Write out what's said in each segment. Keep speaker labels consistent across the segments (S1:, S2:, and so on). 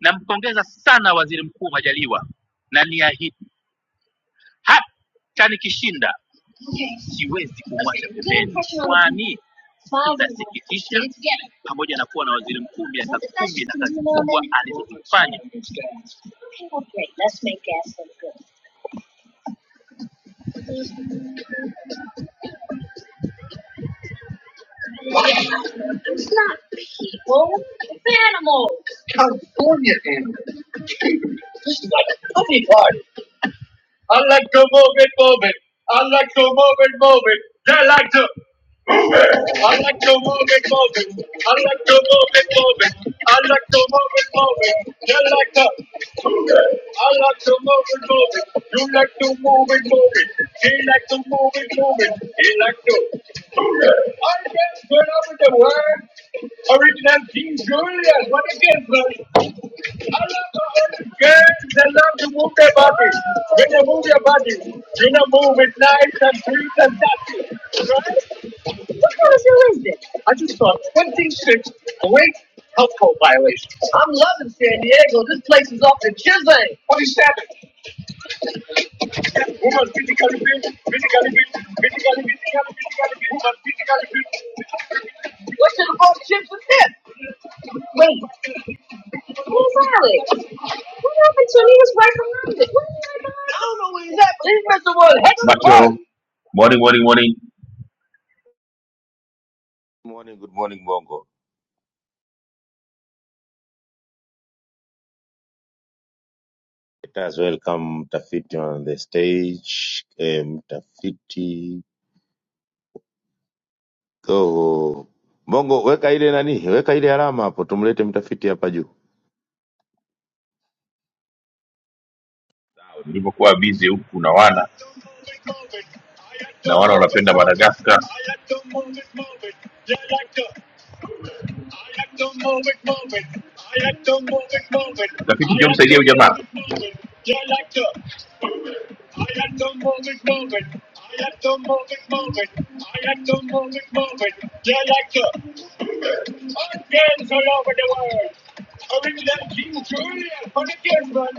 S1: nampongeza sana waziri mkuu majaliwa na niahidi hata nikishinda siwezi kuni pamoja na kuwa na waziri mkuu I like to move and move it. You like to. like move and move it. You like to move and move it. He like to move and move it. like I guess we're over the world. Original King Julius. What a gift, brother. Girls, they love to move their body. When they move their body, you know, move it nice and sweet and dusty. Right? What kind of deal is this? I just saw 26 great health code violations. I'm loving San Diego. This place is off the chisel. 27. Woman physically fit, physically fit, physically fit, physically fit, woman physically fit. What in the bull chips is this? Wait, the heck? is the Macho, morning, morning, morning,
S2: Good morning, good morning Bongo. Let us welcome Mtafiti on the stage. Eh, Mtafiti go. Bongo, weka ile nani, weka ile alama hapo, tumlete mtafiti hapa juu.
S1: sana na wale wanapenda madagascar utafiti ndio msaidia huyu jamaa All over the world.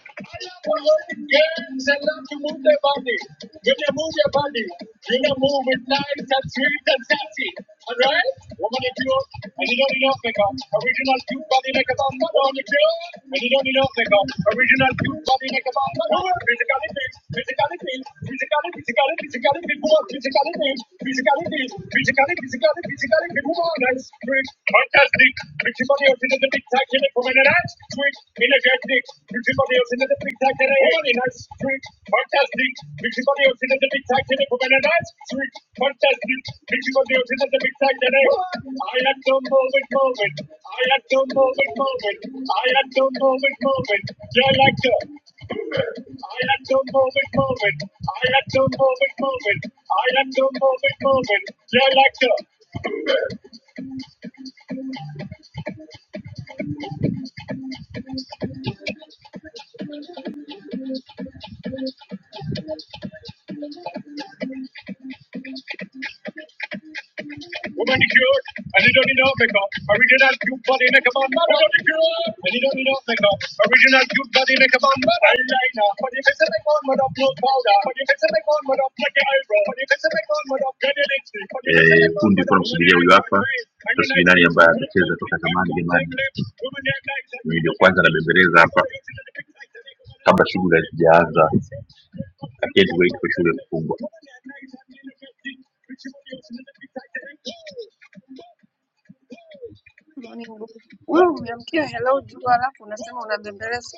S1: We're working gangs and not to move their body. You can move your body. You can move with knives and sweet and sassy. Alright? Woman, if you and you don't need make Original two body make a bomb. Woman, if you and you don't need make Original two body make a bomb. Physically fit, physically fit, physically, physically, physically fit. Woman, physically fit, physically fit, physically, physically, physically fit. Woman, that's great. Fantastic. physically, I have no moment, moment. I have no moment, moment. I had no moment, moment. You're like the I had no moment, moment. I had no moment, moment. I had no moment, moment. Yeah, like that. Woman cured, and you don't need no makeup. Original cute body makeup on man. Woman cured, and you don't need no makeup. Original cute body makeup on man. Eyeliner, but you can say make one with up no powder. But you can say make one with up like your eyebrow. But you can say make one with up get your lipstick. Eh, kundi with kuna huyu hapa taswira nani ambaye atacheza toka zamani jamani ndio kwanza nabembeleza hapa kabla shughuli hazijaanza I can't wait for shule kufungwa
S3: Morning. Ngugi. Wewe umeamkia hello juu alafu unasema unabembeleza.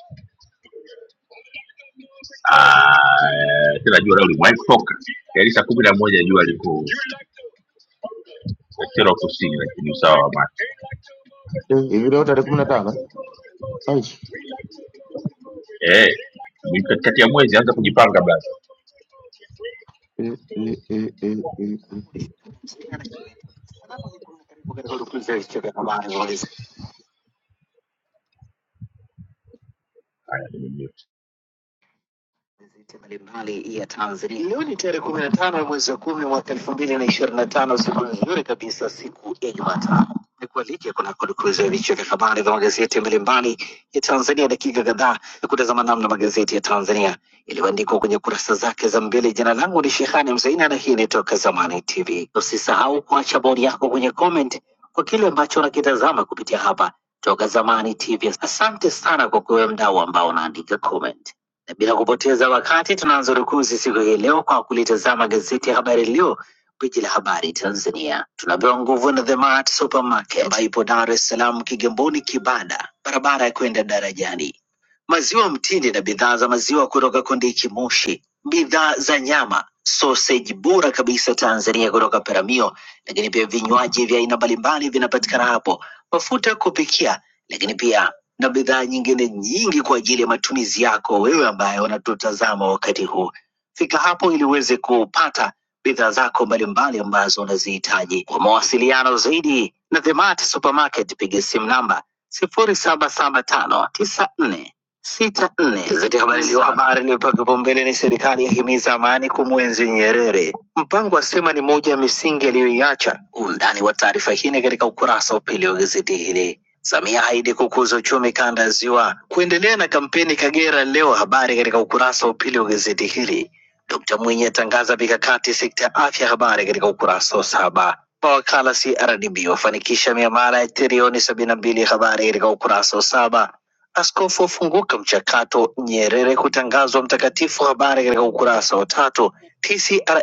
S1: Ah, tena jua leo limefoka yaani saa kumi na moja jua liko Katero kusini, lakini usawa wa macho
S2: Eh, Hivi leo tarehe kumi na tano eh? Aje.
S1: eh, ni katikati ya mwezi, anza kujipanga basi.
S2: Eh, eh, eh, eh, eh, eh.
S1: Haya, nimemute
S2: magazeti mbalimbali ya Tanzania. Leo ni tarehe kumi na tano ya mwezi wa kumi mwaka elfu mbili na ishirini na tano siku nzuri kabisa, siku ya Jumatano. Nikualike kuna kudukuza vichwa vya habari vya magazeti mbalimbali ya Tanzania, dakika kadhaa ya kutazama namna magazeti ya Tanzania yaliyoandikwa kwenye kurasa zake za mbele. Jina langu ni Shehani Mzaina na hii ni Toka Zamani TV. Usisahau kuacha bodi yako kwenye comment kwa kile ambacho unakitazama kupitia hapa Toka Zamani TV. Asante sana kwa kuwe mdau ambao unaandika comment. Na bila kupoteza wakati tunaanza rukuzi siku hii leo kwa kulitazama gazeti ya Habari Leo, gwiji la habari Tanzania. Tunapewa nguvu na The Mart Supermarket ambayo ipo Dar es Salaam, Kigamboni, Kibada, barabara ya kwenda darajani. Maziwa mtindi na bidhaa za maziwa kutoka Kondiki Moshi, bidhaa za nyama, soseji bora kabisa Tanzania kutoka Peramio, lakini pia vinywaji vya aina mbalimbali vinapatikana hapo, mafuta ya kupikia, lakini pia na bidhaa nyingine nyingi kwa ajili ya matumizi yako wewe ambaye unatutazama wakati huu. Fika hapo ili uweze kupata bidhaa zako mbalimbali ambazo unazihitaji. Kwa mawasiliano zaidi na The Mart Supermarket, piga simu namba sifuri saba saba tano tisa nne sita nne. Gazeti Habari Leo, habari iliyopewa kipaumbele ni serikali yahimiza amani kumwenzi Nyerere, mpango asema ni moja ya misingi aliyoiacha. Undani wa taarifa hii ni katika ukurasa wa pili wa gazeti hili. Samia haidi kukuza uchumi kanda ya Ziwa, kuendelea na kampeni Kagera Leo, habari katika ukurasa wa pili wa gazeti hili. Dkt Mwinyi atangaza mikakati sekta ya afya, habari katika ukurasa wa saba. Mawakala CRDB wafanikisha miamala ya trilioni sabini na mbili, habari katika ukurasa wa saba. Askofu afunguka mchakato Nyerere kutangazwa mtakatifu. Habari katika ukurasa wa tatu. TCRA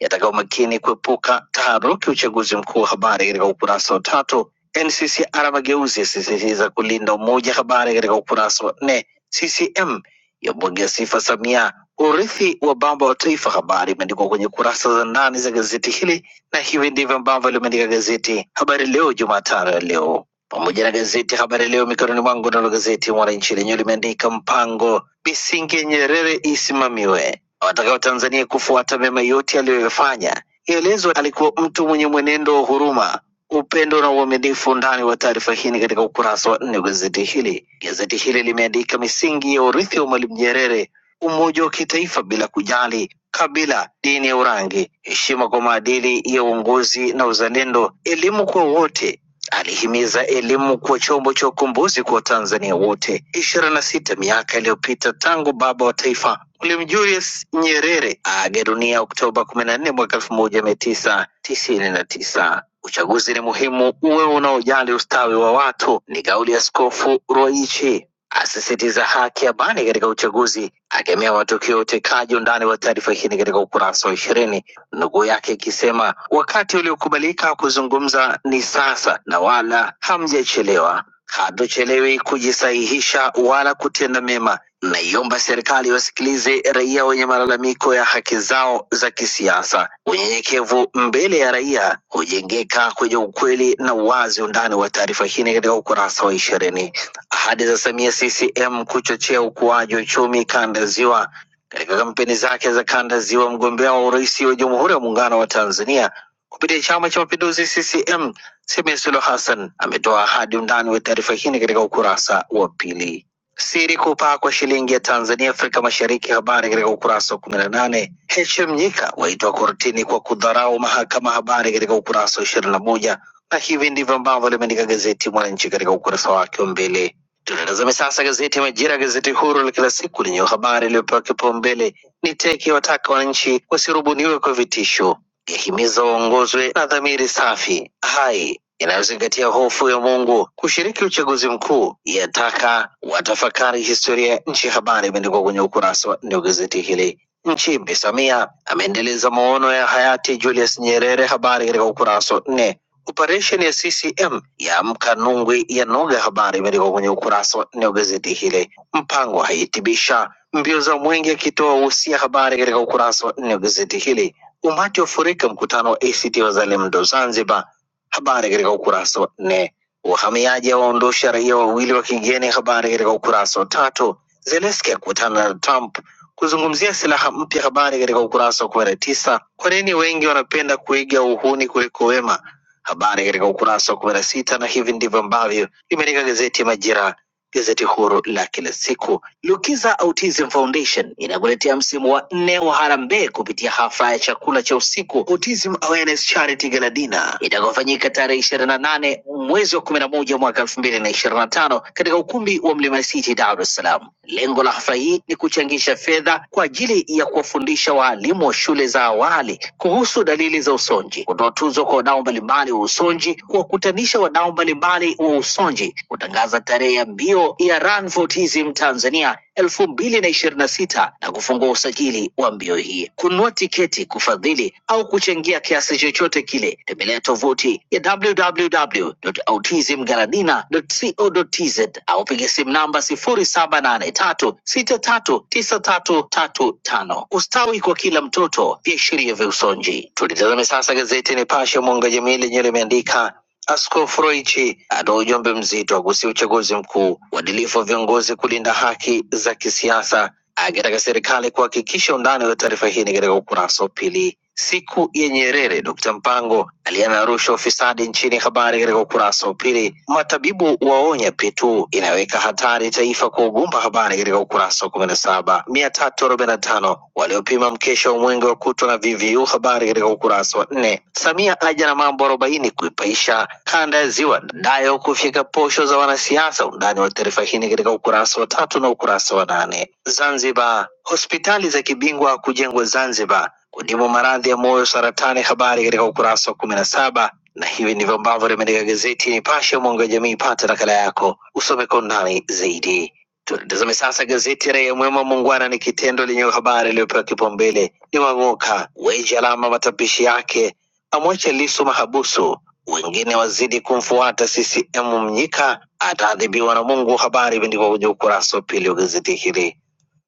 S2: yataka umakini kuepuka taharuki uchaguzi mkuu. Habari katika ukurasa wa tatu. NCCR mageuzi yasisitiza kulinda umoja. Habari katika ukurasa wa nne. CCM yabwagia sifa Samia, urithi wa baba wa taifa. Habari imeandikwa kwenye kurasa za ndani za gazeti hili, na hivi ndivyo ambavyo limeandika gazeti Habari Leo Jumatano ya leo pamoja na gazeti Habari Leo mikononi mwangu. Nalo gazeti Mwananchi lenyewe limeandika mpango Bisinge Nyerere isimamiwe, watakao Tanzania kufuata mema yote aliyoyafanya. Ielezwa alikuwa mtu mwenye mwenendo wa huruma, upendo na uaminifu. Undani wa taarifa hii ni katika ukurasa wa nne wa gazeti hili. Gazeti hili limeandika misingi ya urithi wa Mwalimu Nyerere, umoja wa kitaifa bila kujali kabila, dini ya urangi, heshima kwa maadili ya uongozi na uzalendo, elimu kwa wote, Alihimiza elimu kuwa chombo cha ukombozi kwa Watanzania wote. ishirini na sita miaka iliyopita tangu baba wa taifa Mwalimu Julius Nyerere aaga dunia Oktoba kumi na nne mwaka elfu moja mia tisa tisini na tisa. Uchaguzi ni muhimu uwe unaojali ustawi wa watu, ni kauli ya Askofu Ruwaichi asisitiza haki ya amani katika uchaguzi, akemea matukio ya utekaji. Undani wa taarifa hii ni katika ukurasa wa ishirini nukuu yake ikisema, wakati uliokubalika kuzungumza ni sasa na wala hamjachelewa. Hatuchelewi kujisahihisha wala kutenda mema. Naiomba serikali wasikilize raia wenye malalamiko ya haki zao za kisiasa. Unyenyekevu mbele ya raia hujengeka kwenye ukweli na uwazi. Undani wa taarifa hii ni katika ukurasa wa ishirini. Ahadi za Samia CCM kuchochea ukuaji uchumi kanda ya Ziwa katika kampeni zake za kanda ya Ziwa, mgombea wa urais wa Jamhuri ya Muungano wa Tanzania kupitia Chama cha Mapinduzi CCM, Samia Suluhu Hassan ametoa ahadi. Undani wa taarifa hii ni katika ukurasa wa pili. Siri kupaa kwa shilingi ya Tanzania Afrika Mashariki, habari katika ukurasa wa kumi na nane. Heche Mnyika waitwa kortini kwa kudharau mahakama, habari katika ukurasa wa ishirini na moja na hivi ndivyo ambavyo limeandika gazeti Mwananchi katika ukurasa wake wa mbele. Tunatazame sasa gazeti ya Majira, gazeti huru la kila siku lenye habari iliyopewa kipaumbele ni teke wataka wananchi wasirubuniwe kwa vitisho, yahimiza waongozwe na dhamiri safi hai inayozingatia hofu ya Mungu kushiriki uchaguzi mkuu, yataka watafakari historia ya nchi. Habari imeandikwa kwenye ukurasa wa nne wa gazeti hili. Nchimbi Samia ameendeleza maono ya hayati Julius Nyerere, habari katika ukurasa wa nne Operesheni ya CCM yaamka Nungwi ya noga, habari imeandikwa kwenye ukurasa wa nne wa gazeti hili. Mpango haitibisha mbio za mwenge akitoa uhusia, habari katika ukurasa wa nne wa gazeti hili. Umati wafurika mkutano wa ACT Wazalendo Zanzibar, habari katika ukurasa wa nne. Wahamiaji waondosha raia wawili wa kigeni, habari katika ukurasa wa tatu. Zelensky akutana na Trump kuzungumzia silaha mpya, habari katika ukurasa wa kumi na tisa. Kwa nini wengi wanapenda kuiga uhuni kuliko wema? habari katika ukurasa wa kumi na sita na hivi ndivyo ambavyo limeandika gazeti ya Majira Gazeti huru la kila siku Lukiza Autism Foundation inakuletea msimu wa nne wa harambee kupitia hafla ya chakula cha usiku Autism Awareness Charity Gala Dinner itakayofanyika tarehe ishirini na nane mwezi wa kumi na moja mwaka elfu mbili na ishirini na tano katika ukumbi wa Mlima City, Dar es Salaam. Lengo la hafla hii ni kuchangisha fedha kwa ajili ya kuwafundisha waalimu wa shule za awali kuhusu dalili za usonji, kutoa tuzo kwa wadau mbalimbali wa usonji, kuwakutanisha wadau mbalimbali wa Usonji kutangaza tarehe ya mbio ya Run for Autism Tanzania elfu mbili na ishirini na sita na kufungua usajili wa mbio hii. Kununua tiketi, kufadhili au kuchangia kiasi chochote kile, tembelea tovuti ya www.autismgaladina.co.tz au piga simu namba sifuri saba nane tatu sita tatu tisa tatu tatu tano. Ustawi kwa kila mtoto, viashiria vya usonji. Tulitazame sasa gazeti Nipashe mwanga wa jamii lenye limeandika Askofu Roichi atoa ujumbe mzito kuhusu uchaguzi mkuu, uadilifu wa viongozi kulinda haki za kisiasa, akitaka serikali kuhakikisha undani wa taarifa hii ni katika ukurasa wa pili. Siku ya Nyerere, Dkt. Mpango aliana rushwa ufisadi nchini, habari katika ukurasa wa pili. Matabibu waonya P2 inaweka hatari taifa kwa ugumba, habari katika ukurasa wa kumi na saba. mia tatu arobaini na tano waliopima mkesha wa mwenge Mwenge wa Kutwa na VVU, habari katika ukurasa wa nne. Samia aja na mambo arobaini kuipaisha kanda ya ziwa, nayo kufyeka posho za wanasiasa. Undani wa taarifa hii ni katika ukurasa wa tatu na ukurasa wa nane. Zanzibar, hospitali za kibingwa kujengwa Zanzibar kudimu maradhi ya moyo, saratani. Habari katika ukurasa wa kumi na saba na hivi ndivyo ambavyo limeandika gazeti Nipashe, mwanga wa jamii. Pata nakala yako usome kwa undani zaidi. Tutazame sasa gazeti Raia Mwema. Muungwana ni kitendo lenye habari iliyopewa kipaumbele ni Mang'oka weji alama matapishi yake, amwacha Lissu mahabusu, wengine wazidi kumfuata CCM. Mnyika ataadhibiwa na Mungu, habari imeandikwa kwenye ukurasa wa pili wa gazeti hili.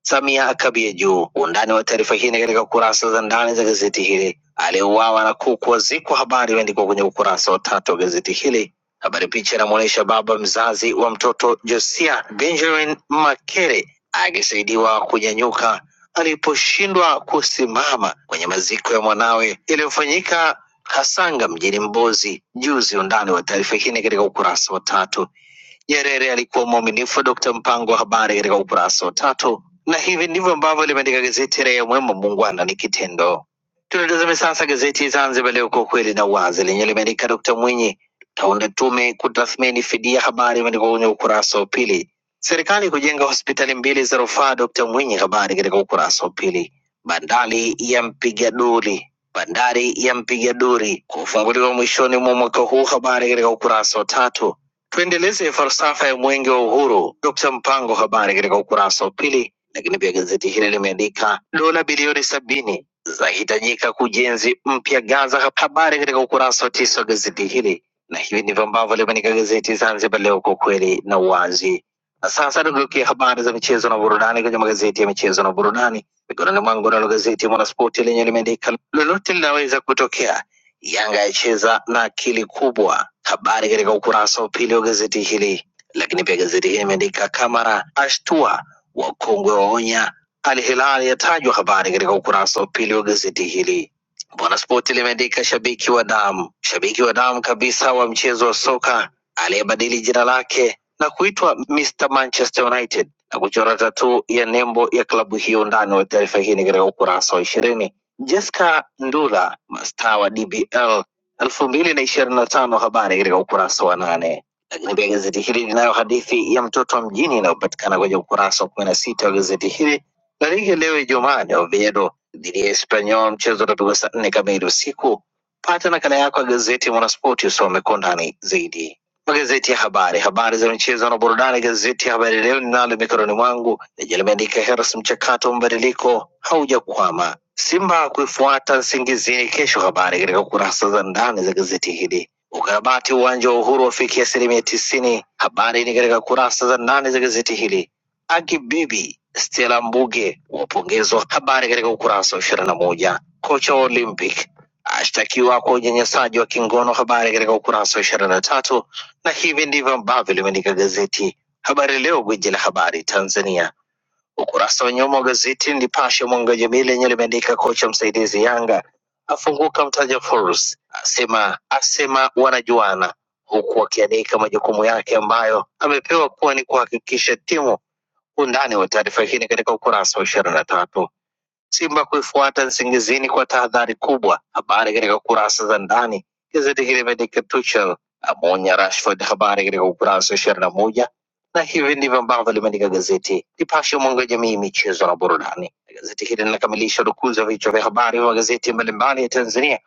S2: Samia akabie juu. Undani wa taarifa hii ni katika kurasa za ndani za gazeti hili. Aliyeuawa na kuku wazikwa, habari imeandikwa kwenye ukurasa wa tatu wa gazeti hili. Habari picha inamwonyesha baba mzazi wa mtoto Josia Benjamin Makere akisaidiwa kunyanyuka aliposhindwa kusimama kwenye maziko ya mwanawe yaliyofanyika Kasanga mjini Mbozi juzi. Undani wa taarifa hii ni katika ukurasa wa tatu. Nyerere alikuwa mwaminifu. Dkt. Mpango wa habari katika ukurasa wa tatu, na hivi ndivyo ambavyo limeandika gazeti Raia Mwema, muungwana ni kitendo. Tunatazame sasa gazeti Zanzibar Leo, kwa kweli na uwazi, lenye limeandika Dkt. Mwinyi, taunda tume kutathmini fidia, habari imeandikwa kwenye ukurasa wa pili. Serikali kujenga hospitali mbili za rufaa, Dkt. Mwinyi, habari katika ukurasa wa pili. Bandari ya mpiga duri bandari ya mpiga duri kufunguliwa mwishoni mwa mwaka huu, habari katika ukurasa wa tatu Tuendeleze falsafa ya mwenge wa uhuru. Dkt Mpango, habari katika ukurasa wa pili. Lakini pia gazeti hili limeandika dola bilioni sabini zahitajika kujenzi mpya Gaza, habari katika ukurasa wa tisa wa gazeti hili, na hivi ndivyo ambavyo limeandika gazeti Zanzibar Leo, kwa ukweli na uwazi. Na sasa tugeukia habari za michezo na burudani kwenye magazeti ya michezo na burudani. Mikononi mwangu nalo gazeti ya Mwanaspoti lenye limeandika lolote linaweza kutokea Yanga yacheza na akili kubwa, habari katika ukurasa wa pili wa gazeti hili. Lakini pia gazeti hili imeandika Kamara ashtua, wakongwe waonya, Al Hilal yatajwa, habari katika ukurasa wa pili wa gazeti hili. Mwanaspoti limeandika shabiki wa damu, shabiki wa damu kabisa wa mchezo wa soka aliyebadili jina lake na kuitwa Mr Manchester United na kuchora tatu ya nembo ya klabu hiyo. Undani wa taarifa hii ni katika ukurasa wa ishirini. Jesca Ndula, mastaa wa DBL elfu mbili na ishirini na tano, habari katika ukurasa wa nane. Lakini pia gazeti hili linayo hadithi ya mtoto wa mjini inayopatikana kwenye ukurasa wa kumi na sita wa gazeti hili la ligi leo Ijumaa ni Oviedo dhidi ya Espanyol, mchezo utapigwa saa nne kamili usiku. Pata nakala yako ya gazeti Mwanaspoti usome kwa undani zaidi. Magazeti ya habari, habari za michezo na burudani. Gazeti ya Habari Leo ninalo mikononi mwangu lenye limeandika Heras, mchakato wa mabadiliko haujakwama, Simba kuifuata Nsingizini kesho. Habari katika kurasa za ndani za gazeti hili. Ukarabati uwanja wa Uhuru wafikia asilimia tisini. Habari ni katika kurasa za ndani za gazeti hili. Aki Bibi Stella Mbuge wapongezwa, habari katika ukurasa wa ishirini na moja. Kocha wa Olympic ashtakiwa kwa unyanyasaji wa kingono, habari katika ukurasa wa ishirini na tatu na hivi ndivyo ambavyo limeandika gazeti Habari Leo, gwiji la habari Tanzania. Ukurasa wa nyuma wa gazeti Nipashe mwanga wa jamii lenye limeandika kocha msaidizi Yanga afunguka mtaja Forbes, asema asema wanajuana, huku akiandika majukumu yake ambayo amepewa kuwa ni kuhakikisha timu. Undani wa taarifa hii ni katika ukurasa wa ishirini na tatu. Simba kuifuata Nsingizini kwa tahadhari kubwa. Habari katika kurasa za ndani. Gazeti hili imeandika Tuchel amwonya Rashford, habari katika ukurasa wa ishirini na moja na hivi ndivyo ambavyo limeandika gazeti Nipashe, mwanga wa jamii, michezo na burudani. Gazeti hili linakamilisha dukuzi ya vichwa vya habari vya magazeti mbalimbali ya Tanzania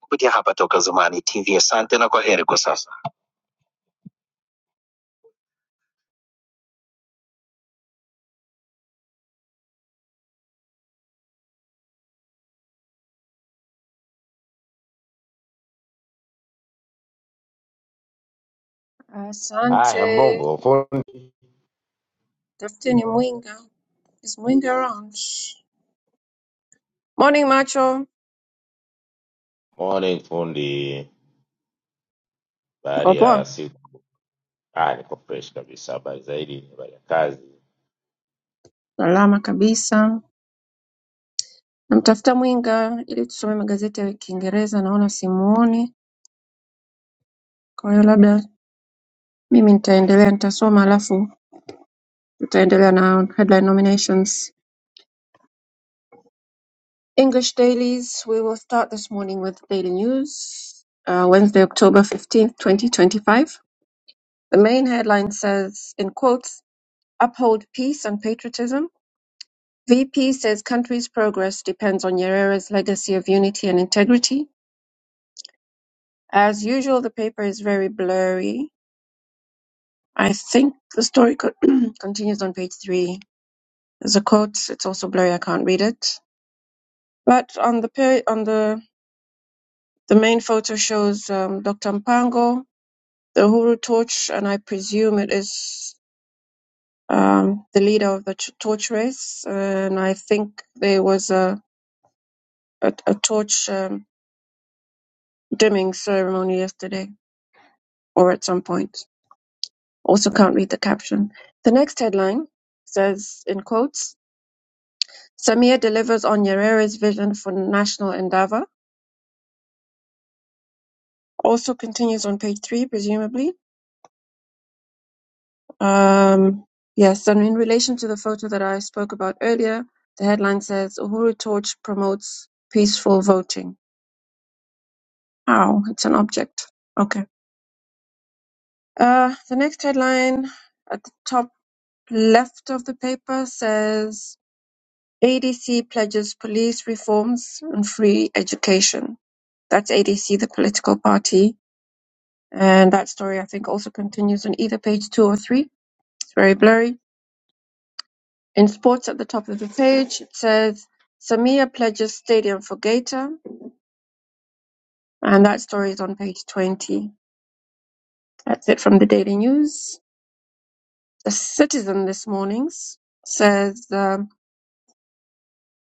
S2: kupitia hapa Toka Zamani TV. Asante na kwa heri kwa sasa. Haya,
S3: Asante.
S2: Mbongo fundi.
S3: Tafuteni Mwinga. Is Mwinga around? Morning macho.
S2: Morning fundi,
S3: Uko
S2: habari
S3: poa?
S2: ya siku? Ah, niko fresh kabisa. Habari zaidi, habari ya kazi?
S3: Salama kabisa. Namtafuta Mwinga ili tusome magazeti ya Kiingereza naona simuoni. Kwa hiyo labda mimi nitaendelea nitasoma alafu tutaendelea na headline nominations. English dailies. We will start this morning with daily news. Uh, Wednesday, October 15th, 2025. The main headline says, in quotes, "Uphold Peace and Patriotism." VP says country's progress depends on Yarera's legacy of unity and integrity. As usual, the paper is very blurry. I think the story co- continues on page three. There's a quote. It's also blurry. I can't read it. But on the peri- on the the main photo shows um, Dr. Mpango, the Uhuru torch, and I presume it is um, the leader of the ch- torch race. And I think there was a a, a torch um, dimming ceremony yesterday or at some point. Also, can't read the caption. The next headline says, in quotes, Samir delivers on Yarera's vision for national endeavor. Also continues on page three, presumably. Um, yes, and in relation to the photo that I spoke about earlier, the headline says, Uhuru Torch promotes peaceful voting. Ow, it's an object. Okay. Uh, the next headline at the top. left of the paper says ADC pledges police reforms and free education. That's ADC, the political party. And that story, I think, also continues on either page two or three. It's very blurry. In sports at the top of the page, it says Samia pledges stadium for Gator. And that story is on page 20. That's it from the Daily News. The Citizen this morning says. uh,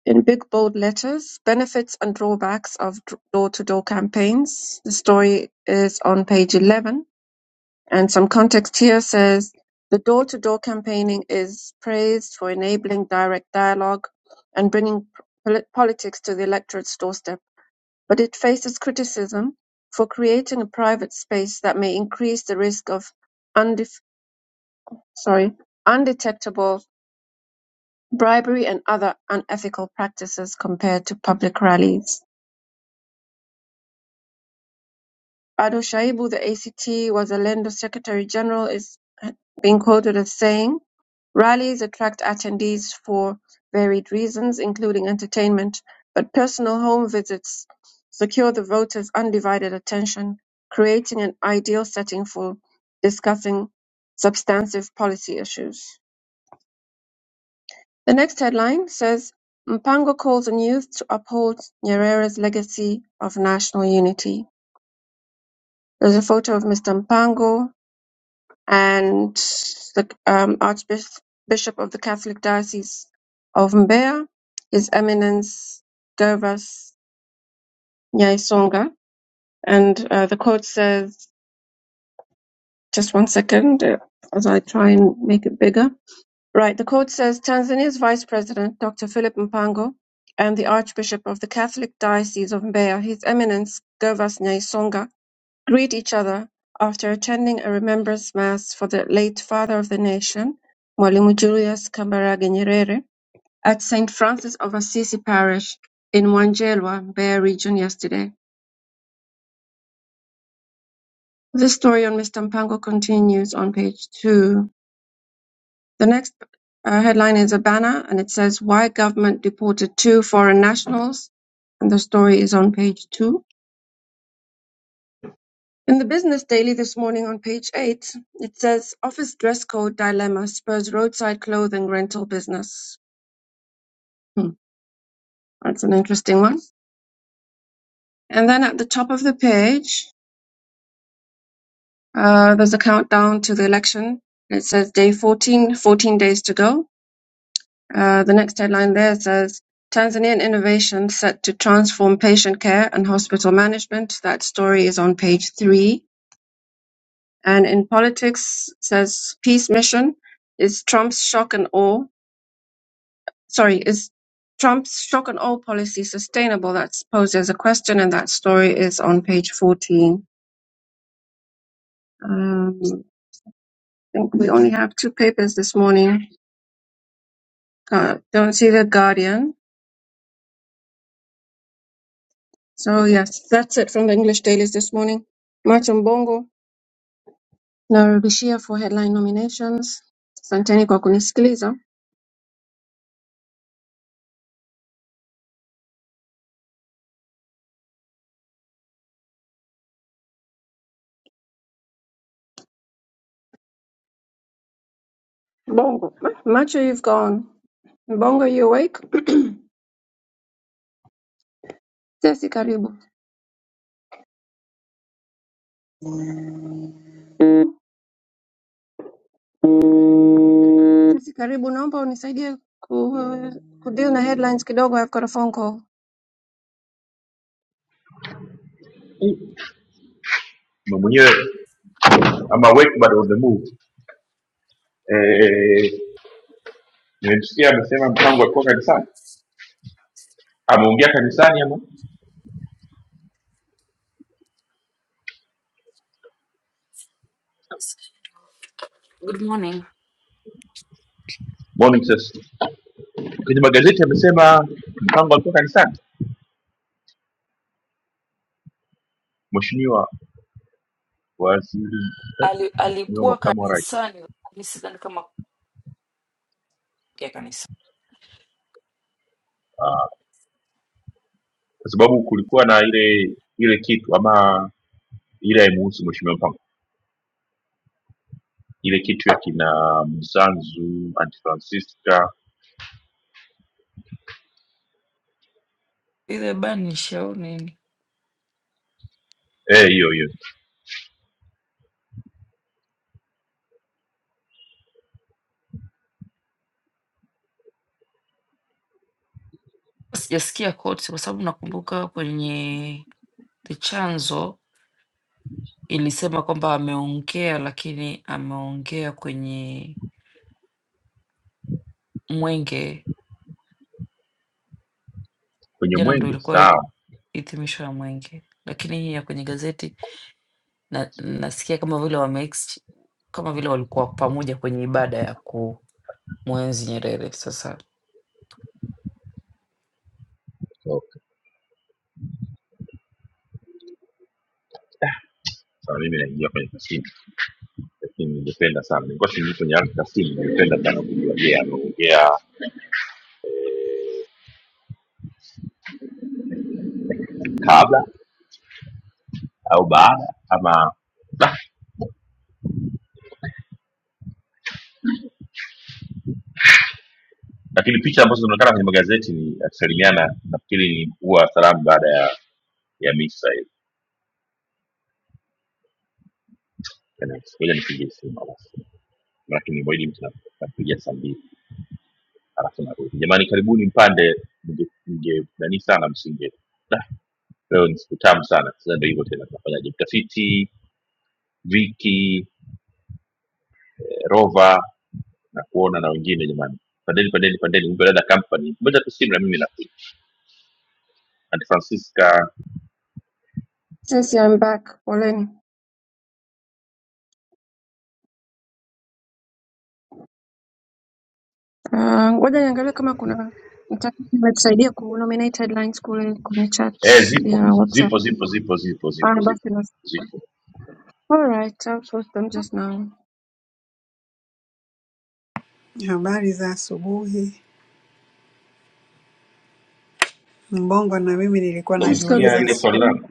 S3: In big bold letters, "Benefits and Drawbacks of Door-to-Door Campaigns". The story is on page 11, and some context here says, "The door-to-door campaigning is praised for enabling direct dialogue and bringing pol- politics to the electorate's doorstep, but it faces criticism for creating a private space that may increase the risk of undef- sorry, undetectable bribery and other unethical practices compared to public rallies." Ado shaibu the ACT was Orlando's Secretary-General, is being quoted as saying, "Rallies attract attendees for varied reasons, including entertainment, but personal home visits secure the voters' undivided attention, creating an ideal setting for discussing substantive policy issues." The next headline says, "Mpango calls on youth to uphold Nyerere's legacy of national unity." There's a photo of Mr. Mpango and the um, Archbishop of the Catholic Diocese of Mbeya is Eminence Gervas Nyaisonga. And uh, the quote says, just one second uh, as I try and make it bigger. Right, the quote says Tanzania's Vice President, Dr. Philip Mpango, and the Archbishop of the Catholic Diocese of Mbeya, His Eminence Gervas Nyaisonga, greet each other after attending a remembrance mass for the late father of the nation, Mwalimu Julius Kambarage Nyerere, at St. Francis of Assisi Parish in Wanjelwa, Bear Region yesterday. This story on Mr. Mpango continues on page two. The next uh, headline is a banner and it says, Why Government Deported Two Foreign Nationals? And the story is on page two. In the Business Daily this morning on page eight, it says office dress code dilemma spurs roadside clothing rental business. Hmm, that's an interesting one. And then at the top of the page, uh, there's a countdown to the election. It says day 14, 14 days to go. Uh, the next headline there says Tanzanian innovation set to transform patient care and hospital management. That story is on page three. And in politics says peace mission is Trump's shock and awe sorry, is Trump's shock and awe policy sustainable? That's posed as a question, and that story is on page 14. Um, I think we only have two papers this morning. Uh, don't see the Guardian. So, yes, that's it from the English dailies this morning. Martin Bongo, narudishia for headline nominations. Asanteni kwa kunisikiliza. Bongo, macho, you've gone. Bongo, you awake? Sisi, karibu. Sisi karibu, naomba unisaidie ku, kudeal na headlines kidogo. I've got a phone call
S1: Mimi mwenyewe ama wake bado on the move eh. Nimemsikia amesema mpango alikuwa kanisani, ameongea kanisani ama
S4: Good morning.
S1: morning session kwenye magazeti, amesema mpango alikuwa kanisani, mheshimiwa waziri, eh,
S4: Ali,
S1: mheshimiwa
S4: alikuwa
S1: makamu wa rais,
S4: kanisani lakini sidhani kama ya kanisa
S1: kwa sababu kulikuwa na ile ile kitu ama ile haimuhusu mheshimiwa Mpango, ile kitu ya kina Msanzu, Aunt Francisca,
S4: ile banish au nini,
S1: eh, hiyo hiyo
S4: sijasikia kote, kwa sababu nakumbuka kwenye the chanzo ilisema kwamba ameongea, lakini ameongea kwenye mwenge
S1: kwenye
S4: jana, ndo
S1: mwenge.
S4: ilikuwa hi-
S1: Sawa,
S4: hitimisho ya mwenge, lakini hii ya kwenye gazeti na, nasikia kama vile wame ex- kama vile walikuwa pamoja kwenye ibada ya kumwenzi Nyerere. Sasa
S1: okay. Sawa, mimi naingia kwenye kasini, lakini ningependa sana, nilikuwa siingii kwenye ardhi kasini. Ningependa sana kujua, je, ameongea kabla au baada ama Nah, lakini picha ambazo zinaonekana kwenye magazeti ni akisalimiana, nafikiri ni kuwa salamu baada ya ya misa hiyo. Ngoja nipigie simu basi, lakini mwili mtu napiga saa mbili. anasema rudi jamani karibuni mpande mnge mnge- nani sana msinge Da, leo ni siku tamu sana sasa ndio hivyo tena tunafanyaje mtafiti viki eh, rova na kuona na wengine jamani pandeni pandeni pandeni Uber Leather company moja tu simu na mimi nakuja Aunt Francisca
S3: since I'm back. Poleni. Ah, Ngoja niangalie kama kuna mtafiti ametusaidia ku nominate headlines kule kwenye chat
S1: eh zipo
S3: ya WhatsApp.
S1: zipo zipo zipo zipo zipo
S3: Ah,
S1: zipo
S3: basi basi.
S1: zipo
S3: All right, I'll post them just now.
S5: Habari za asubuhi. Mbongo na mimi nilikuwa
S1: So,
S3: Sisi
S1: ulisikia
S5: najiuliza
S3: karibu.
S1: ile swali
S5: swa-
S1: langu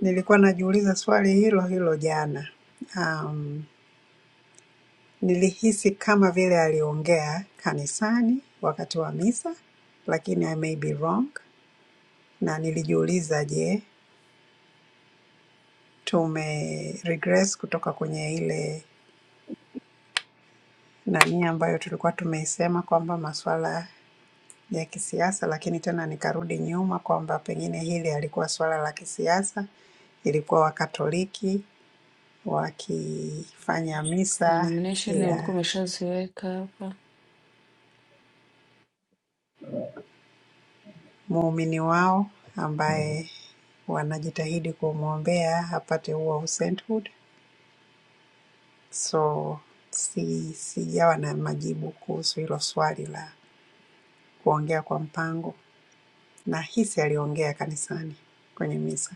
S5: nilikuwa najiuliza swali hilo hilo jana. Um, nilihisi kama vile aliongea kanisani wakati wa misa, lakini I may be wrong. Na nilijiuliza je, tume regress kutoka kwenye ile nani ambayo tulikuwa tumeisema kwamba masuala ya kisiasa, lakini tena nikarudi nyuma kwamba pengine hili halikuwa suala la kisiasa, ilikuwa Wakatoliki wakifanya
S4: na
S5: misa
S4: nomination
S5: ya
S4: ulikuwa umeshaziweka hapa.
S5: muumini wao ambaye wanajitahidi kumwombea apate huo sainthood. So si, sijawa na majibu kuhusu hilo swali la kuongea kwa mpango, na hisi aliongea kanisani kwenye misa.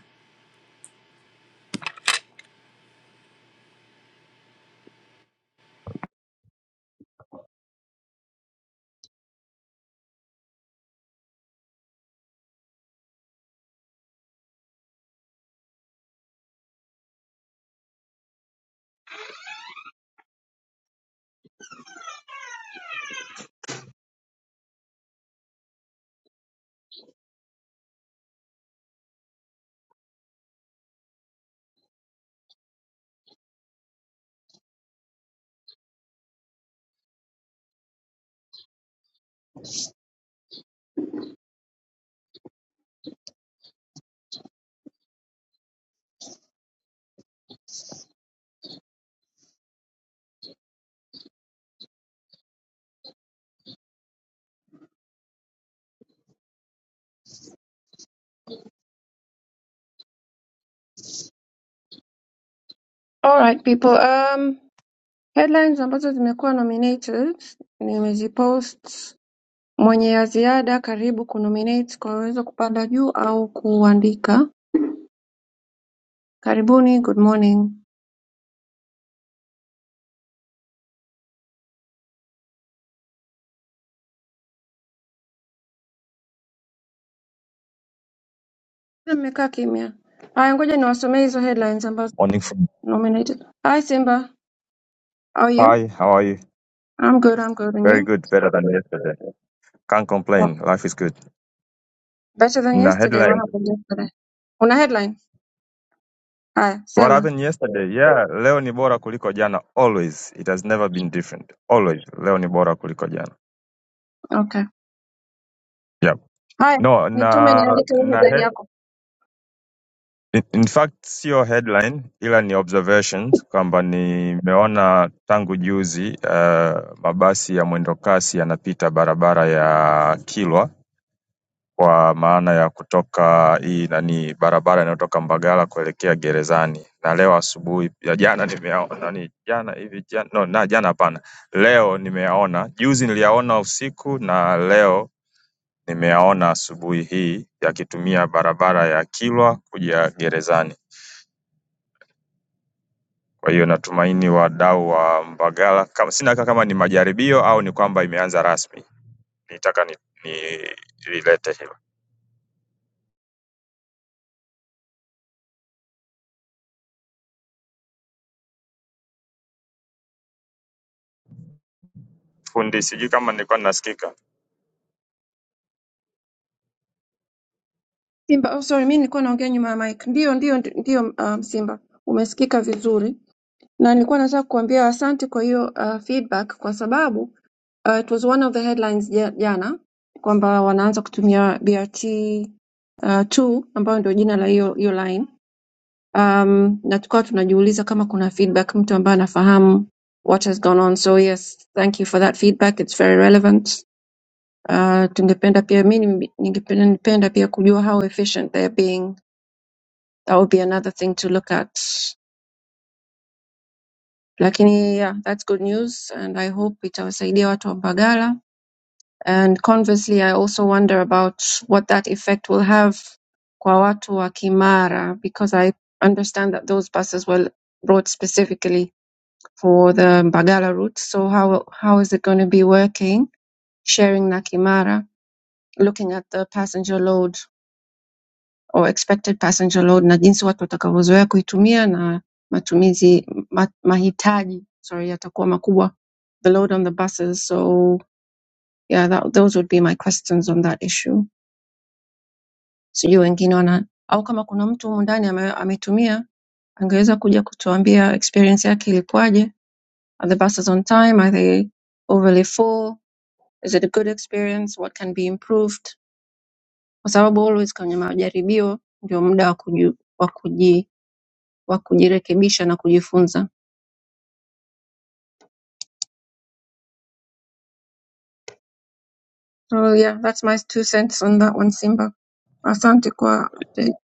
S3: All right people, um, headlines ambazo zimekuwa nominated nimezipost. Mwenye ya ziada karibu kunominate kwa uwezo kupanda juu au kuandika. Karibuni good morning. Na Mmekaa kimya. Haya ngoja niwasomee hizo headlines ambazo
S6: Morning. from-
S3: nominated. Hi Simba, how are you?
S6: Hi, how are you?
S3: I'm good, I'm good. And
S6: Very
S3: you?
S6: good, better than yesterday. Can't
S3: Well,
S6: complain. Life is good.
S3: better than
S6: Na
S3: yesterday. What
S6: headline.
S3: happened yesterday? Una headline? Haya,
S6: What
S3: sema.
S6: happened yesterday? Yeah, leo ni bora kuliko jana always. It has never been different. Always. Leo ni bora kuliko jana.
S3: Okay.
S6: Yeah.
S3: Haya,
S6: No,
S3: nitume
S6: na
S3: niandike hiyo
S6: na
S3: headline
S6: head,
S3: yako.
S6: in in fact sio headline ila ni observations kwamba nimeona tangu juzi uh, mabasi ya mwendo kasi yanapita barabara ya Kilwa kwa maana ya kutoka hii nani barabara inayotoka Mbagala kuelekea gerezani na leo asubuhi ya jana nimeyaona nani jana hivi jana no, na jana hapana leo nimeyaona juzi niliyaona usiku na leo nimeyaona asubuhi hii yakitumia barabara ya Kilwa kuja gerezani kwa hiyo natumaini wadau wa Mbagala kama sina hakika kama ni majaribio au ni kwamba imeanza rasmi nitaka ni, ni lilete hilo fundi sijui kama nilikuwa nasikika
S3: Simba, oh sorry, mimi nilikuwa naongea nyuma ya mic. Ndio, ndio, ndio um, Simba. Umesikika vizuri. Na nilikuwa nataka kuambia asante kwa hiyo uh, feedback kwa sababu Uh, it was one of the headlines ja- jana kwamba wanaanza kutumia BRT uh, 2 ambayo ndio jina la hiyo hiyo line. Um, na tukawa tunajiuliza kama kuna feedback mtu ambaye anafahamu what has gone on. So yes, thank you for that feedback. It's very relevant. Uh, tungependa pia mi nimbi- ningependa nipenda pia kujua how efficient they're being. That would be another thing to look at. Lakini yeah, that's good news and I hope itawasaidia watu wa Mbagala And conversely, I also wonder about what that effect will have kwa watu wa Kimara, because I understand that those buses were brought specifically for the Mbagala route. So how how is it going to be working, sharing na Kimara, looking at the passenger load or expected passenger load na jinsi watu watakavyozoea kuitumia na matumizi ma, mahitaji sorry yatakuwa makubwa the load on the buses. So yeah, that, those would be my questions on that issue. sijui wengine wana au kama kuna mtu humu ndani ame, ametumia angeweza kuja kutuambia experience yake ilikuwaje are the buses on time are they overly full is it a good experience what can be improved kwa sababu always kwenye majaribio ndio muda wa kuji, wa kuji, wa kujirekebisha na kujifunza so yeah that's my two cents on that one simba asante kwa update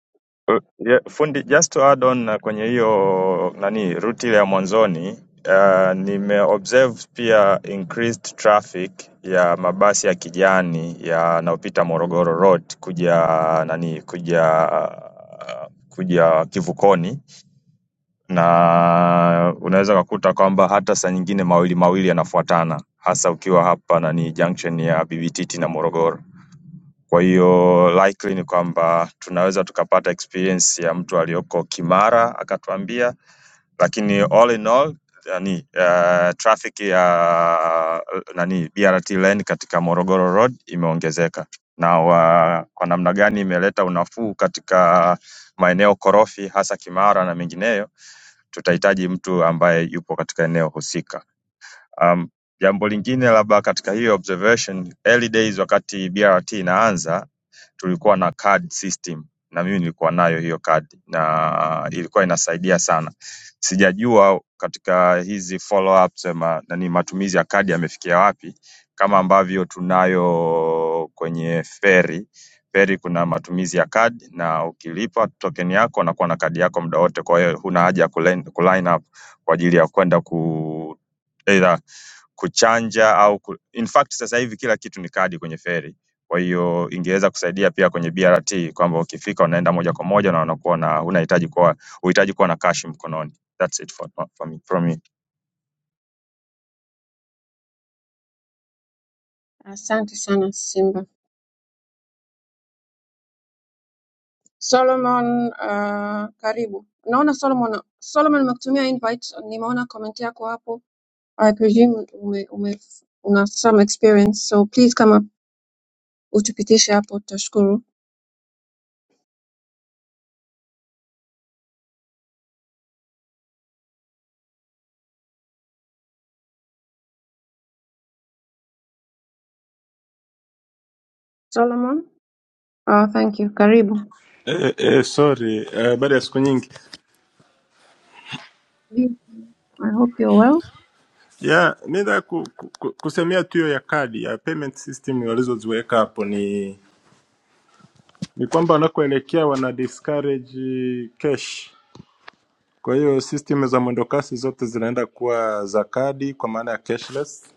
S6: Uh, yeah, fundi just to add on na kwenye hiyo nani route ile ya mwanzoni uh, nimeobserve pia increased traffic ya mabasi ya kijani yanayopita Morogoro Road kuja nani kuja uh, kuja kivukoni, na unaweza kukuta kwamba hata saa nyingine mawili mawili yanafuatana, hasa ukiwa hapa nani junction ya BBTT na Morogoro. Kwa hiyo likely ni kwamba tunaweza tukapata experience ya mtu aliyoko Kimara akatuambia, lakini all in all nani uh, traffic ya uh, nani BRT lane katika Morogoro Road imeongezeka na wa, kwa namna gani imeleta unafuu katika maeneo korofi hasa Kimara na mengineyo, tutahitaji mtu ambaye yupo katika eneo husika. Um, jambo lingine labda katika hiyo observation, early days wakati BRT inaanza tulikuwa na card system na mimi nilikuwa nayo hiyo card na ilikuwa inasaidia sana. Sijajua katika hizi follow ups ma, nani matumizi ya kadi yamefikia wapi, kama ambavyo tunayo kwenye feri feri kuna matumizi ya kadi na ukilipa token yako unakuwa na kadi yako muda wote, kwa hiyo huna haja ya kulen- kuline up kwa ajili ya kwenda ku either kuchanja au ku... in fact sasa hivi kila kitu ni kadi kwenye feri. Kwa hiyo ingeweza kusaidia pia kwenye BRT kwamba ukifika unaenda moja kwa moja na unakuwa na unahitaji kuwa uhitaji kuwa na cash mkononi. That's it for, for me, from me.
S3: asante sana simba Solomon uh, karibu. Naona Solomon Solomon amekutumia invite, nimeona comment yako hapo. I presume ume, ume, una some experience so please come kama utupitishe hapo tutashukuru. Solomon, uh, thank you. Karibu.
S7: Eh, eh, sorry eh, baada ya siku nyingi
S3: Bi- I hope you're well.
S7: ya mi nataka ku, ku, ku- kusemea tu hiyo ya kadi ya payment system walizoziweka hapo ni ni kwamba wanakoelekea wana discourage cash. Kwa hiyo system za mwendokasi zote zinaenda kuwa za kadi kwa maana ya cashless,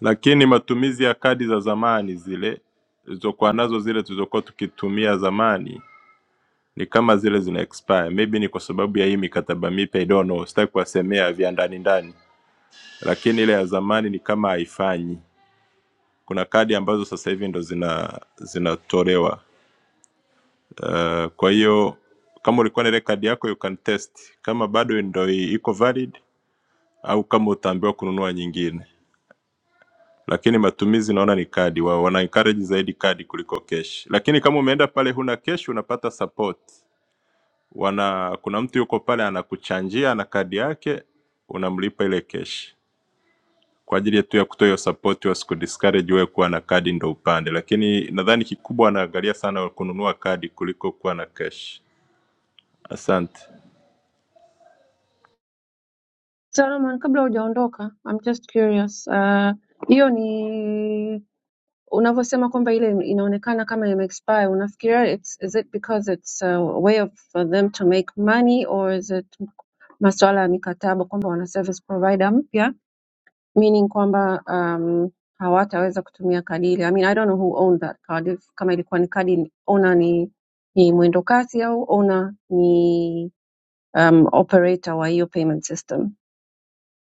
S7: lakini matumizi ya kadi za zamani zile zilizokuwa nazo zile tulizokuwa tukitumia zamani ni kama zile zina expire. Maybe ni kwa sababu ya hii mikataba mipya, I don't know, sitaki kuwasemea vya ndani ndani lakini ile ya zamani ni kama haifanyi. Kuna kadi ambazo sasa hivi ndo zina zinatolewa. Uh, kwa hiyo kama ulikuwa na ile kadi yako you can test kama bado ndo i- iko valid au kama utaambiwa kununua nyingine, lakini matumizi naona ni kadi, wao wana encourage zaidi kadi kuliko cash. Lakini kama umeenda pale huna cash, unapata support. Wana kuna mtu yuko pale anakuchanjia na kadi yake, unamlipa ile cash. kwa ajili yetu ya kutoa hiyo support, wasikudiscourage wewe kuwa na kadi ndo upande, lakini nadhani kikubwa wanaangalia sana kununua kadi kuliko kuwa na cash. Asante
S3: Solomon, kabla hujaondoka, I'm just curious. Uh, hiyo ni unavyosema kwamba ile inaonekana kama ime expire unafikiria it's, is it because it's a way of for them to make money or is it masuala ya mikataba kwamba wana service provider mpya meaning kwamba um, hawataweza kutumia kadi ile I mean, I don't know who owned that card if, kama ilikuwa ni kadi owner ni, ni mwendo kasi au owner ni um, operator wa hiyo payment system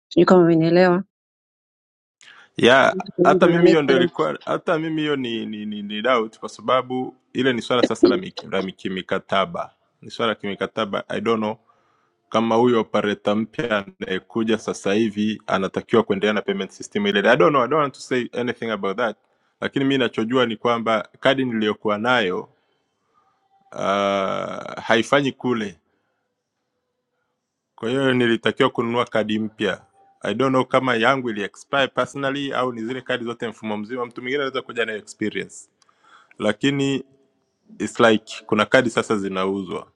S3: sijui kama umenielewa
S7: ya hata
S3: Ina
S7: mimi
S3: make
S7: hiyo ndo
S3: sense
S7: ilikuwa hata mimi hiyo ni, ni, ni, ni doubt kwa sababu ile ni swala sasa la miki- la miki- mikataba, ni swala la kimikataba. I don't know kama huyo operator mpya anayekuja sasa hivi anatakiwa kuendelea na payment system ile. I don't know, I don't want to say anything about that, lakini mi nachojua ni kwamba kadi niliyokuwa nayo uh, haifanyi kule, kwa hiyo nilitakiwa kununua kadi mpya. I don't know kama yangu ili expire personally au ni zile kadi zote mfumo mzima, mtu mwingine anaweza kuja na experience, lakini it's like kuna kadi sasa zinauzwa.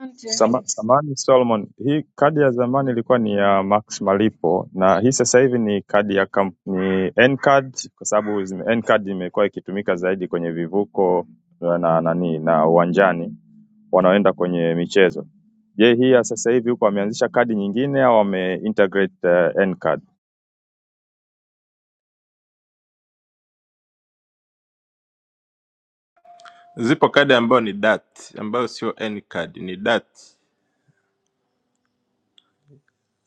S3: Asante.
S6: Samahani Solomon, hii kadi ya zamani ilikuwa ni ya Max Malipo na hii sasa hivi ni kadi ya kamp, ni N-card kwa sababu zime- N-card imekuwa ikitumika zaidi kwenye vivuko na nani na uwanjani wanaoenda kwenye michezo. Je, hii ya sasa hivi huko wameanzisha kadi nyingine au wameintegrate uh, N-card?
S7: Zipo kadi ambayo ni DAT, ambayo sio any card, ni DAT.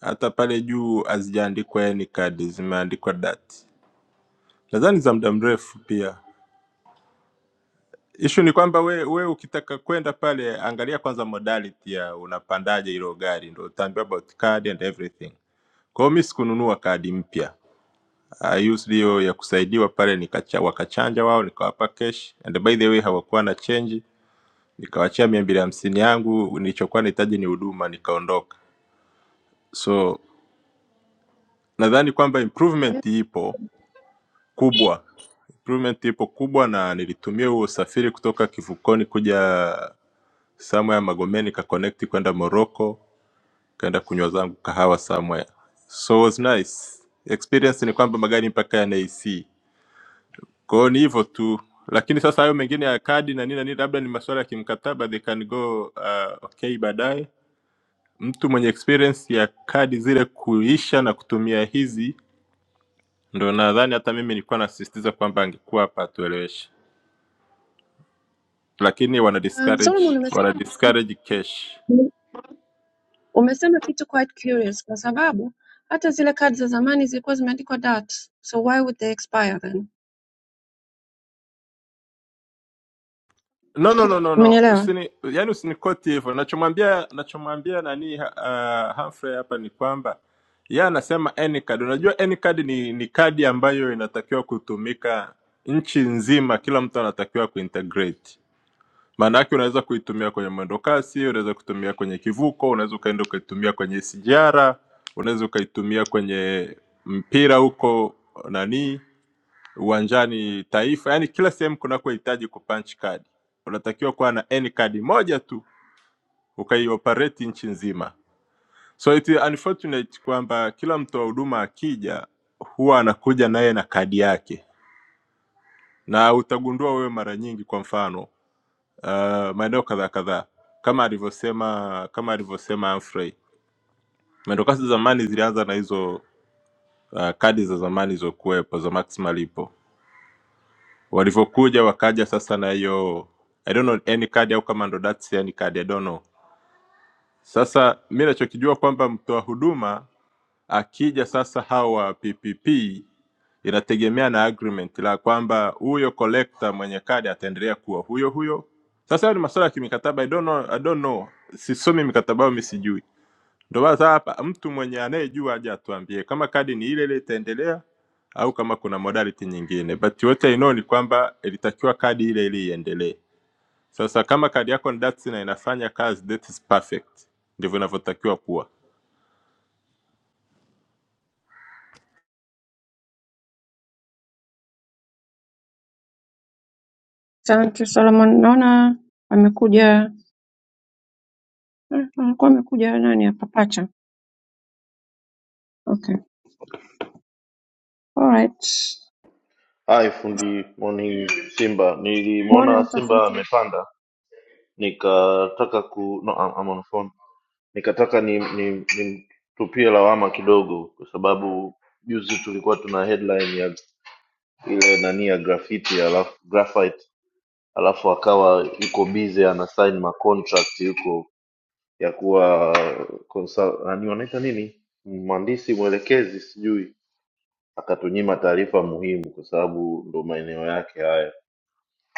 S7: Hata pale juu hazijaandikwa any card, zimeandikwa DAT. Nadhani za muda mrefu pia. Issue ni kwamba we, we ukitaka kwenda pale, angalia kwanza modality ya unapandaje hilo gari, ndio utaambiwa about card and everything. Kwa hiyo mimi sikununua kadi mpya. I used hiyo ya kusaidiwa pale, nikacha, wakachanja wao, nikawapa cash and by the way hawakuwa na change, nikawachia mia mbili hamsini yangu, nilichokuwa nahitaji ni huduma, nikaondoka. So nadhani kwamba improvement ipo kubwa improvement ipo kubwa na nilitumia huo usafiri kutoka kivukoni kuja Somewhere Magomeni nikaconnect kwenda Morocco, kaenda kunywa zangu kahawa somewhere. So was nice. Experience ni kwamba magari mpaka yana AC. Kwa hiyo ni hivyo tu. Lakini sasa hayo mengine ya kadi na nini na nini labda ni masuala ya kimkataba they can go uh, okay baadaye. Mtu mwenye experience ya kadi zile kuisha na kutumia hizi ndo nadhani hata mimi nilikuwa nasisitiza kwamba angekuwa hapa atueleweshe. Lakini wana
S3: Um,
S7: discourage,
S3: Solomon umesema
S7: wana discourage cash.
S3: Umesema kitu quite curious kwa sababu hata zile kadi za zamani zilikuwa zimeandikwa DAT, so why would they expire then?
S7: No, no, no, no, no.
S3: Umenielewa?
S7: Usini, yani usinikoti hivyo. Nachomwambia nachomwambia nani uh, Humphrey hapa ni kwamba yeye anasema any card. Unajua any card ni ni kadi ambayo inatakiwa kutumika nchi nzima, kila mtu anatakiwa kuintegrate. Maana yake unaweza kuitumia kwenye mwendokasi, unaweza kutumia kwenye kivuko, unaweza ukaenda ukaitumia kwenye sijara, unaweza ukaitumia kwenye mpira huko nani uwanjani taifa yani kila sehemu kunakohitaji kupunch card unatakiwa kuwa na n card moja tu ukaioperate nchi nzima so it is unfortunate kwamba kila mtoa huduma akija huwa anakuja naye na kadi yake na utagundua wewe mara nyingi kwa mfano uh, maeneo kadhaa kadhaa kama alivyosema kama alivyosema Humphrey mwendokasi zamani zilianza na hizo uh, kadi za zamani zilizokuwepo za max malipo walivyokuja wakaja sasa na hiyo I don't know any card au kama ndo that's any card I don't know. Sasa mi nachokijua kwamba mtoa huduma akija sasa hawa PPP inategemea na agreement la kwamba huyo collector mwenye kadi ataendelea kuwa huyo huyo. Sasa hayo ni masuala ya kimikataba I don't know, I don't know. Sisomi mikataba au mi sijui ndio maana sasa hapa mtu mwenye anayejua aje atuambie kama kadi ni ile ile itaendelea au kama kuna modality nyingine, but yote I know ni kwamba ilitakiwa kadi ile ile iendelee. Sasa kama kadi yako ni DATS na inafanya kazi, that is perfect, ndivyo inavyotakiwa kuwa.
S3: Asante Solomon, naona amekuja eh, alikuwa amekuja nani hapa pacha. Okay. Alright.
S8: Hai fundi Moni Simba,
S3: Mwone
S8: nilimwona Simba
S3: mtafiti.
S8: amepanda, nikataka ku no, I'm, I'm on phone. Nikataka ni ni nimtupie lawama kidogo, kwa sababu juzi tulikuwa tuna headline ya ile nani ya graffiti alafu graphite, alafu akawa yuko busy ana sign ma contract yuko ya kuwa consul, nani wanaita nini, mhandisi mwelekezi sijui, akatunyima taarifa muhimu, kwa sababu ndo maeneo yake haya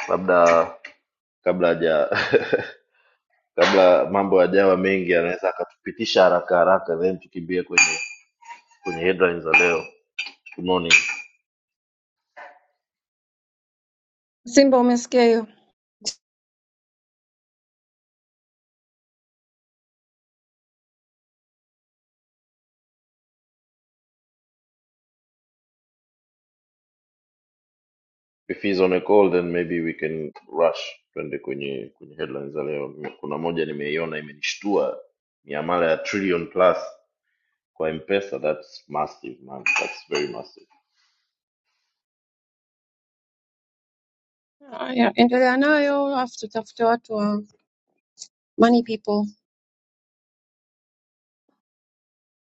S8: labda kabla haja kabla mambo yajawa mengi, anaweza akatupitisha haraka haraka, then tukimbie kwenye kwenye headlines za leo. Good morning.
S3: Simba umesikia hiyo?
S8: If he's on a call then maybe we can rush twende kwenye kwenye headlines za leo. Kuna moja nimeiona imenishtua, miamala ya trillion plus kwa M-Pesa. That's massive man, that's very massive.
S3: Haya, endelea nayo alafu tutafute watu wa money people.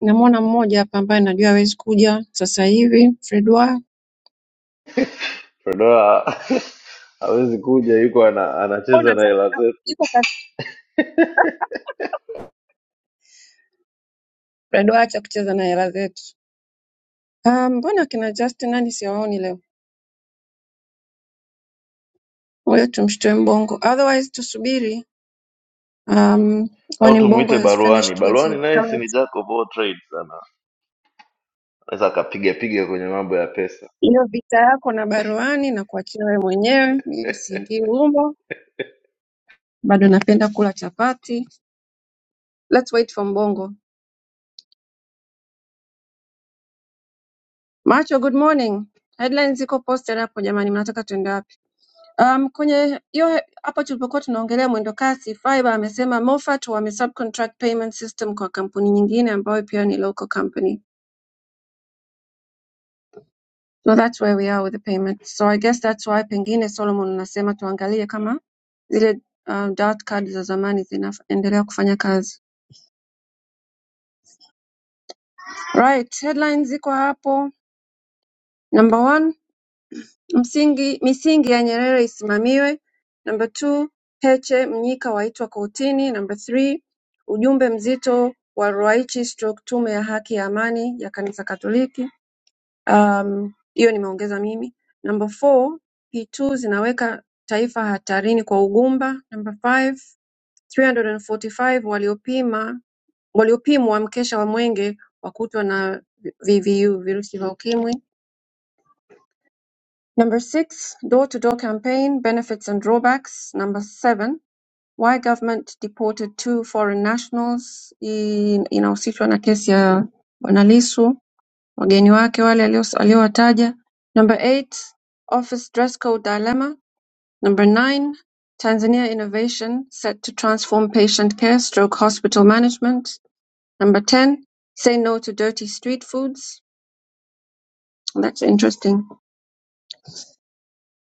S3: Namwona mmoja hapa ambaye najua hawezi kuja sasa hivi, Fredwa.
S8: Fedora hawezi kuja, yuko ana,
S3: Mbona
S8: anacheza na
S3: acha
S8: hela
S3: kukaa?
S8: zetu,
S3: Yuko kati Fredwa acha kucheza na hela zetu. Ah, mbona kina Justin hadi siwaoni leo? Ngoja tumshtue Mbongo, otherwise tusubiri um,
S8: au
S3: when Mbongo
S8: tumuite
S3: has
S8: Baruani.
S3: finished with
S8: Baruani
S3: his
S8: naye si ni
S3: cards.
S8: jacob of all trades, ana naweza akapiga piga kwenye mambo ya pesa
S3: Hiyo vita yako na baroani na kuachia wewe mwenyewe, mimi siingii humo, bado napenda kula chapati. Let's wait for Mbongo. Macho, good morning. Headlines ziko posted hapo jamani, mnataka tuende wapi? Um, kwenye hiyo he- hapo tulipokuwa tunaongelea mwendo kasi, Fiba amesema Moffat wame subcontract payment system kwa kampuni nyingine ambayo pia ni local company. So that's where we are with the payment. So I guess that's why pengine Solomon unasema tuangalie kama zile um, dot card za zamani zinaendelea kufanya kazi. Right, headlines ziko hapo. Number one, msingi misingi ya Nyerere isimamiwe. Number two, Heche Mnyika waitwa kotini. Number three, ujumbe mzito wa Ruwaichi stroke tume ya haki ya amani ya kanisa Katoliki. Um, hiyo nimeongeza mimi. Number four, P2 zinaweka taifa hatarini kwa ugumba. Number five, 345 waliopima waliopimwa mkesha wa mwenge wakutwa na VVU virusi vya ukimwi. Number six, door to door campaign benefits and drawbacks. Number seven, why government deported two foreign nationals. in inahusishwa na kesi ya Bwana Lissu. Wageni wake wale aliowataja Number eight Office dress code Dilemma Number nine Tanzania Innovation Set to Transform Patient Care Stroke Hospital Management Number ten Say No to Dirty Street Foods That's interesting.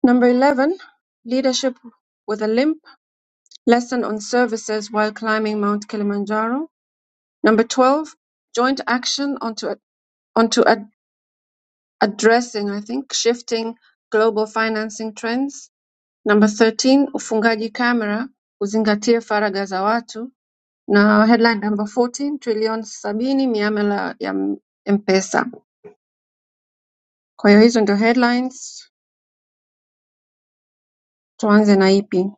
S3: Number eleven Leadership with a Limp Lesson on Services While Climbing Mount Kilimanjaro Number twelve Joint Action onto onto ad- addressing I think shifting global financing trends Number 13, ufungaji kamera uzingatie faragha za watu na headline number 14, trilioni sabini miamala ya M- pesa Kwa hiyo hizo ndio headlines, tuanze na ipi?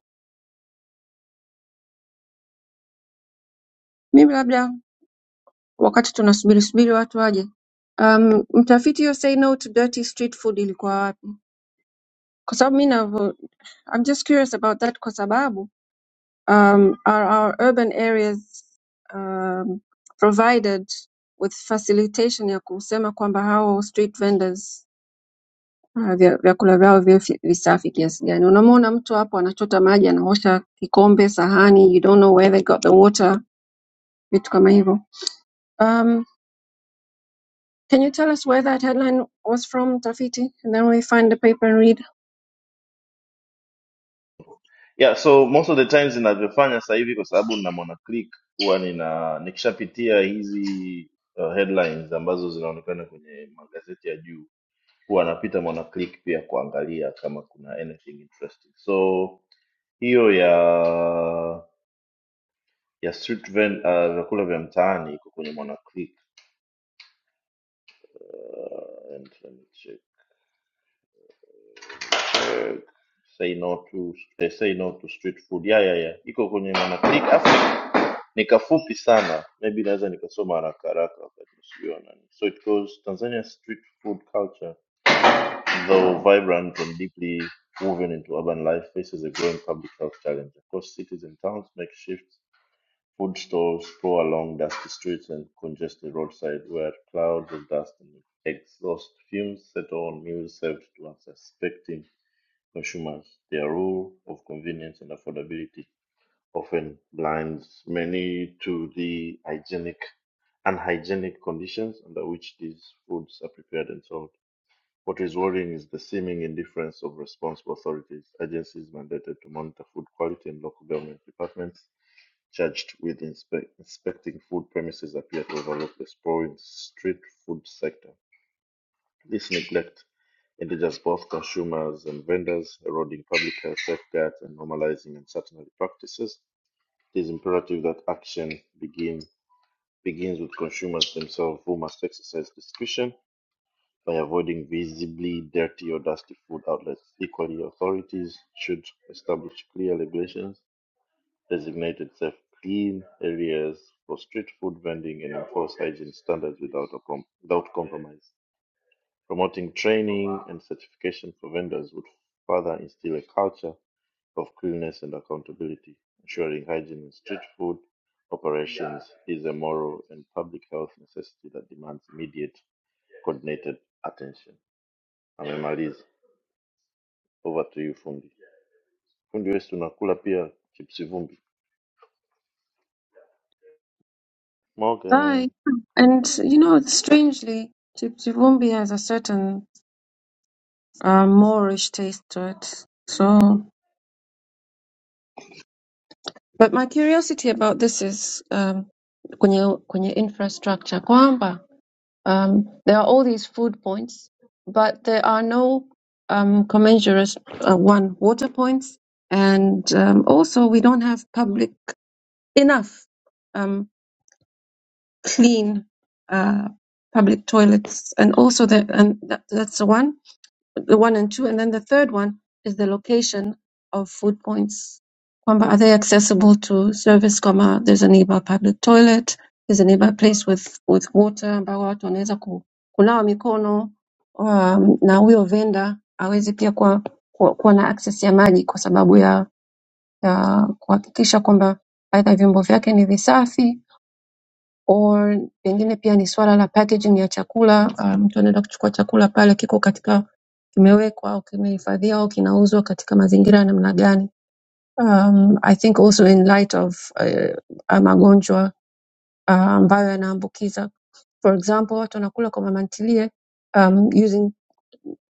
S3: Mimi labda wakati tunasubiri subiri watu waje, um, mtafiti yo say no to dirty street food ilikuwa wapi? Kwa sababu mi navo, I'm just curious about that kwa sababu Um, are our urban areas um, provided with facilitation ya kusema kwamba hao street vendors uh, vya- vyakula vyao viwe fi- visafi kiasi gani? Unamwona mtu hapo anachota maji, anaosha kikombe, sahani, you don't know where they got the water, vitu kama hivyo. Um, can you tell us where that headline was from, Tafiti? And then we find the paper and read.
S8: yeah so most of the times ninavyofanya sasa hivi kwa sababu nina mwana click huwa nina nikishapitia hizi uh, headlines ambazo zinaonekana kwenye magazeti ya juu huwa napita mwana click pia kuangalia kama kuna anything interesting so hiyo ya ya street vend, uh, vyakula vya mtaani iko kwenye mwana click Uh, and let me check. Uh, say no to eh, say no to street food yeah, yeah, yeah. iko kwenye mwana click Afu ni kafupi sana maybe naweza nikasoma haraka haraka wakati nasubiwa nani so it goes Tanzania's street food culture though vibrant and deeply woven into urban life faces a growing public health challenge across cities and towns makeshift food stalls sprawl along dusty streets and congested roadside where clouds of dust and exhaust fumes settle on meals served to unsuspecting consumers their rule of convenience and affordability often blinds many to the hygienic unhygienic conditions under which these foods are prepared and sold. What is worrying is the seeming indifference of responsible authorities, agencies mandated to monitor food quality, and local government departments charged with inspe- inspecting food premises appear to overlook the sprawling street food sector. This neglect endangers both consumers and vendors, eroding public health safeguards and normalizing uncertainty practices it is imperative that action begin begins with consumers themselves who must exercise discretion by avoiding visibly dirty or dusty food outlets. Equally, authorities should establish clear regulations, designated safe clean areas for street food vending and enforce hygiene standards without, a com- without compromise. Promoting training and certification for vendors would further instill a culture of cleanliness and accountability, ensuring hygiene in street food operations is a moral and public health necessity that demands immediate coordinated attention. Amemaliza. Over to you fundi. Fundi wewe si unakula pia chipsi vumbi.
S3: Bye.
S8: Morgan.
S3: And you know, strangely, Chip Chivumbi has a certain uh, Moorish taste to it. So But my curiosity about this is um, kwenye, kwenye infrastructure kwamba um, there are all these food points but there are no um, commensurate uh, one water points and um, also we don't have public enough um, clean uh, public toilets and also the, and that, that's the one the one and two. And then the third one is the location of food points. Kwamba are they accessible to service kama there's a nearby public toilet, there's a nearby place with, with water ambao watu wanaweza ku, kunawa mikono um, na huyo venda aweze pia kuwa, kuwa, kuwa na access ya maji kwa sababu ya, ya kuhakikisha kwamba aidha vyombo vyake ni visafi or pengine pia ni swala la packaging ya chakula. ah, Mtu um, anaenda kuchukua chakula pale kiko katika kimewekwa au kimehifadhiwa au kinauzwa katika mazingira namna gani. Um, I think also in light of uh, magonjwa ah, ambayo yanaambukiza. For example, watu wanakula kwa mama ntilie um, using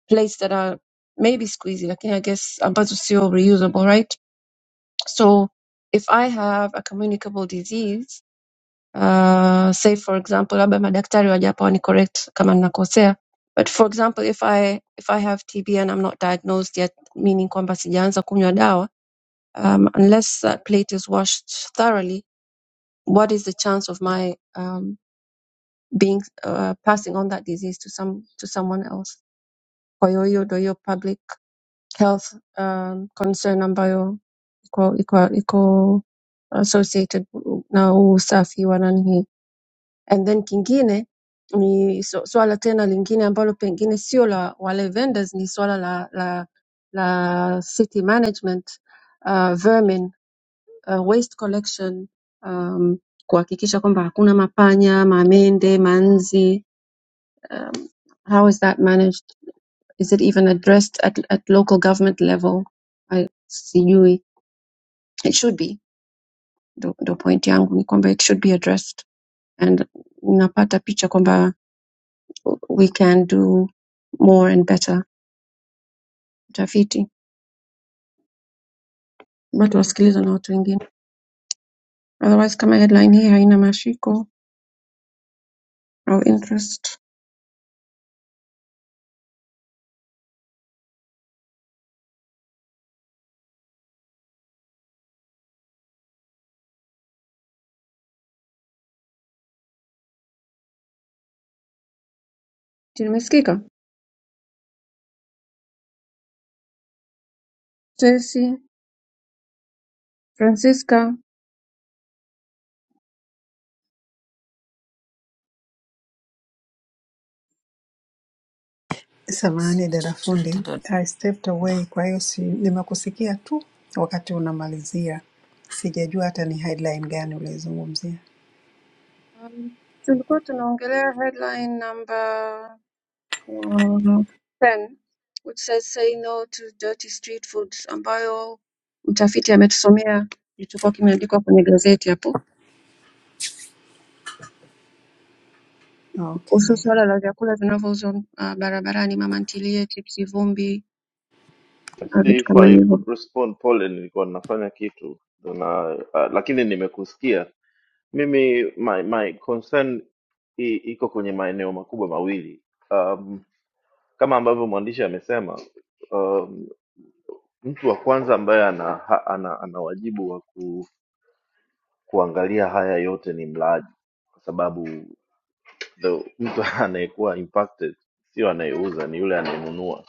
S3: plates that are maybe squeezy lakini I guess ambazo sio reusable, right? So if I have a communicable disease uh, say for example labda madaktari wajapo ni correct kama ninakosea but for example if i if i have tb and i'm not diagnosed yet meaning kwamba sijaanza kunywa dawa um, unless that plate is washed thoroughly what is the chance of my um, being uh, passing on that disease to some to someone else kwa hiyo hiyo ndio hiyo public health um, concern ambayo iko iko iko associated na huu usafi wa nani hii And then kingine ni so- swala tena lingine ambalo pengine sio la wale vendors, ni swala la la la city management uh, vermin uh, waste collection um, kuhakikisha kwamba hakuna mapanya, mamende, manzi. Um, how is that managed? Is it even addressed at, at local government level? I sijui. It should be. Ndo ndo point yangu ni kwamba it should be addressed and napata picha kwamba we can do more and better utafiti labda tuwasikilize na watu wengine otherwise kama headline hii haina mashiko au interest Si nimesikika stacy francisca
S5: Samahani
S4: Sina
S5: dada
S4: chochote
S5: fundi, I stepped
S4: dada,
S5: away, kwa hiyo si, nimekusikia tu wakati unamalizia, sijajua hata ni headline gani ulizungumzia.
S3: um, tulikuwa tunaongelea headline number um, 10 which says say no to dirty street foods ambayo mtafiti ametusomea kilichokuwa kimeandikwa kwenye gazeti hapo
S5: Okay.
S3: kuhusu suala la vyakula vinavyouzwa uh, barabarani mama ntilie chipsi vumbi vitu
S8: If
S3: kama
S8: I
S3: hivyo.
S8: could respond pole, nilikuwa nafanya kitu na uh, lakini nimekusikia. Mimi my, my concern i, iko kwenye maeneo makubwa mawili um, kama ambavyo mwandishi amesema um, Mtu wa kwanza ambaye ana, ha- ana, ana wajibu wa ku, kuangalia haya yote ni mlaji, kwa sababu the, mtu anayekuwa impacted sio anayeuza, ni yule anayenunua,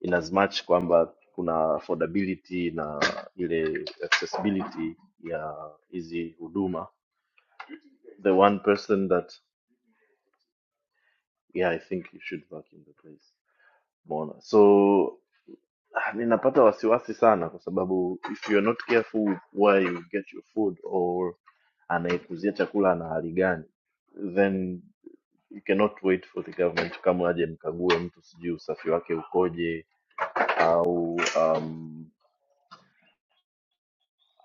S8: in as much kwamba kuna affordability na ile accessibility ya hizi huduma. The one person that yeah, I think you should vacuum the place, umeona so Ah, ninapata wasiwasi sana kwa sababu if you're not careful where you get your food or anayekuzia chakula ana hali gani then you cannot wait for the government kama aje mkague mtu sijui usafi wake ukoje au um,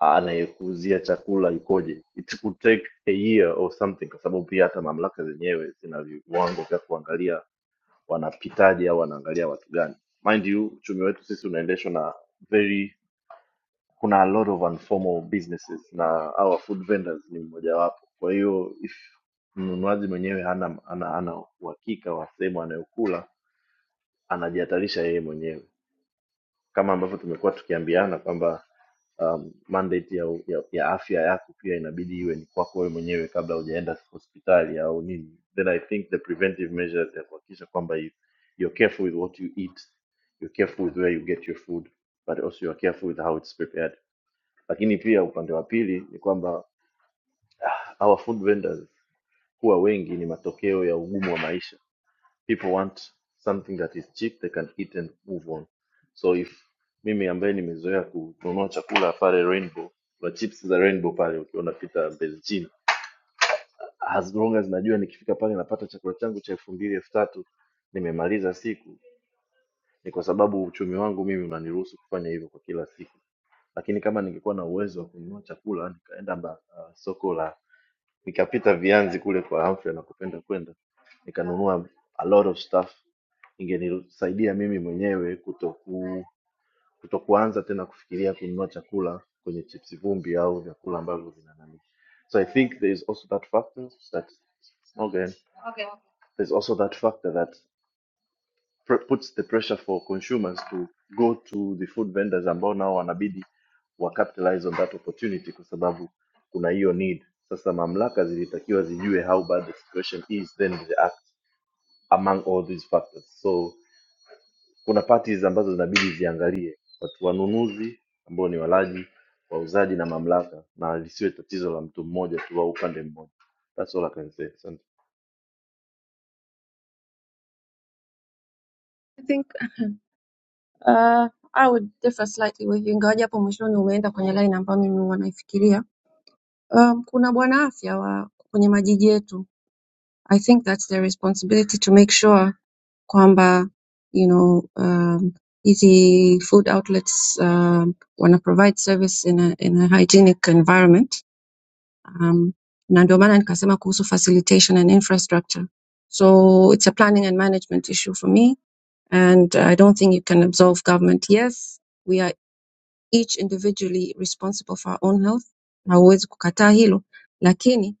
S8: anayekuzia chakula ikoje it could take a year or something kwa sababu pia hata mamlaka zenyewe zina viwango vya kuangalia wanapitaje au wanaangalia watu gani mind you uchumi wetu sisi unaendeshwa na very kuna a lot of informal businesses na our food vendors ni mmojawapo. Kwa hiyo if mnunuaji mwenyewe hana hana hana uhakika wa sehemu anayokula, anajihatarisha yeye mwenyewe, kama ambavyo tumekuwa tukiambiana kwamba um, mandate ya, ya, ya afya yako pia inabidi iwe ni kwako wewe mwenyewe kabla hujaenda hospitali au nini. Then I think the preventive measures ya kuhakikisha kwamba you, you're careful with what you eat, you're careful with where you get your food, but also you're careful with how it's prepared lakini pia upande wa pili ni kwamba our food vendors huwa wengi ni matokeo ya ugumu wa maisha. People want something that is cheap they can eat and move on. So if mimi ambaye nimezoea kununua chakula pale Rainbow, kuna chips za Rainbow pale ukiwa unapita Beijing, as long as najua nikifika pale napata chakula changu cha elfu mbili elfu tatu nimemaliza siku, ni kwa sababu uchumi wangu mimi unaniruhusu kufanya hivyo kwa kila siku. Lakini kama ningekuwa na uwezo wa kununua chakula nikaenda ba- uh, soko la Nikapita Vianzi kule kwa afya na kupenda kwenda, nikanunua a lot of stuff, ingenisaidia mimi mwenyewe kutoku kutokuanza tena kufikiria kununua chakula kwenye chips vumbi au vyakula ambavyo vina nani. So I think there is also that factor that okay, there's also that factor that pre- puts the pressure for consumers to go to the food vendors ambao nao wanabidi wa capitalize on that opportunity kwa sababu kuna hiyo need sasa mamlaka zilitakiwa zijue how bad the situation is then react among all these factors so kuna parties ambazo zinabidi ziangalie watu wanunuzi ambao ni walaji wauzaji na mamlaka na lisiwe tatizo la mtu mmoja tu au upande mmoja That's all I can say. Asante.
S3: I think uh, I would differ slightly with you ingawaje hapo mwishoni umeenda kwenye line ambayo mimi huwa naifikiria. Um, kuna bwana afya wa kwenye majiji yetu. I think that's their responsibility to make sure kwamba you know um, hizi food outlets um, wana provide service in a, in a hygienic environment. Um, na ndio maana nikasema kuhusu facilitation and infrastructure. So it's a planning and management issue for me And I don't think you can absolve government. Yes, we are each individually responsible for our own health. Hauwezi kukataa hilo. Lakini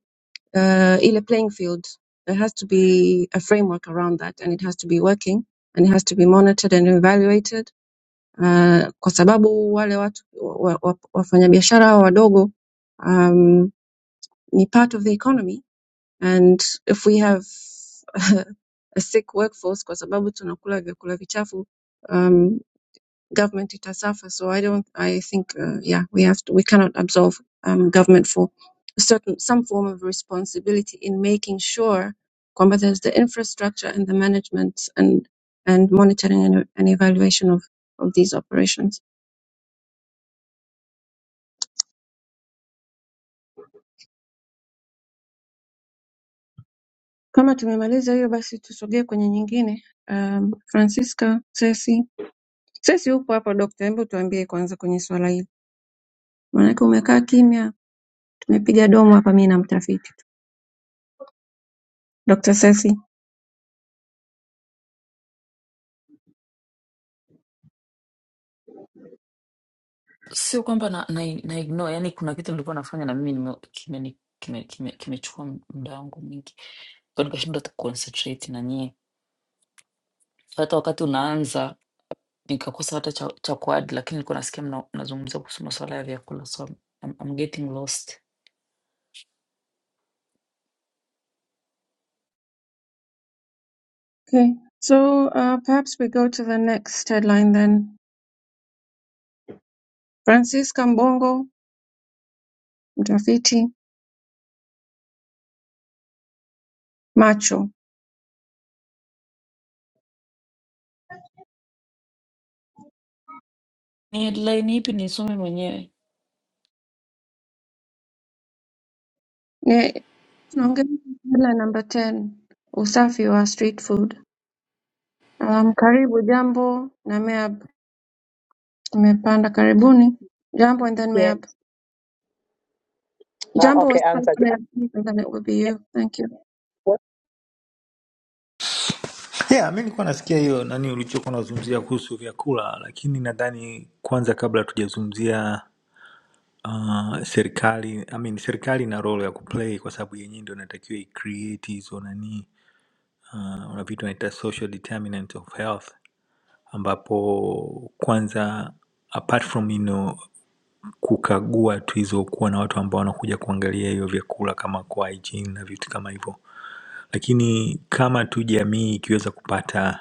S3: uh, ile playing field, there has to be a framework around that and it has to be working and it has to be monitored and evaluated. Uh, kwa sababu wale watu wa, wa, wafanyabiashara hawa wadogo um, ni part of the economy and if we have a sick workforce kwa sababu tunakula vyakula vichafu um, government it has suffered. So I don't. I think uh, yeah, we have to. We cannot absolve um, government for certain some form of responsibility in making sure kwamba there's the infrastructure and the management and and monitoring and, and evaluation of of these operations. Kama tumemaliza hiyo basi tusogee kwenye nyingine. Um, Francisca, Ceci, Ceci upo hapa dokta, hebu tuambie kwanza kwenye swala hili, maanake umekaa kimya, tumepiga domo hapa mimi na mtafiti. Dr. Ceci.
S4: sio kwamba na, na, na ignore, yani kuna kitu nilikuwa nafanya na mimi nime- kimeni- kime- kime- kimechukua muda wangu mwingi, kwa nikashindwa hata kuconcentrate na nyie. Hata wakati unaanza nikakosa hata cha, cha kuad, lakini nilikuwa nasikia mna- mnazungumzia kuhusu masuala ya vyakula, so I'm, I'm I'm getting lost.
S3: Okay, so uh, perhaps we go to the next headline then. Francisca Mbongo, mtafiti macho.
S4: Ni headline ipi nisome mwenyewe?
S3: Ni- Tunaongelea headline number 10, usafi wa street food. Um, karibu jambo na Meab, tumepanda karibuni. Jambo and then
S9: Yeah.
S3: Meab.
S9: Ah,
S3: Jambo was
S9: okay, anza.
S3: first Meab, and then it will be
S9: Yeah.
S3: you. Thank you.
S9: what-
S10: Yeah, mi nilikuwa nasikia hiyo nani ulichokuwa unazungumzia kuhusu vyakula, lakini nadhani kwanza kabla tujazungumzia uh, serikali I mean, serikali ina role ya kuplay kwa sababu yenyewe ndio inatakiwa icreate hizo nani uh, una vitu naita social determinants of health, ambapo kwanza apart from you know, kukagua tu hizo kuwa na watu ambao wanakuja kuangalia hiyo vyakula kama kwa hygiene na vitu kama hivyo lakini kama tu jamii ikiweza kupata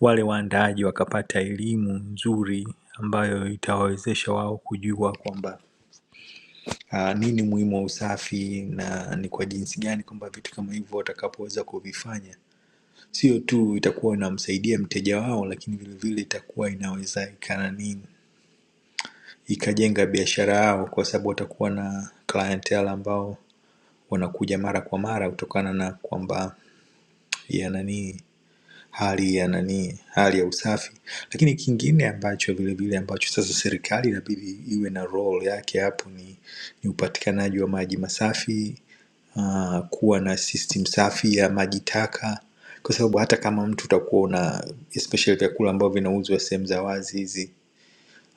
S10: wale waandaaji wakapata elimu nzuri ambayo itawawezesha wao kujua kwamba ah, nini muhimu wa usafi na ni kwa jinsi gani kwamba vitu kama hivyo watakapoweza kuvifanya sio tu itakuwa inamsaidia mteja wao lakini vilevile itakuwa inaweza ikananii ikajenga biashara yao kwa sababu watakuwa na clientele ambao wanakuja mara kwa mara kutokana na kwamba ya nanii hali ya nani, hali ya usafi. Lakini kingine ambacho vile vile ambacho sasa serikali inabidi iwe na role yake hapo ni, ni upatikanaji wa maji masafi uh, kuwa na system safi ya maji taka kwa sababu hata kama mtu utakuwa una especially vyakula ambavyo vinauzwa sehemu za wazi hizi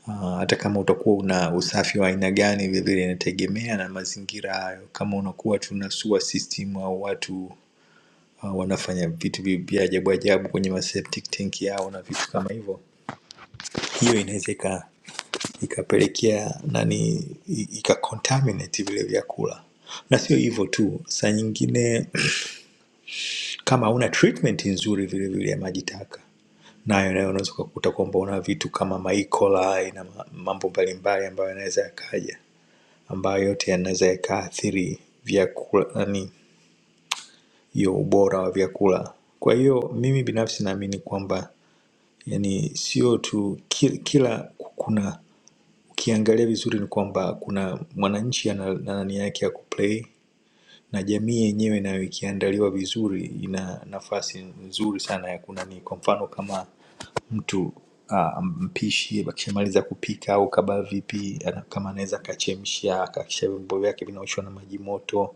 S10: uh, hata kama utakuwa una usafi wa aina gani vilevile inategemea na mazingira hayo kama unakuwa tuna sewer system au watu uh, wanafanya vitu vi- vya ajabu ajabu kwenye ma septic tank yao na vitu kama hivyo hiyo inaweza ika- ikapelekea nani i- ika contaminate vile vyakula na sio hivyo tu saa nyingine kama hauna treatment nzuri vile vile ya maji taka nayo nayo unaweza ukakuta kwamba una vitu kama maikola na ma- mambo mbalimbali ambayo yanaweza yakaja ambayo yote yanaweza yakaathiri vyakula yani hiyo ubora wa vyakula kwa hiyo mimi binafsi naamini kwamba yani sio tu kila, kila kuna ukiangalia vizuri ni kwamba kuna mwananchi ana ana nani yake ya kuplay na jamii yenyewe nayo ikiandaliwa vizuri ina nafasi nzuri sana ya kunani kwa mfano kama mtu ah, mpishi akishamaliza kupika au kabaa vipi ana- kama anaweza akachemsha akakisha vyombo vyake vinaoshwa na maji moto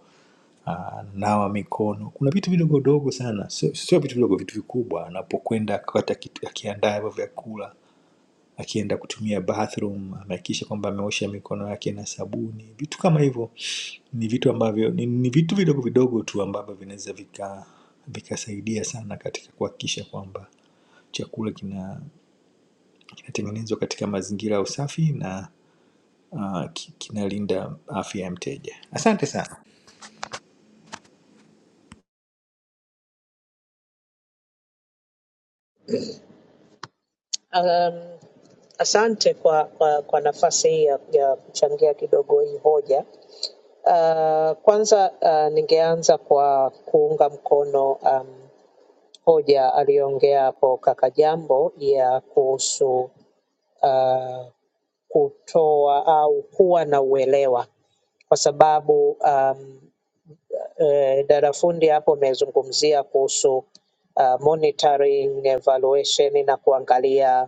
S10: ah, nawa mikono kuna vitu vidogo dogo sana sio sio vitu vidogo vitu vikubwa anapokwenda akipata kitu akiandaa hivyo vyakula akienda kutumia bathroom amehakikisha kwamba ameosha mikono yake na sabuni vitu kama hivyo ni vitu ambavyo ni, ni vitu vidogo vidogo tu ambavyo vinaweza vika vikasaidia sana katika kuhakikisha kwamba chakula kina kinatengenezwa katika mazingira ya usafi na uh, ki- kinalinda afya ya mteja asante sana
S9: Um, asante kwa, kwa, kwa nafasi hii ya, ya kuchangia kidogo hii hoja. Uh, kwanza uh, ningeanza kwa kuunga mkono um, hoja aliyoongea hapo kaka Jambo ya kuhusu uh, kutoa au kuwa na uelewa kwa sababu um, eh, darafundi hapo amezungumzia kuhusu uh, monitoring, evaluation na kuangalia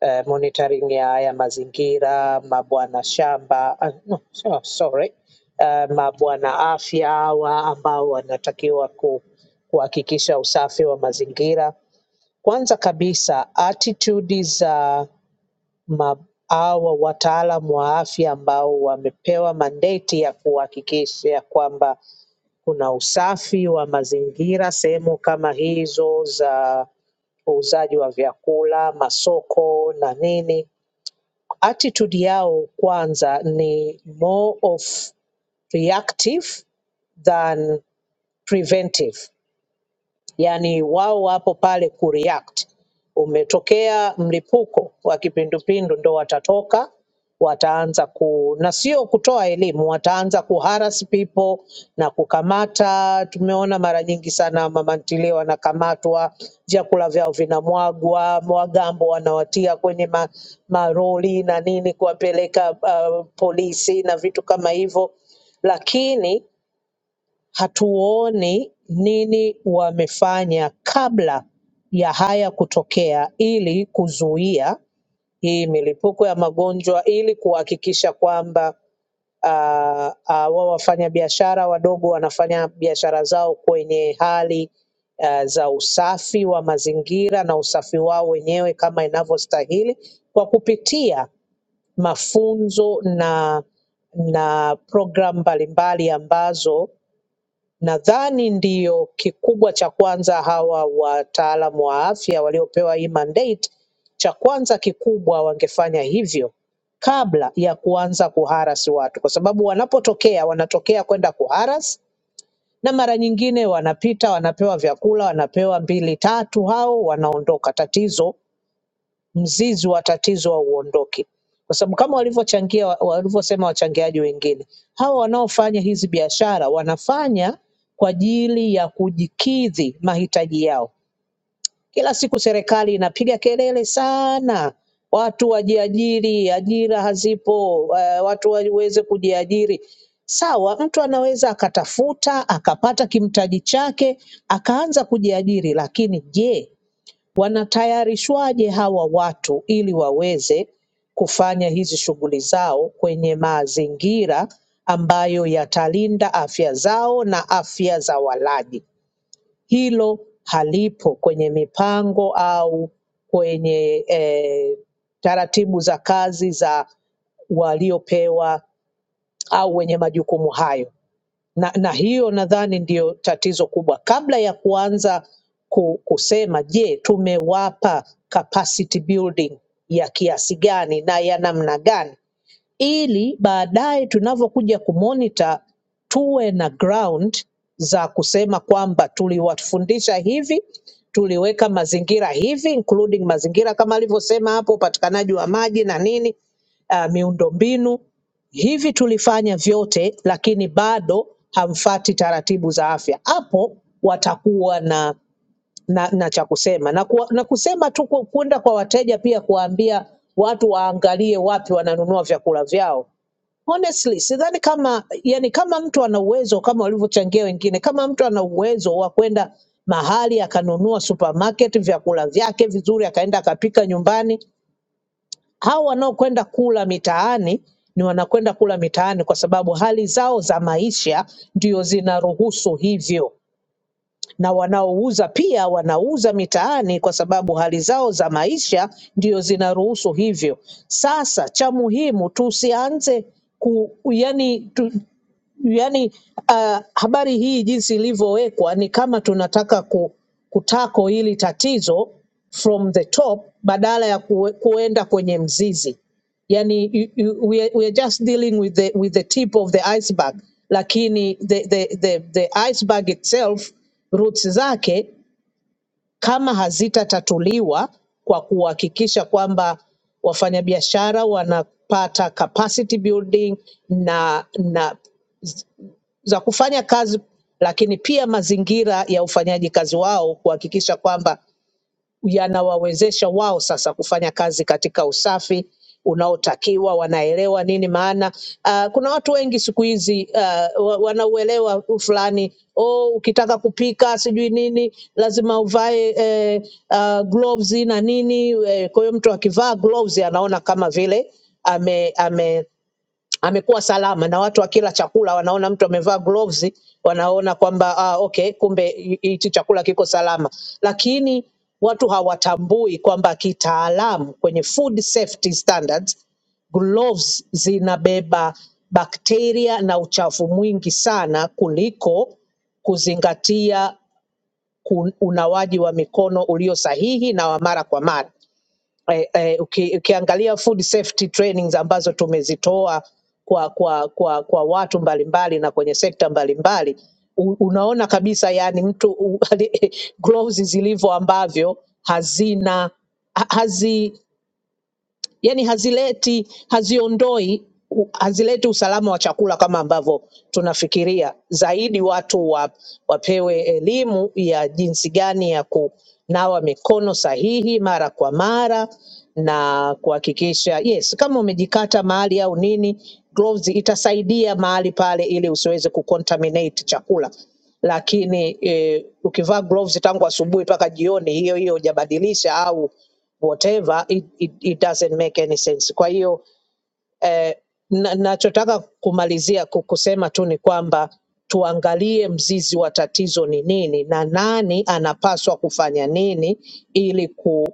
S9: eh, monitoring ya ya mazingira, mabwana shamba, ah, no, so- sorry, eh, mabwana afya hawa ambao wanatakiwa ku, kuhakikisha usafi wa mazingira. Kwanza kabisa attitude za ma, hawa wataalam wa afya ambao wamepewa mandate ya kuhakikisha kwamba kuna usafi wa mazingira sehemu kama hizo za uuzaji wa vyakula, masoko na nini attitude yao kwanza ni more of reactive than preventive yani wao wapo pale kureact. Umetokea mlipuko wa kipindupindu, ndo watatoka wataanza ku na sio kutoa elimu, wataanza kuharas people na kukamata. Tumeona mara nyingi sana mama ntilie wanakamatwa, vyakula vyao vinamwagwa, wagambo wanawatia kwenye ma, maroli na nini, kuwapeleka uh, polisi na vitu kama hivyo, lakini hatuoni nini wamefanya kabla ya haya kutokea ili kuzuia hii milipuko ya magonjwa ili kuhakikisha kwamba ah, ah, wao wafanyabiashara wadogo wanafanya biashara zao kwenye hali ah, za usafi wa mazingira na usafi wao wenyewe kama inavyostahili kwa kupitia mafunzo na na programu mbalimbali ambazo Nadhani ndiyo kikubwa cha kwanza hawa wataalamu wa afya waliopewa hii mandate, cha kwanza kikubwa wangefanya hivyo kabla ya kuanza kuharas watu, kwa sababu wanapotokea wanatokea kwenda kuharas na mara nyingine wanapita, wanapewa vyakula, wanapewa mbili tatu, hao wanaondoka. Tatizo mzizi wa tatizo hauondoki. Kwa sababu kama walivyochangia walivyosema wachangiaji wengine, hawa wanaofanya hizi biashara wanafanya kwa ajili ya kujikidhi mahitaji yao. Kila siku serikali inapiga kelele sana, watu wajiajiri, ajira hazipo, eh, watu waweze kujiajiri. Sawa, mtu anaweza akatafuta akapata kimtaji chake akaanza kujiajiri, lakini je, Wanatayarishwaje hawa watu ili waweze kufanya hizi shughuli zao kwenye mazingira ambayo yatalinda afya zao na afya za walaji? Hilo halipo kwenye mipango au kwenye eh, taratibu za kazi za waliopewa au wenye majukumu hayo na, na hiyo nadhani ndiyo tatizo kubwa. Kabla ya kuanza ku, kusema je, tumewapa capacity building ya kiasi gani na ya namna gani, ili baadaye tunavyokuja kumonita tuwe na ground za kusema kwamba tuliwafundisha hivi, tuliweka mazingira hivi, including mazingira kama alivyosema hapo, upatikanaji wa maji na nini, uh, miundombinu hivi tulifanya vyote, lakini bado hamfati taratibu za afya. Hapo watakuwa na na, na cha kusema na, ku, na kusema tu ku- kwenda kwa wateja pia kuwaambia watu waangalie wapi wananunua vyakula vyao. Honestly, sidhani kama yani, kama mtu ana uwezo kama walivyochangia wengine, kama mtu ana uwezo wa kwenda mahali akanunua supermarket vyakula vyake vizuri, akaenda akapika nyumbani. Hao wanaokwenda kula mitaani ni wanakwenda kula mitaani kwa sababu hali zao za maisha ndio zinaruhusu hivyo na wanaouza pia wanauza mitaani kwa sababu hali zao za maisha ndio zinaruhusu hivyo. Sasa cha muhimu tusianze ku, yani tu, yani uh, habari hii jinsi ilivyowekwa ni kama tunataka ku, kutako hili tatizo from the top badala ya kue- kuenda kwenye mzizi yani you, you, we, are, we are just dealing with the, with the tip of the iceberg lakini the, the, the, the iceberg itself roots zake kama hazitatatuliwa kwa kuhakikisha kwamba wafanyabiashara wanapata capacity building na na za kufanya kazi, lakini pia mazingira ya ufanyaji kazi wao kuhakikisha kwamba yanawawezesha wao sasa kufanya kazi katika usafi unaotakiwa, wanaelewa nini maana. Uh, kuna watu wengi siku hizi uh, wa- wanauelewa fulani oh, ukitaka kupika sijui nini lazima uvae eh, uh, gloves na nini eh, kwa hiyo mtu akivaa gloves anaona kama vile ame, ame amekuwa salama na watu wakila chakula wanaona mtu amevaa gloves, wanaona kwamba ah, okay, kumbe hi- hichi chakula kiko salama, lakini watu hawatambui kwamba kitaalamu kwenye food safety standards gloves zinabeba bakteria na uchafu mwingi sana kuliko kuzingatia ku- unawaji wa mikono ulio sahihi na wa mara kwa mara eh, eh, uki, ukiangalia food safety trainings ambazo tumezitoa kwa, kwa, kwa, kwa watu mbalimbali na kwenye sekta mbalimbali u- unaona kabisa yani mtu u- gloves zilivyo ambavyo hazina ha- hazi yani hazileti haziondoi u- hazileti usalama wa chakula kama ambavyo tunafikiria. Zaidi watu wa, wapewe elimu ya jinsi gani ya kunawa mikono sahihi mara kwa mara na kuhakikisha yes, kama umejikata mahali au nini, gloves itasaidia mahali pale ili usiweze kucontaminate chakula lakini eh, ukivaa gloves tangu asubuhi mpaka jioni, hiyo hiyo hujabadilisha au whatever it, it, it doesn't make any sense. Kwa hiyo eh, na- nachotaka kumalizia ku- kusema tu ni kwamba tuangalie mzizi wa tatizo ni nini na nani anapaswa kufanya nini ili ku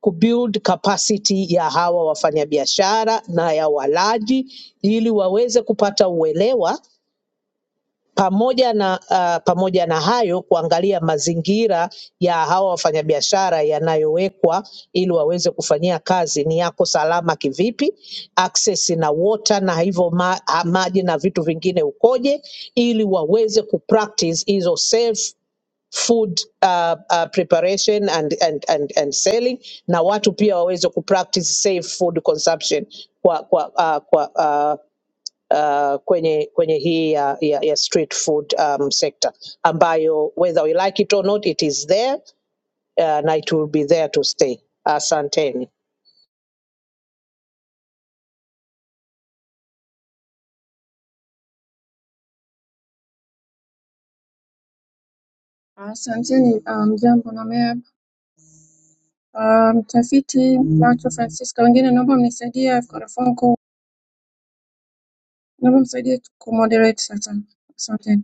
S9: kubuild capacity ya hawa wafanyabiashara na ya walaji ili waweze kupata uelewa pamoja na uh, pamoja na hayo kuangalia mazingira ya hawa wafanyabiashara yanayowekwa ili waweze kufanyia kazi ni yako salama kivipi, access na water na hivyo ma, ah, maji na vitu vingine ukoje, ili waweze kupractice hizo safe food uh, uh, preparation and, and, and, and selling na watu pia waweze kupractice safe food consumption kwa kwa, uh, kwa uh, uh, kwenye kwenye hii ya, ya, ya street food um, sector ambayo whether we like it or not it is there uh, na it will be there to stay. Asanteni
S3: Asanteni um, jambo na Meab. Um, Mtafiti macho Francisca, wengine naomba mnisaidie, I've got a phone call. Naomba msaidie kumoderate sasa. Asante.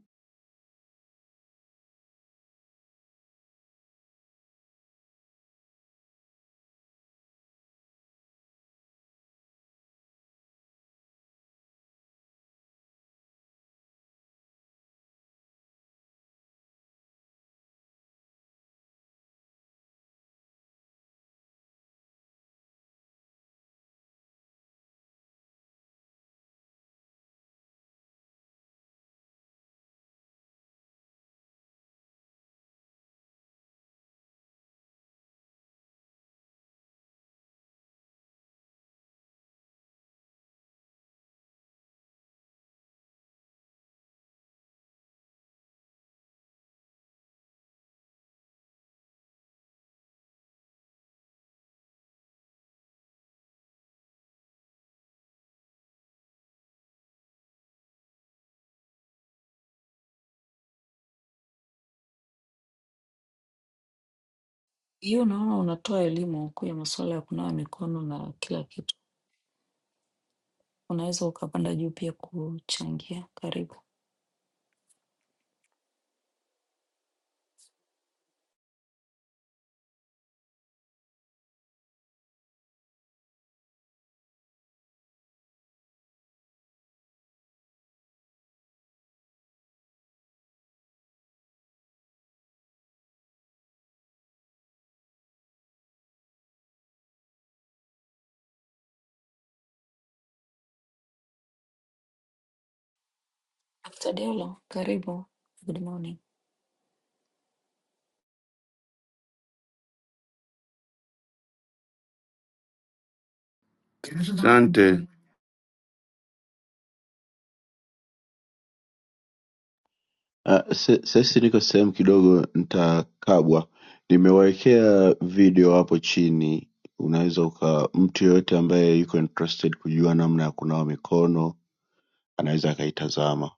S4: Hiyo naona unatoa elimu huku ya masuala ya kunawa mikono na kila kitu. unaweza ukapanda juu pia kuchangia. Karibu Dr. Diallo, karibu. Good morning.
S11: Asante,
S12: Uh, Sasa niko sehemu kidogo ntakabwa, nimewawekea video hapo chini, unaweza uka mtu yoyote ambaye yuko interested kujua namna ya kunawa mikono anaweza akaitazama.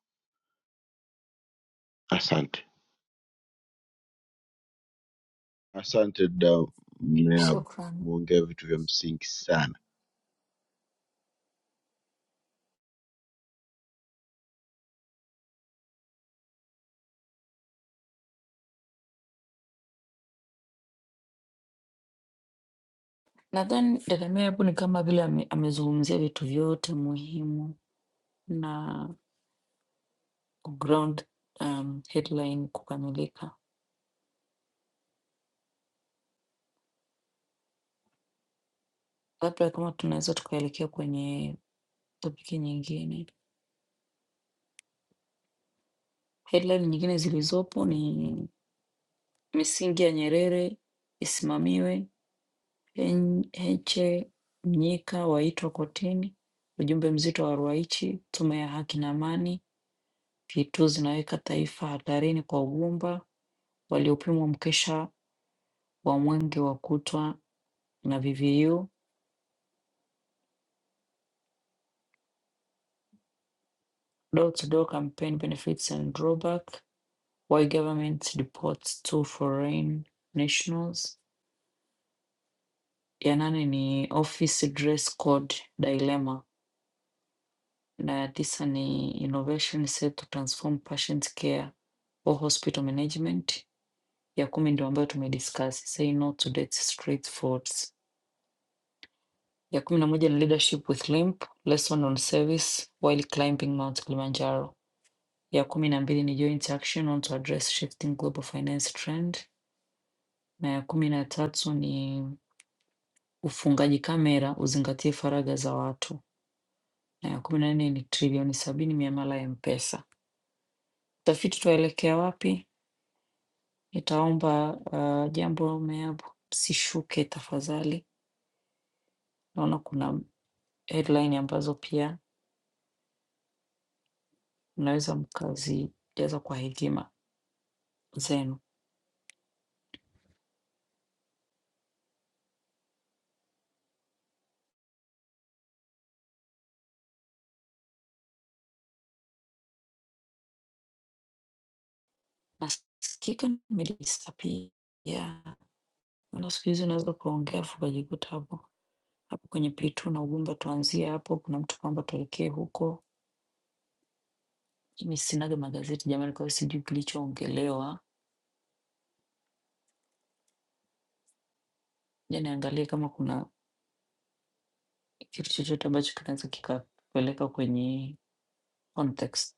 S12: Asante, asante dada Mneabu,
S4: Shukran.
S12: umeongea vitu vya msingi sana.
S4: Nadhani dada Mary hapo ni kama vile ame, amezungumzia vitu vyote muhimu na ground um, headline kukamilika. Labda kama tunaweza tukaelekea kwenye topiki nyingine. Headline nyingine zilizopo ni misingi ya Nyerere isimamiwe Hen- Heche Mnyika waitwa kotini. Ujumbe mzito wa Ruwaichi, tume ya haki na amani, P2 zinaweka taifa hatarini kwa ugumba, waliopimwa mkesha wa mwenge wa kutwa na VVU, door to door campaign benefits and drawback, why government deports two foreign nationals. Ya nane ni office dress code dilemma na ya tisa ni innovation set to transform patient care or hospital management. Ya kumi ndio ambayo tumediscuss, say no to death straight forwards. Ya kumi na moja ni leadership with limp, lesson on service while climbing Mount Kilimanjaro. Ya kumi na mbili ni joint action on to address shifting global finance trend, na ya kumi na tatu ni ufungaji kamera uzingatie faragha za watu, na ya kumi na nne ni trilioni sabini miamala ya M-Pesa. Utafiti tuwaelekea wapi? Nitaomba uh, jambo umeapo msishuke tafadhali. Naona kuna headline ambazo pia mnaweza mkazijaza kwa hekima zenu. Nasikika nimedisappear. Yeah. Maana siku hizi unaweza ukaongea afu ukajikuta hapo hapo kwenye pitu na ugumba, tuanzie hapo. Kuna mtu kwamba tuelekee huko. Mimi sinaga magazeti jamani, kwa hiyo sijui kilichoongelewa. Je, niangalie kama kuna kitu chochote ambacho kinaweza kikapeleka kwenye context.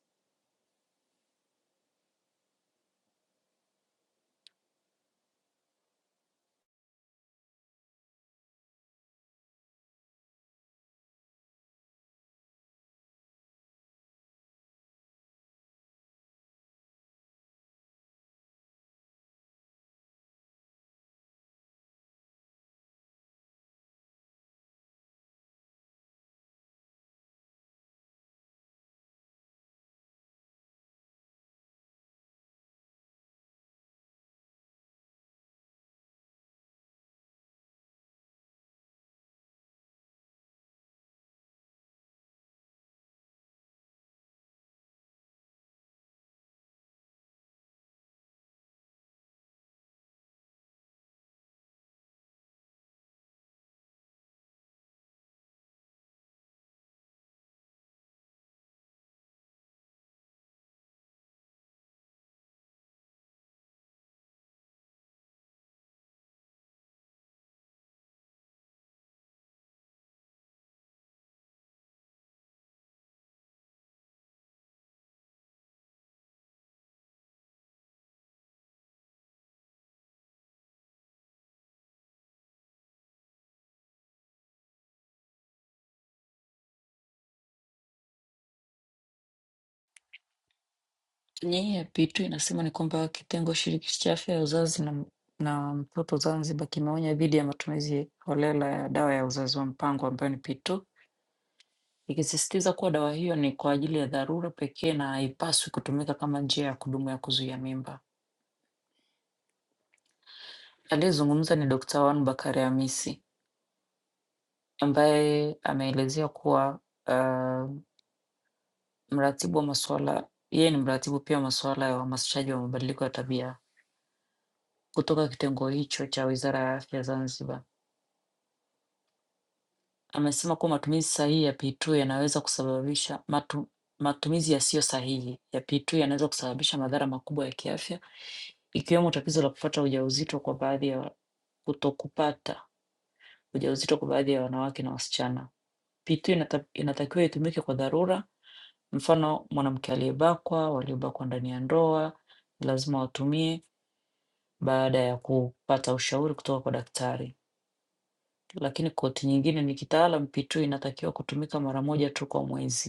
S4: Nyinyi ya P2 inasema ni kwamba kitengo shirikishi cha afya ya uzazi na, na mtoto Zanzibar kimeonya dhidi ya matumizi holela ya dawa ya uzazi wa mpango ambayo ni P2, ikisisitiza kuwa dawa hiyo ni kwa ajili ya dharura pekee na haipaswi kutumika kama njia ya kudumu ya kuzuia mimba. Aliyezungumza ni Dr. Wan Bakari Hamisi ambaye ameelezea kuwa uh, mratibu wa masuala yeye ni mratibu pia wa masuala ya uhamasishaji wa mabadiliko ya tabia kutoka kitengo hicho cha Wizara ya Afya Zanzibar Amesema kuwa matumizi sahihi ya P2 yanaweza kusababisha matu, matumizi yasiyo sahihi ya P2 yanaweza kusababisha madhara makubwa ya kiafya ikiwemo tatizo la kupata ujauzito kwa baadhi ya kutokupata ujauzito kwa baadhi ya wanawake na wasichana. P2 inata, inatakiwa itumike kwa dharura, mfano mwanamke aliyebakwa, waliobakwa ndani ya ndoa ni lazima watumie baada ya kupata ushauri kutoka kwa daktari. Lakini koti nyingine ni kitaalam, P2 inatakiwa kutumika mara moja tu kwa mwezi.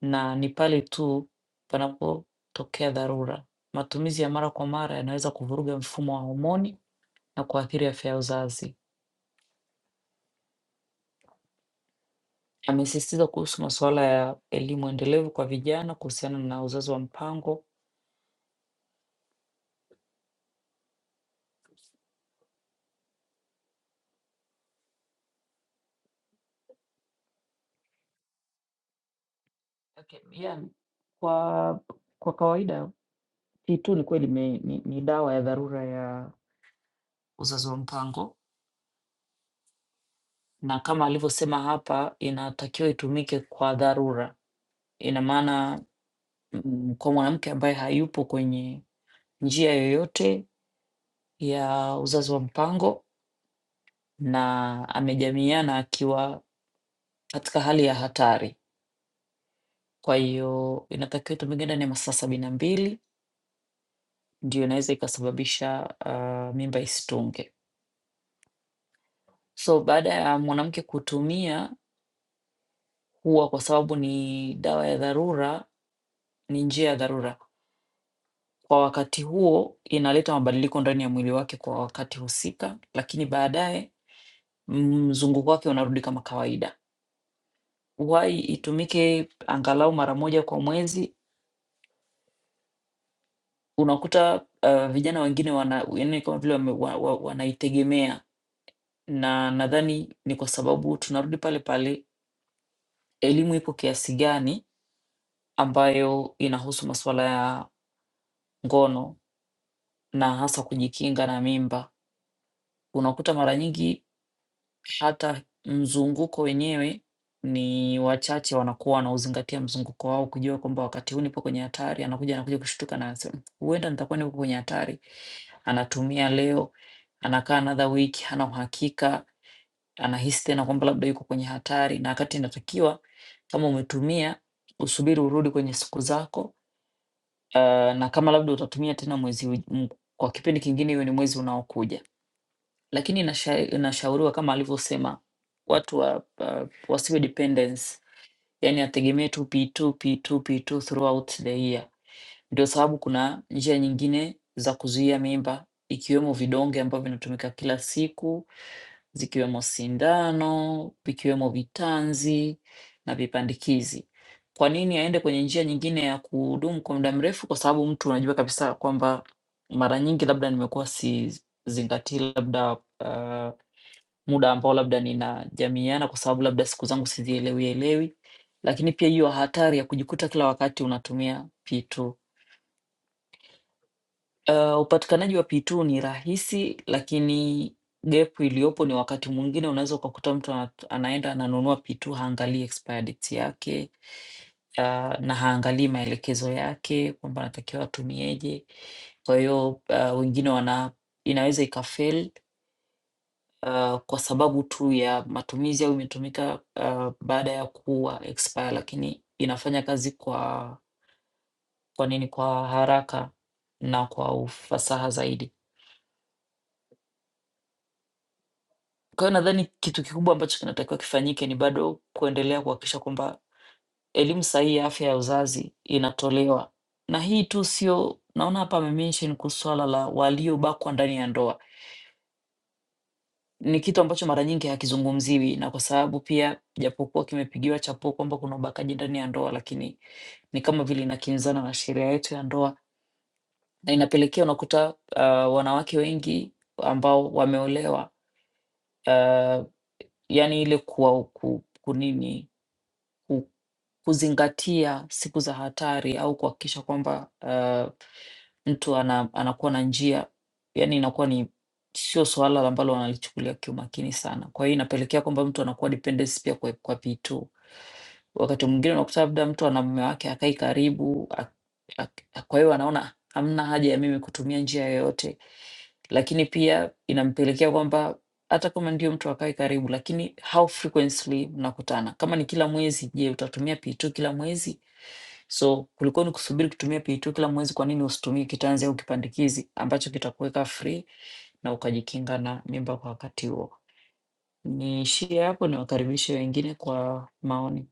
S4: na ni pale tu panapotokea dharura. Matumizi ya mara kwa mara yanaweza kuvuruga mfumo wa homoni na kuathiri afya ya uzazi. Amesisitiza kuhusu masuala ya elimu endelevu kwa vijana kuhusiana na uzazi wa mpango. Okay, yeah, kwa, kwa kawaida hii tu ni kweli ni, ni, ni dawa ya dharura ya uzazi wa mpango, na kama alivyosema hapa, inatakiwa itumike kwa dharura. Ina maana mm, kwa mwanamke ambaye hayupo kwenye njia yoyote ya uzazi wa mpango na amejamiana akiwa katika hali ya hatari. Kwa hiyo inatakiwa itumike ndani ya masaa sabini na mbili ndio inaweza ikasababisha ah, mimba isitunge. So baada ya mwanamke kutumia, huwa kwa sababu ni dawa ya dharura, ni njia ya dharura, kwa wakati huo inaleta mabadiliko ndani ya mwili wake kwa wakati husika, lakini baadaye mzunguko wake unarudi kama kawaida. Huwahi itumike angalau mara moja kwa mwezi Unakuta, uh, vijana wengine wana yaani kama vile wame wa wa wanaitegemea na nadhani ni kwa sababu tunarudi pale pale, elimu ipo kiasi gani ambayo inahusu masuala ya ngono na hasa kujikinga na mimba. Unakuta mara nyingi Hata mzunguko wenyewe ni wachache wanakuwa wanauzingatia mzunguko wao kujua kwamba wakati huu nipo kwenye hatari, anakuja anakuja kushtuka na anasema huenda nitakuwa nipo kwenye hatari. Anatumia leo, anakaa another week, hana uhakika, anahisi tena kwamba labda yuko kwenye hatari, na wakati inatakiwa kama umetumia usubiri urudi kwenye siku zako, uh, na kama labda utatumia tena mwezi uj- m- kwa kipindi kingine, iwe ni mwezi unaokuja. Lakini nasha nashauriwa kama alivyosema, watu wa uh, wasiwe dependence, yaani ategemee tu P2, P2, P2 throughout the year. Ndio sababu kuna njia nyingine za kuzuia mimba ikiwemo vidonge ambavyo vinatumika kila siku, zikiwemo sindano, vikiwemo vitanzi na vipandikizi. Kwa nini aende kwenye njia nyingine ya kudumu kwa muda mrefu? Kwa sababu mtu unajua kabisa kwamba mara nyingi labda nimekuwa sizingatii labda uh, muda ambao labda ninajamiiana kwa sababu labda siku zangu sizielewi elewi, lakini pia hiyo hatari ya kujikuta kila wakati unatumia P2. Uh, upatikanaji wa P2 ni rahisi, lakini gap iliyopo ni wakati mwingine unaweza ukakuta mtu ana- anaenda ananunua P2 haangalii expired date yake uh, na haangalii maelekezo yake kwamba anatakiwa atumieje. Kwa hiyo uh, wengine wana inaweza ikafeli uh, kwa sababu tu ya matumizi au imetumika uh, baada ya kuwa expire, lakini inafanya kazi kwa kwa nini, kwa haraka na kwa ufasaha zaidi. Kwa hiyo nadhani kitu kikubwa ambacho kinatakiwa kifanyike ni bado kuendelea kuhakikisha kwamba elimu sahihi ya afya ya uzazi inatolewa, na hii tu sio, naona hapa amemention kuhusu swala la waliobakwa ndani ya ndoa. Ni kitu ambacho mara nyingi hakizungumziwi na kwa sababu pia japokuwa kimepigiwa chapuo kwamba kuna ubakaji ndani ya ndoa, lakini ni kama vile inakinzana na sheria yetu ya ndoa na inapelekea unakuta ah, wanawake wengi ambao wameolewa ah, yaani ile kuwa ku, kunini ku- kuzingatia siku za hatari au kuhakikisha kwamba uh, mtu ana, anakuwa na njia, yani inakuwa ni sio suala ambalo wanalichukulia kiumakini sana. Kwa hiyo inapelekea kwamba mtu anakuwa dependency pia kwa, kwa vitu. Wakati mwingine unakuta labda mtu ana mume wake akai karibu, ak- ak- kwa hiyo anaona hamna haja ya mimi kutumia njia yoyote, lakini pia inampelekea kwamba hata kama ndio mtu akae karibu, lakini how frequently mnakutana? Kama ni kila mwezi, je, utatumia P2 kila mwezi? So kulikuwa ni kusubiri kutumia P2 kila mwezi. Kwa nini usitumie kitanzi au kipandikizi ambacho kitakuweka free na ukajikinga na mimba kwa wakati huo? Niishie hapo, niwakaribishe wengine kwa maoni.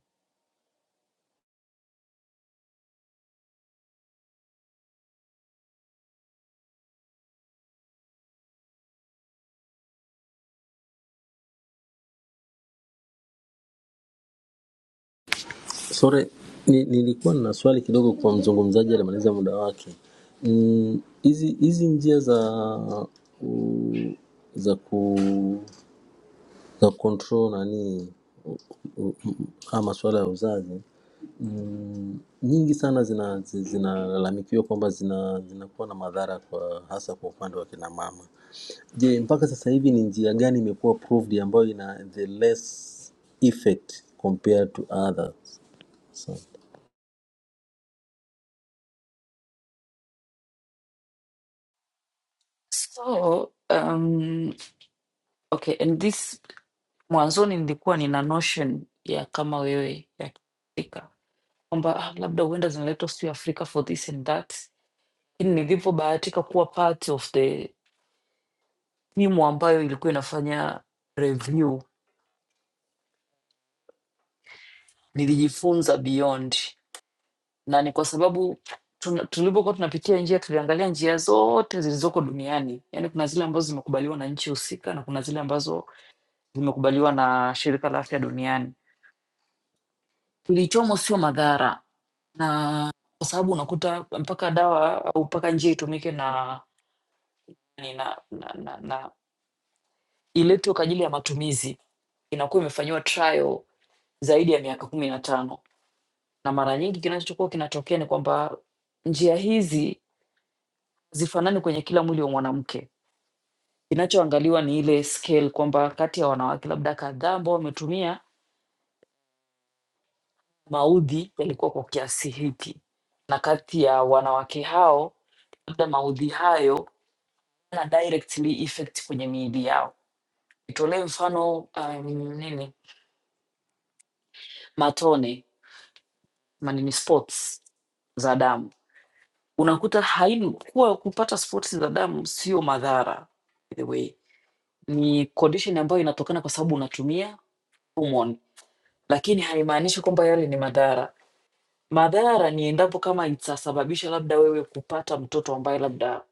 S13: Sore, ni, nilikuwa na swali kidogo kwa mzungumzaji alimaliza muda wake. Mm, Hizi hizi njia za u- za ku za control nani u- u- u- haya masuala ya uzazi mm, nyingi sana zina- zi- zinalalamikiwa kwamba zina zinakuwa na madhara kwa hasa kwa upande wa kina mama. Je, mpaka sasa hivi ni njia gani imekuwa proved ambayo ina the less effect compared to others? So,
S4: So um, okay, and this mwanzoni nilikuwa nina notion ya kama wewe ya Afrika kwamba ah, labda huenda zinaletwa sio Afrika for this and that lakini nilipobahatika kuwa part of the timu ambayo ilikuwa inafanya review nilijifunza beyond na ni kwa sababu tuna- tulipokuwa tunapitia njia tuliangalia njia zote zilizoko duniani yaani kuna zile ambazo zimekubaliwa na nchi husika na kuna zile ambazo zimekubaliwa na shirika la afya duniani kilichomo sio madhara na kwa sababu unakuta mpaka dawa au mpaka njia itumike na, na, na, na, na iletwe kwa ajili ya matumizi inakuwa imefanyiwa trial zaidi ya miaka kumi na tano na mara nyingi kinachokuwa kinatokea ni kwamba njia hizi zifanani kwenye kila mwili wa mwanamke. Kinachoangaliwa ni ile scale kwamba kati ya wanawake labda kadhaa ambao wametumia maudhi yalikuwa kwa kiasi hiki, na kati ya wanawake hao labda maudhi hayo na directly effect kwenye miili yao. Nitolee mfano um, nini matone manini spots za damu unakuta haini kuwa kupata spots za damu sio madhara by the way ni condition ambayo inatokana kwa sababu unatumia hormone lakini haimaanishi kwamba yale ni madhara madhara ni endapo kama itasababisha labda wewe kupata mtoto ambaye labda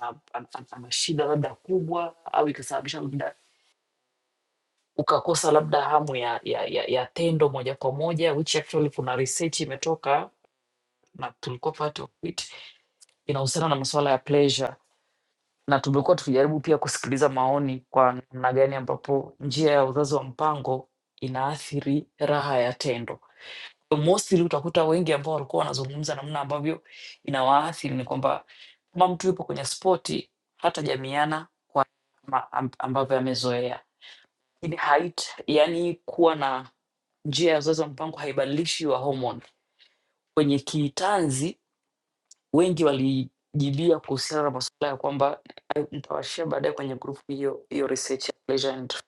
S4: ana ana- ana- ana shida labda kubwa au ikasababisha labda ukakosa labda hamu ya, ya, ya, ya tendo moja kwa moja which actually kuna research imetoka na tulikuwa part of it inahusiana na masuala ya pleasure na tumekuwa tukijaribu pia kusikiliza maoni kwa namna gani ambapo njia ya uzazi wa mpango inaathiri raha ya tendo. Mostly utakuta wengi ambao walikuwa wanazungumza namna ambavyo inawaathiri ni kwamba kama mtu yupo kwenye spoti hatajamiana ma- am- ambavyo amezoea, lakini hait yani kuwa na njia ya uzazi wa mpango haibadilishi wa homoni kwenye kitanzi wengi walijibia kuhusiana na masuala ya kwamba eh, nitawashia baadaye kwenye grupu hiyo hiyo research ya pleasure and trauma.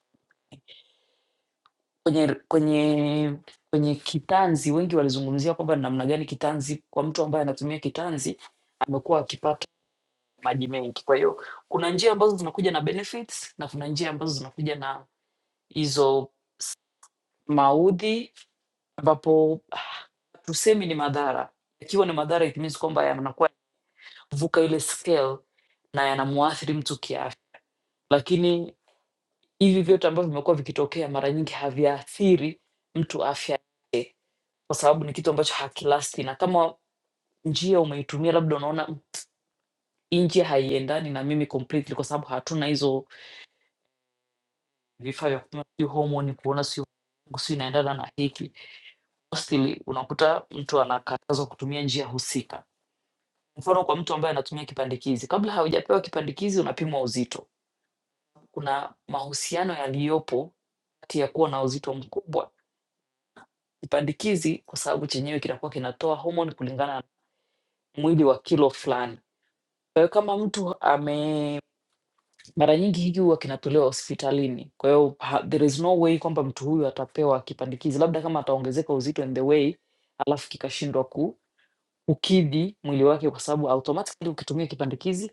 S4: kwenye kwenye kwenye kitanzi wengi walizungumzia kwamba namna gani kitanzi kwa mtu ambaye anatumia kitanzi amekuwa akipata maji mengi kwa hiyo kuna njia ambazo zinakuja na benefits na kuna njia ambazo zinakuja na hizo maudhi ambapo ah, tusemi ni madhara ikiwa ni madhara it means kwamba yanakuwa vuka ile scale na yanamuathiri mtu kiafya lakini hivi vyote ambavyo vimekuwa vikitokea mara nyingi haviathiri mtu afya, kwa sababu ni kitu ambacho hakilasti, na kama njia umeitumia labda unaona "Mm, hii njia haiendani na mimi completely, kwa sababu hatuna hizo vifaa vya kupima sijui homoni kuona sijui yangu sijui inaendana na hiki, mostly unakuta mtu anakatazwa kutumia njia husika. Mfano, kwa mtu ambaye anatumia kipandikizi, kabla haujapewa kipandikizi unapimwa uzito. Kuna mahusiano yaliyopo kati ya kuwa na uzito mkubwa Kipandikizi kwa sababu chenyewe kinakuwa kinatoa homoni kulingana na mwili wa kilo fulani. Kwa hiyo kama mtu ame, mara nyingi hiki huwa kinatolewa hospitalini, kwa hiyo ha- there is no way kwamba mtu huyu atapewa kipandikizi, labda kama ataongezeka uzito in the way, alafu kikashindwa ku kukidhi mwili wake, kwa sababu automatically ukitumia kipandikizi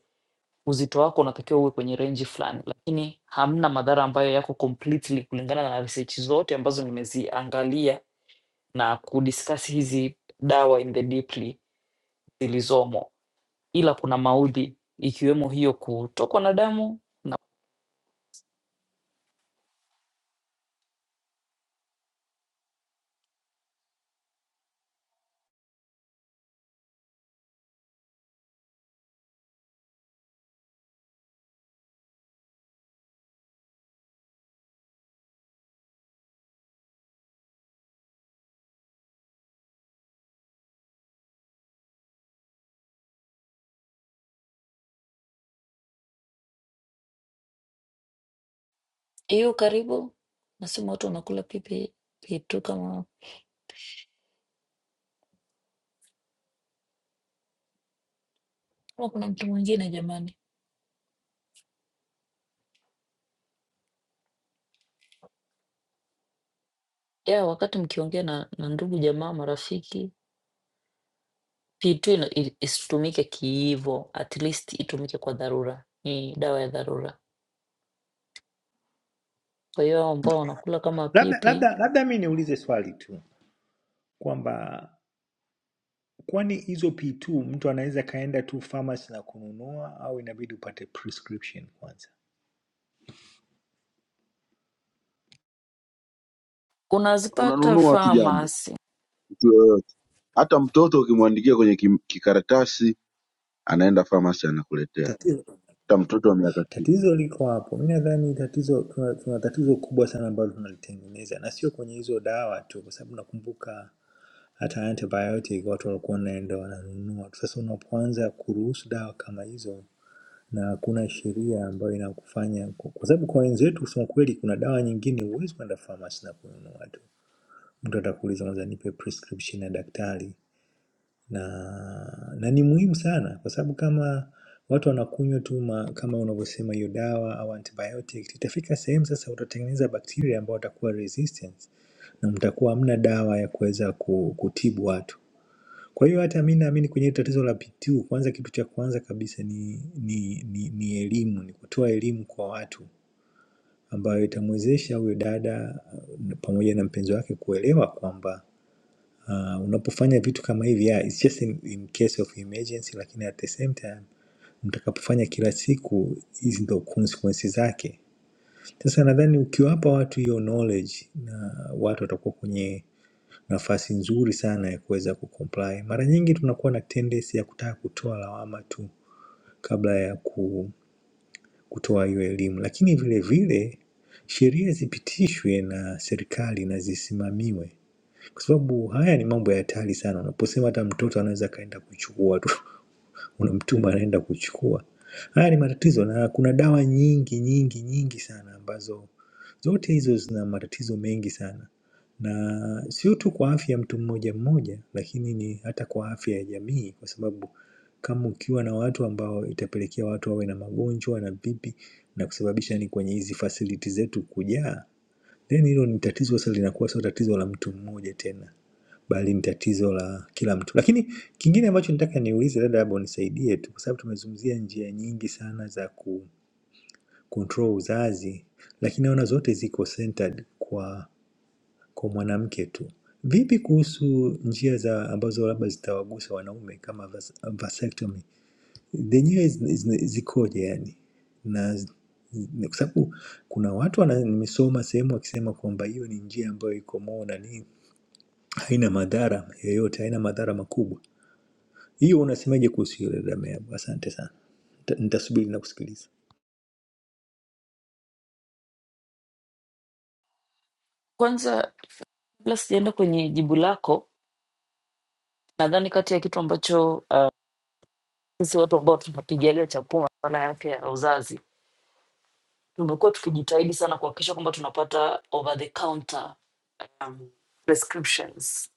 S4: uzito wako unatakiwa uwe kwenye range fulani, lakini hamna madhara ambayo yako completely kulingana na research zote ambazo nimeziangalia na kudiskasi hizi dawa in the deeply zilizomo, ila kuna maudhi ikiwemo hiyo kutokwa na damu na hiyo. Karibu nasema watu wanakula pipi pitu kama kama kuna mtu mwingine jamani, ya wakati mkiongea na, na ndugu jamaa marafiki, pitu ina- i- isitumike kiivo, at least itumike kwa dharura, ni dawa ya dharura. Kwa hiyo hao ambao wanakula kama
S10: Labda
S4: pipi
S10: labda labda mi niulize swali tu kwamba kwani hizo P2 mtu anaweza kaenda tu pharmacy na kununua au inabidi upate prescription kwanza?
S4: unazipata
S12: Unanunua tu jambo,
S4: famasi.
S12: mtu yoyote, hata mtoto ukimwandikia kwenye kim- kikaratasi anaenda famasi anakuletea,
S10: Tatizo
S12: hata mtoto wa miaka sita.
S10: Tatizo liko hapo. Mi nadhani tatizo tuna, tuna tatizo kubwa sana ambalo tunalitengeneza na sio kwenye hizo dawa tu, kwa sababu nakumbuka hata antibiotic watu walikuwa wanaenda wananunua. Sasa unapoanza kuruhusu dawa kama hizo na hakuna sheria ambayo inakufanya ku- kwa sababu kwa wenzetu kusema kweli, kuna dawa nyingine huwezi kwenda pharmacy na kununua tu, mtu atakuuliza kwanza nipe prescription ya daktari na, na ni muhimu sana kwa sababu kama watu wanakunywa tu ma- kama unavyosema hiyo dawa au antibiotic, itafika sehemu sasa utatengeneza bakteria ambao watakuwa resistant na mtakuwa hamna dawa ya kuweza ku- kutibu watu. Kwa hiyo hata mi naamini kwenye hili tatizo la PTU, kwanza kitu cha kwanza kabisa ni, ni, ni, ni elimu, ni kutoa elimu kwa watu ambayo itamwezesha huyo dada uh, pamoja na mpenzi wake kuelewa kwamba Uh, unapofanya vitu kama hivi yeah, it's just in, in case of emergency, lakini at the same time mtakapofanya kila siku, hizi ndo consequences zake. Sasa nadhani ukiwapa watu hiyo knowledge, na watu watakuwa kwenye nafasi nzuri sana ya kuweza kucomply. Mara nyingi tunakuwa na tendency ya kutaka kutoa lawama tu kabla ya ku, kutoa hiyo elimu, lakini vile vile sheria zipitishwe na serikali na zisimamiwe kwa sababu haya ni mambo ya hatari sana. Unaposema hata mtoto anaweza akaenda kuchukua tu, unamtuma anaenda kuchukua. Haya ni matatizo, na kuna dawa nyingi nyingi nyingi sana ambazo zote hizo zina matatizo mengi sana, na sio tu kwa afya ya mtu mmoja mmoja, lakini ni hata kwa afya ya jamii, kwa sababu kama ukiwa na watu ambao itapelekea watu wawe na magonjwa na vipi na kusababisha ni kwenye hizi fasiliti zetu kujaa Then hilo ni tatizo sasa, linakuwa sio tatizo la mtu mmoja tena, bali ni tatizo la kila mtu. Lakini kingine ambacho nitaka niulize, dada, labda unisaidie tu, kwa sababu tumezungumzia njia nyingi sana za ku control uzazi, lakini naona zote ziko centered kwa kwa mwanamke tu. Vipi kuhusu njia za ambazo labda zitawagusa wanaume kama vas- vasectomy? zenyewe zina- zina- zikoje yani na z- na kwa sababu kuna watu wana, nimesoma sehemu wakisema kwamba hiyo ni njia ambayo iko more na nini, haina madhara yoyote, haina madhara makubwa. Hiyo unasemaje kuhusu hiyo dada Meabu? Asante sana, Nita- nitasubiri na kusikiliza.
S4: Kwanza, kabla sijaenda kwenye jibu lako, Nadhani kati ya kitu ambacho ah, sisi watu ambao tunapigalia chakula, masuala yake ya uzazi, tumekuwa tukijitahidi sana kuhakikisha kwamba tunapata over the counter um, prescriptions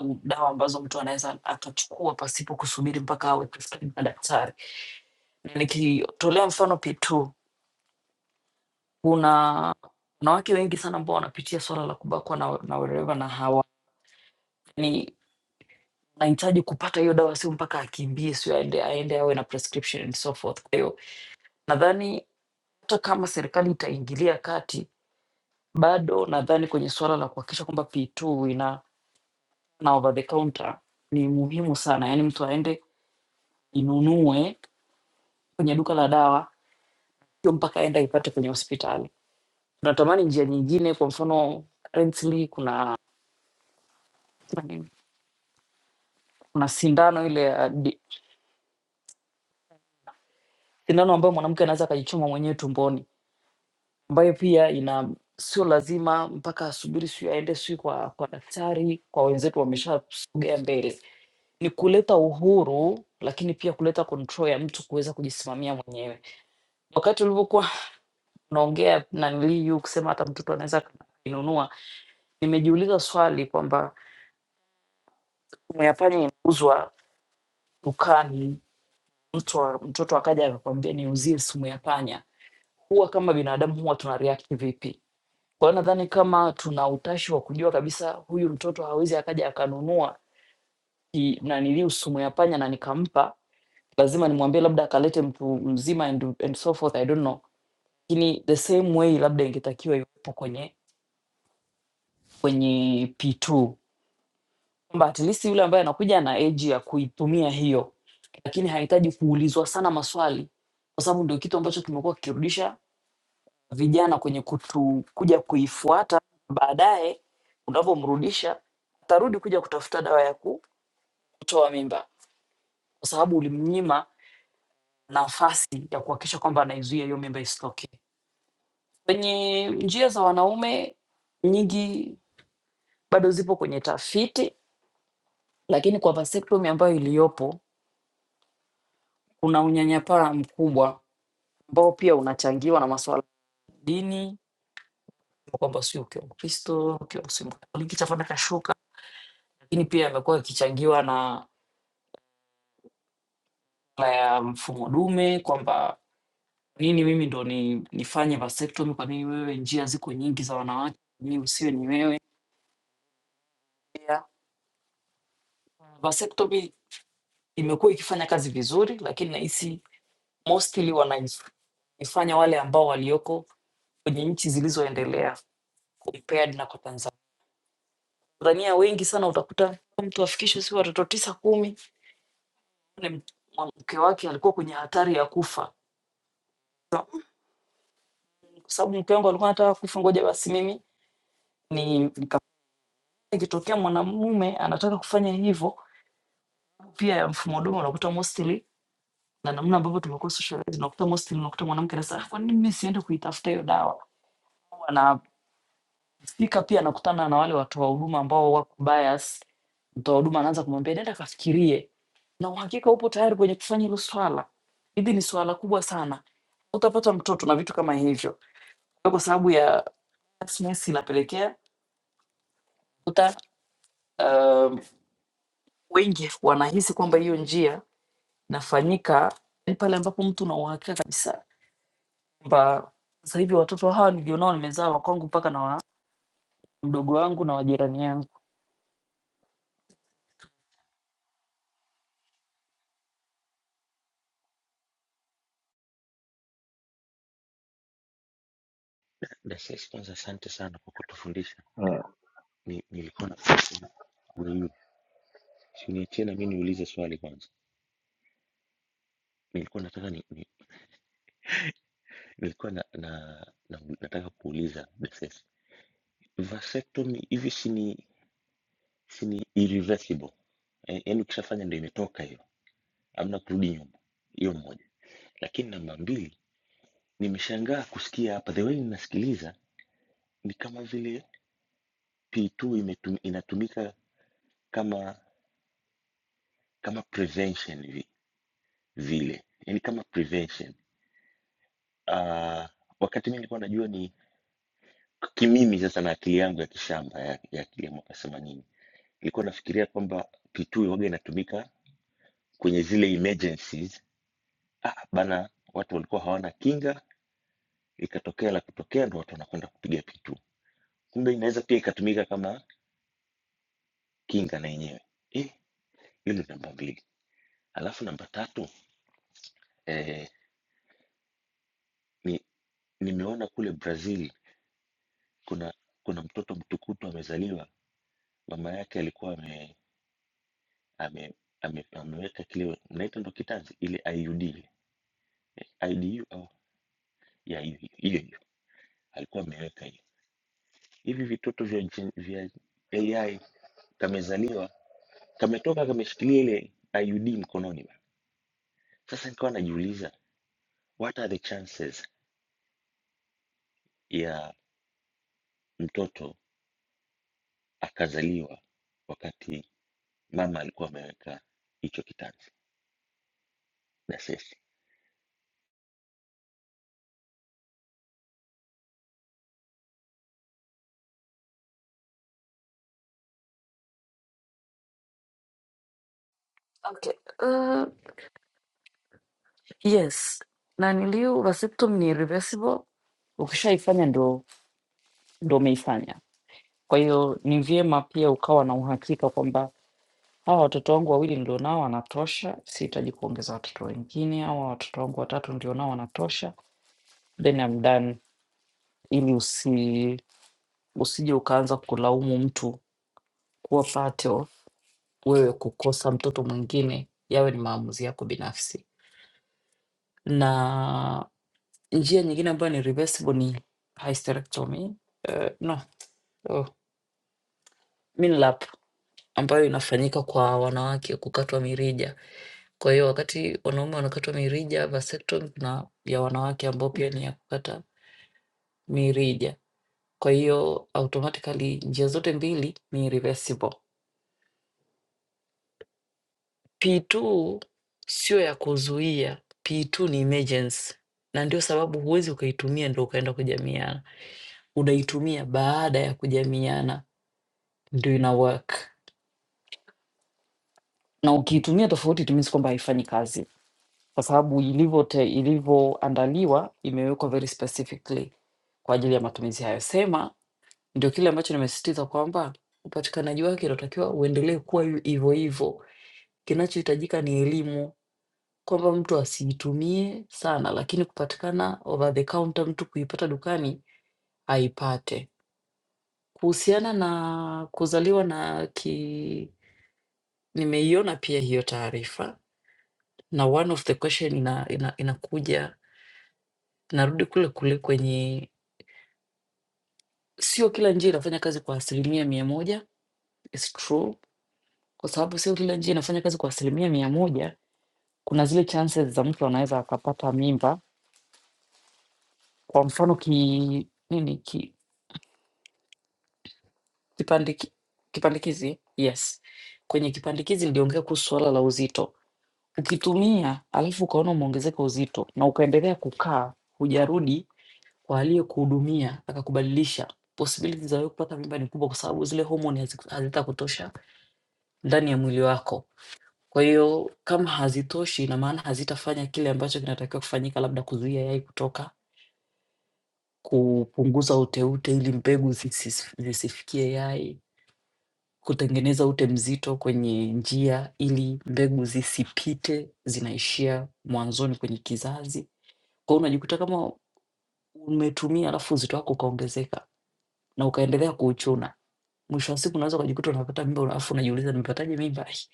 S4: um, dawa ambazo mtu anaweza akachukua pasipo kusubiri mpaka awe prescribed na daktari. Na nikitolea mfano P2, kuna wanawake wengi sana ambao wanapitia swala la kubakwa na, na wereva na hawa ni anahitaji kupata hiyo dawa, sio mpaka akimbie, sio aende aende awe na prescription and so forth. Kwa hiyo nadhani hata kama serikali itaingilia kati, bado nadhani kwenye suala la kuhakikisha kwamba P2 ina na over the counter ni muhimu sana, yaani mtu aende inunue kwenye duka la dawa, sio mpaka aende aipate kwenye hospitali. Tunatamani njia nyingine, kwa mfano currently kuna kuna nini? Kuna sindano ile ya di- sindano ambayo mwanamke anaweza akajichoma mwenyewe tumboni, ambayo pia ina sio lazima mpaka asubiri, sio aende sio kwa kwa daktari, kwa wenzetu wameshasogea mbele ni kuleta uhuru lakini pia kuleta control ya mtu kuweza kujisimamia mwenyewe. Wakati ulivyokuwa unaongea na niliyu kusema hata mtoto anaweza kuinunua, nimejiuliza swali kwamba simu ya panya inauzwa dukani, mtu wa- mtoto akaja akakwambia niuzie simu ya panya, huwa kama binadamu huwa tuna react vipi? Kwa hiyo nadhani kama tuna utashi wa kujua kabisa huyu mtoto hawezi akaja akanunua ki- naniliu sumu ya panya na nikampa lazima nimwambie labda akalete mtu mzima and, and so forth I don't know. Lakini the same way labda ingetakiwa iwepo kwenye kwenye P2 kwamba at least yule ambaye anakuja ana age ya kuitumia hiyo, lakini hahitaji kuulizwa sana maswali, kwa sababu ndio kitu ambacho kimekuwa kikirudisha vijana kwenye kutu, kuja kuifuata. Baadaye unavyomrudisha atarudi kuja kutafuta dawa ya ku- kutoa mimba, kwa sababu ulimnyima nafasi ya kuhakikisha kwamba anaizuia hiyo mimba isitokee. Kwenye njia za wanaume nyingi bado zipo kwenye tafiti, lakini kwa vasectomy ambayo iliyopo kuna unyanyapaa mkubwa ambao pia unachangiwa na masuala ya dini, kwa kwamba sio ukiwa Mkristo, ukiwa si Mkatoliki chafana kashuka, lakini pia imekuwa ikichangiwa na masuala ya mfumo dume, kwamba nini mimi ndo ni, nifanye vasectomy, kwa nini wewe, njia ziko nyingi za wanawake, mimi usiwe ni wewe. Vasectomy imekuwa ikifanya kazi vizuri, lakini nahisi mostly wanaifanya wale ambao walioko kwenye nchi zilizoendelea compared na kwa Tanzania. Tanzania wengi sana utakuta mtu afikishwe si watoto tisa kumi, ni mke wake alikuwa kwenye hatari ya kufa, kwa sababu mke wangu alikuwa anataka kufa, ngoja basi mimi ni nika- ikitokea mwanamume anataka kufanya hivyo pia ya mfumo dume, unakuta mostly na namna ambavyo tumekuwa socialized, unakuta mostly unakuta mwanamke anasema "Ah, kwa nini mimi siende kuitafuta hiyo dawa na Fika pia anakutana na wale watoa huduma ambao wako bias. Mtoa huduma anaanza kumwambia nenda kafikirie, na uhakika upo tayari kwenye kufanya hilo swala, hili ni swala kubwa sana, utapata mtoto na vitu kama hivyo. Kwa sababu ya biasness inapelekea uta um, wengi wanahisi kwamba hiyo njia inafanyika ni pale ambapo mtu una uhakika kabisa kwamba sasa hivi watoto hawa nilionao nimezaa wa kwangu mpaka na wa mdogo wangu na wajirani yangu.
S14: Daktari, kwanza asante sana kwa kutufundisha.
S12: Ah,
S14: Ni, nilikuwa na una- si uniachie na mimi niulize swali kwanza. Nilikuwa nataka ni, ni, nilikuwa na, na, na, nataka kuuliza Daktari, vasectomy hivi si ni si ni irreversible eh, yaani ukishafanya ndio imetoka hiyo, hamna kurudi nyuma. Hiyo moja, lakini namba mbili, nimeshangaa kusikia hapa, the way ninasikiliza ni kama vile P2 imetum, inatumika kama kama prevention vi, vile, yaani kama prevention Ah, wakati mimi nilikuwa najua ni kimimi sasa na akili yangu ya kishamba ya, ya akili ya mwaka themanini nilikuwa nafikiria kwamba kitui waga inatumika kwenye zile emergencies. Ah, bana, watu walikuwa hawana kinga, ikatokea la kutokea, ndo watu wanakwenda kupiga pitu. Kumbe inaweza pia ikatumika kama kinga na yenyewe. Eh, hilo ni namba mbili. Alafu namba tatu eh, ni nimeona kule Brazil kuna kuna mtoto mtukutu amezaliwa, mama yake alikuwa ame ame, ame, ameweka kile mnaita ndo kitanzi ile IUD ile IDU au ya hiyo hiyo hiyo. alikuwa ameweka hiyo. Hivi vitoto vya, gen- vya AI kamezaliwa kametoka kameshikilia ile IUD mkononi bana. Sasa nikawa najiuliza what are the chances ya mtoto akazaliwa wakati mama alikuwa ameweka hicho kitanzi. That's it.
S4: Okay. Uh, yes naniliu receptum ni reversible ukishaifanya ndo ndo umeifanya kwa hiyo ni vyema pia ukawa na uhakika kwamba hawa watoto wangu wawili ndio nao wanatosha sihitaji kuongeza watoto wengine hawa watoto wangu watatu ndio nao wanatosha then I'm done ili usi usije ukaanza kulaumu mtu kuwa pato wewe kukosa mtoto mwingine yawe ni maamuzi yako binafsi na Njia nyingine ambayo ni reversible ni hysterectomy. Uh, no, oh, minlap ambayo inafanyika kwa wanawake kukatwa mirija. Kwa hiyo wakati wanaume wanakatwa mirija, vasectomy kuna ya wanawake ambao pia ni ya kukata mirija. Kwa hiyo automatically njia zote mbili ni reversible. P2 sio ya kuzuia, P2 ni emergency, na ndio sababu huwezi ukaitumia ndo ukaenda kujamiana, unaitumia baada ya kujamiana ndio ina work na ukiitumia tofauti it means kwamba haifanyi kazi kwa sababu ilivyote- ilivyoandaliwa imewekwa very specifically kwa ajili ya matumizi hayo sema ndio kile ambacho nimesisitiza kwamba upatikanaji wake inatakiwa uendelee kuwa yu- hivyo hivyo kinachohitajika ni elimu kwamba mtu asiitumie sana lakini kupatikana over the counter mtu kuipata dukani aipate kuhusiana na kuzaliwa na ki nimeiona pia hiyo taarifa na one of the question ina, ina, inakuja narudi kule kule kwenye sio kila njia inafanya kazi kwa asilimia mia moja is true kwa sababu sio kila njia inafanya kazi kwa asilimia mia moja kuna zile chances za mtu anaweza akapata mimba kwa mfano ki nini ki, kipandiki, kipandikizi yes kwenye kipandikizi niliongea kuhusu swala la uzito ukitumia alafu ukaona umeongezeka uzito na ukaendelea kukaa hujarudi kwa aliyekuhudumia akakubadilisha, possibilities za wewe kupata mimba ni kubwa, kwa sababu zile homoni haziku- hazitakutosha ndani ya mwili wako. Kwa hiyo kama hazitoshi, ina maana hazitafanya kile ambacho kinatakiwa kufanyika, labda kuzuia yai kutoka, kupunguza uteute ili mbegu zisis- zisifikie yai, kutengeneza ute mzito kwenye njia ili mbegu zisipite, zinaishia mwanzoni kwenye kizazi. Kwa hiyo unajikuta kama umetumia, alafu uzito wako ukaongezeka na ukaendelea kuuchuna. Mwisho wa siku unaweza ukajikuta unapata mimba, alafu unajiuliza nimepataje mimba hii?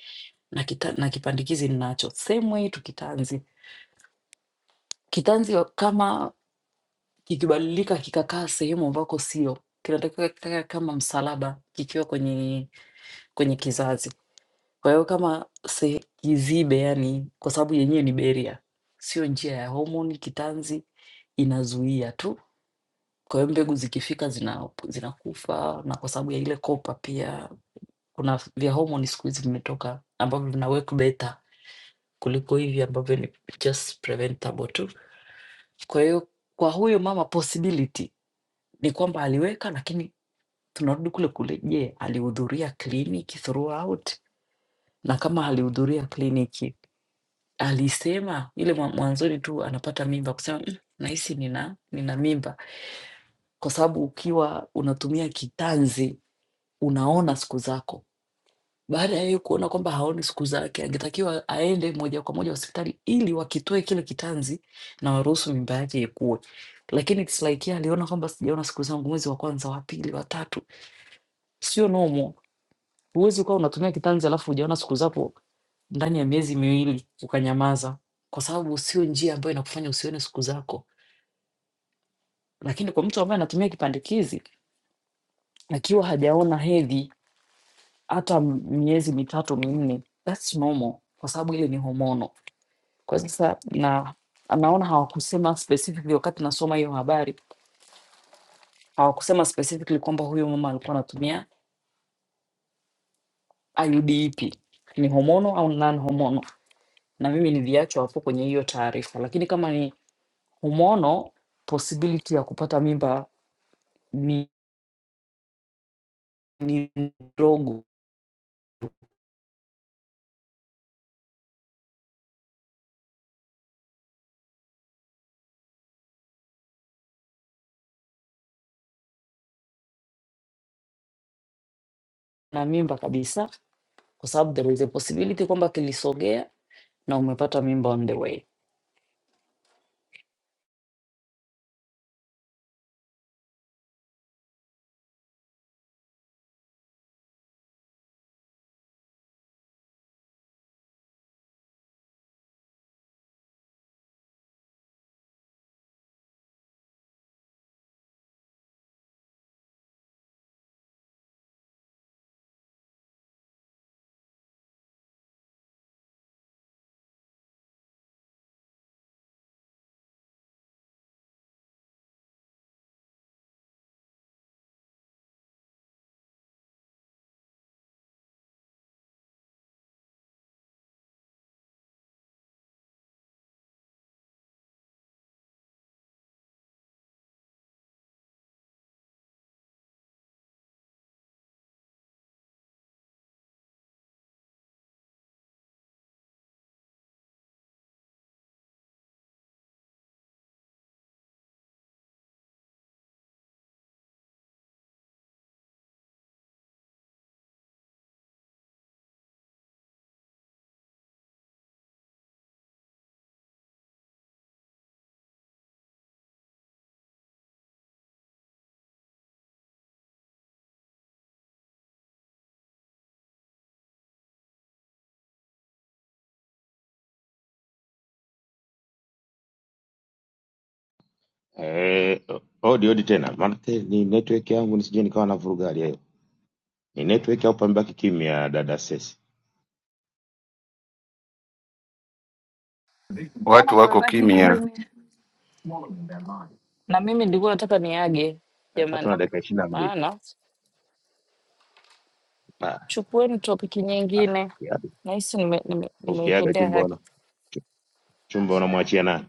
S4: na, kita, na kipandikizi ninacho. Same way tu kitanzi. Kitanzi wa- kama kikibadilika kikakaa sehemu ambako sio, kinatakiwa kikae kama msalaba kikiwa kwenye kwenye kizazi. Kwa hiyo kama se, kizibe, yani kwa sababu yenyewe ni beria, sio njia ya homoni, kitanzi inazuia tu. Kwa hiyo mbegu zikifika zina, zinakufa na kwa sababu ya ile kopa pia kuna vya homoni siku hizi vimetoka ambavyo vina work better kuliko hivi ambavyo ni just preventable tu. Kwa hiyo kwa huyo mama possibility ni kwamba aliweka, lakini tunarudi kule kule. Je, alihudhuria kliniki throughout? Na kama alihudhuria kliniki, alisema ile mwa- mwanzoni tu anapata mimba kusema "Mm, nahisi nina nina mimba, kwa sababu ukiwa unatumia kitanzi unaona siku zako Baada ya yeye kuona kwamba haoni siku zake, angetakiwa aende moja kwa moja hospitali ili wakitoe kile kitanzi na waruhusu mimba yake ikue. Lakini it's like yeye aliona kwamba sijaona siku zangu mwezi wa kwanza, wa pili, wa tatu. Sio normal. Huwezi ukawa unatumia kitanzi alafu hujaona siku zako ndani ya miezi miwili ukanyamaza, kwa sababu sio njia ambayo inakufanya usione siku zako. Lakini kwa mtu ambaye anatumia kipandikizi akiwa hajaona hedhi hata m- miezi mitatu minne, that's normal, kwa sababu ile ni homono Kwa sasa na naona hawakusema specifically wakati nasoma hiyo habari, hawakusema specifically kwamba huyo mama alikuwa anatumia IUD ipi, ni homono au non homono, na mimi niliachwa hapo kwenye hiyo taarifa, lakini kama ni homono, possibility ya kupata mimba ni ni ndogo na mimba kabisa, kwa sababu there is a possibility kwamba kilisogea na umepata mimba on the way.
S2: Eh, odi odi tena, maanake ni network yangu nisije nikawa na vuruga hali hiyo. Ni network au pamebaki kimya, dada Sesi?
S4: Naona
S11: watu wako
S4: pamebaki
S11: kimya
S4: kimya, na mimi nilikuwa nataka niage
S2: Saa tatu
S4: jamani,
S2: na dakika ishirini na mbili.
S4: maana
S2: Ah,
S4: chukueni topiki
S2: ah,
S4: nyingine.
S2: ukiaga
S4: Nahisi nimeitendea nime, nime
S2: ukiaga
S4: nimeitendea
S2: chumba
S4: haki.
S2: una chu- chumba unamwachia nani?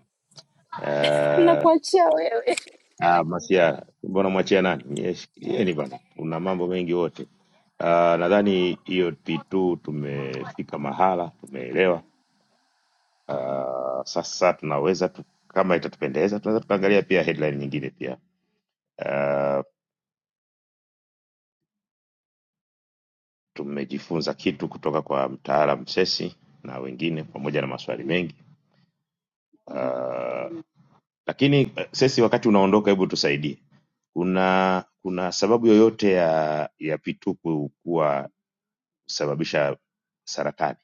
S2: Eh,
S4: Nakuachia wewe.
S2: ah, Masia, chumba unamwachia nani? Yes, yeni bana, una mambo mengi wote. Ah, nadhani hiyo P2 tumefika mahala, tumeelewa. Ah, sasa tunaweza tu, kama itatupendeza tunaweza tukaangalia pia headline nyingine pia Ah, Tumejifunza kitu kutoka kwa mtaalam Sesi na wengine pamoja na maswali mengi uh, lakini eh, Sesi, wakati unaondoka, hebu tusaidie, kuna kuna sababu yoyote ya ya pitupu kuwa kusababisha saratani?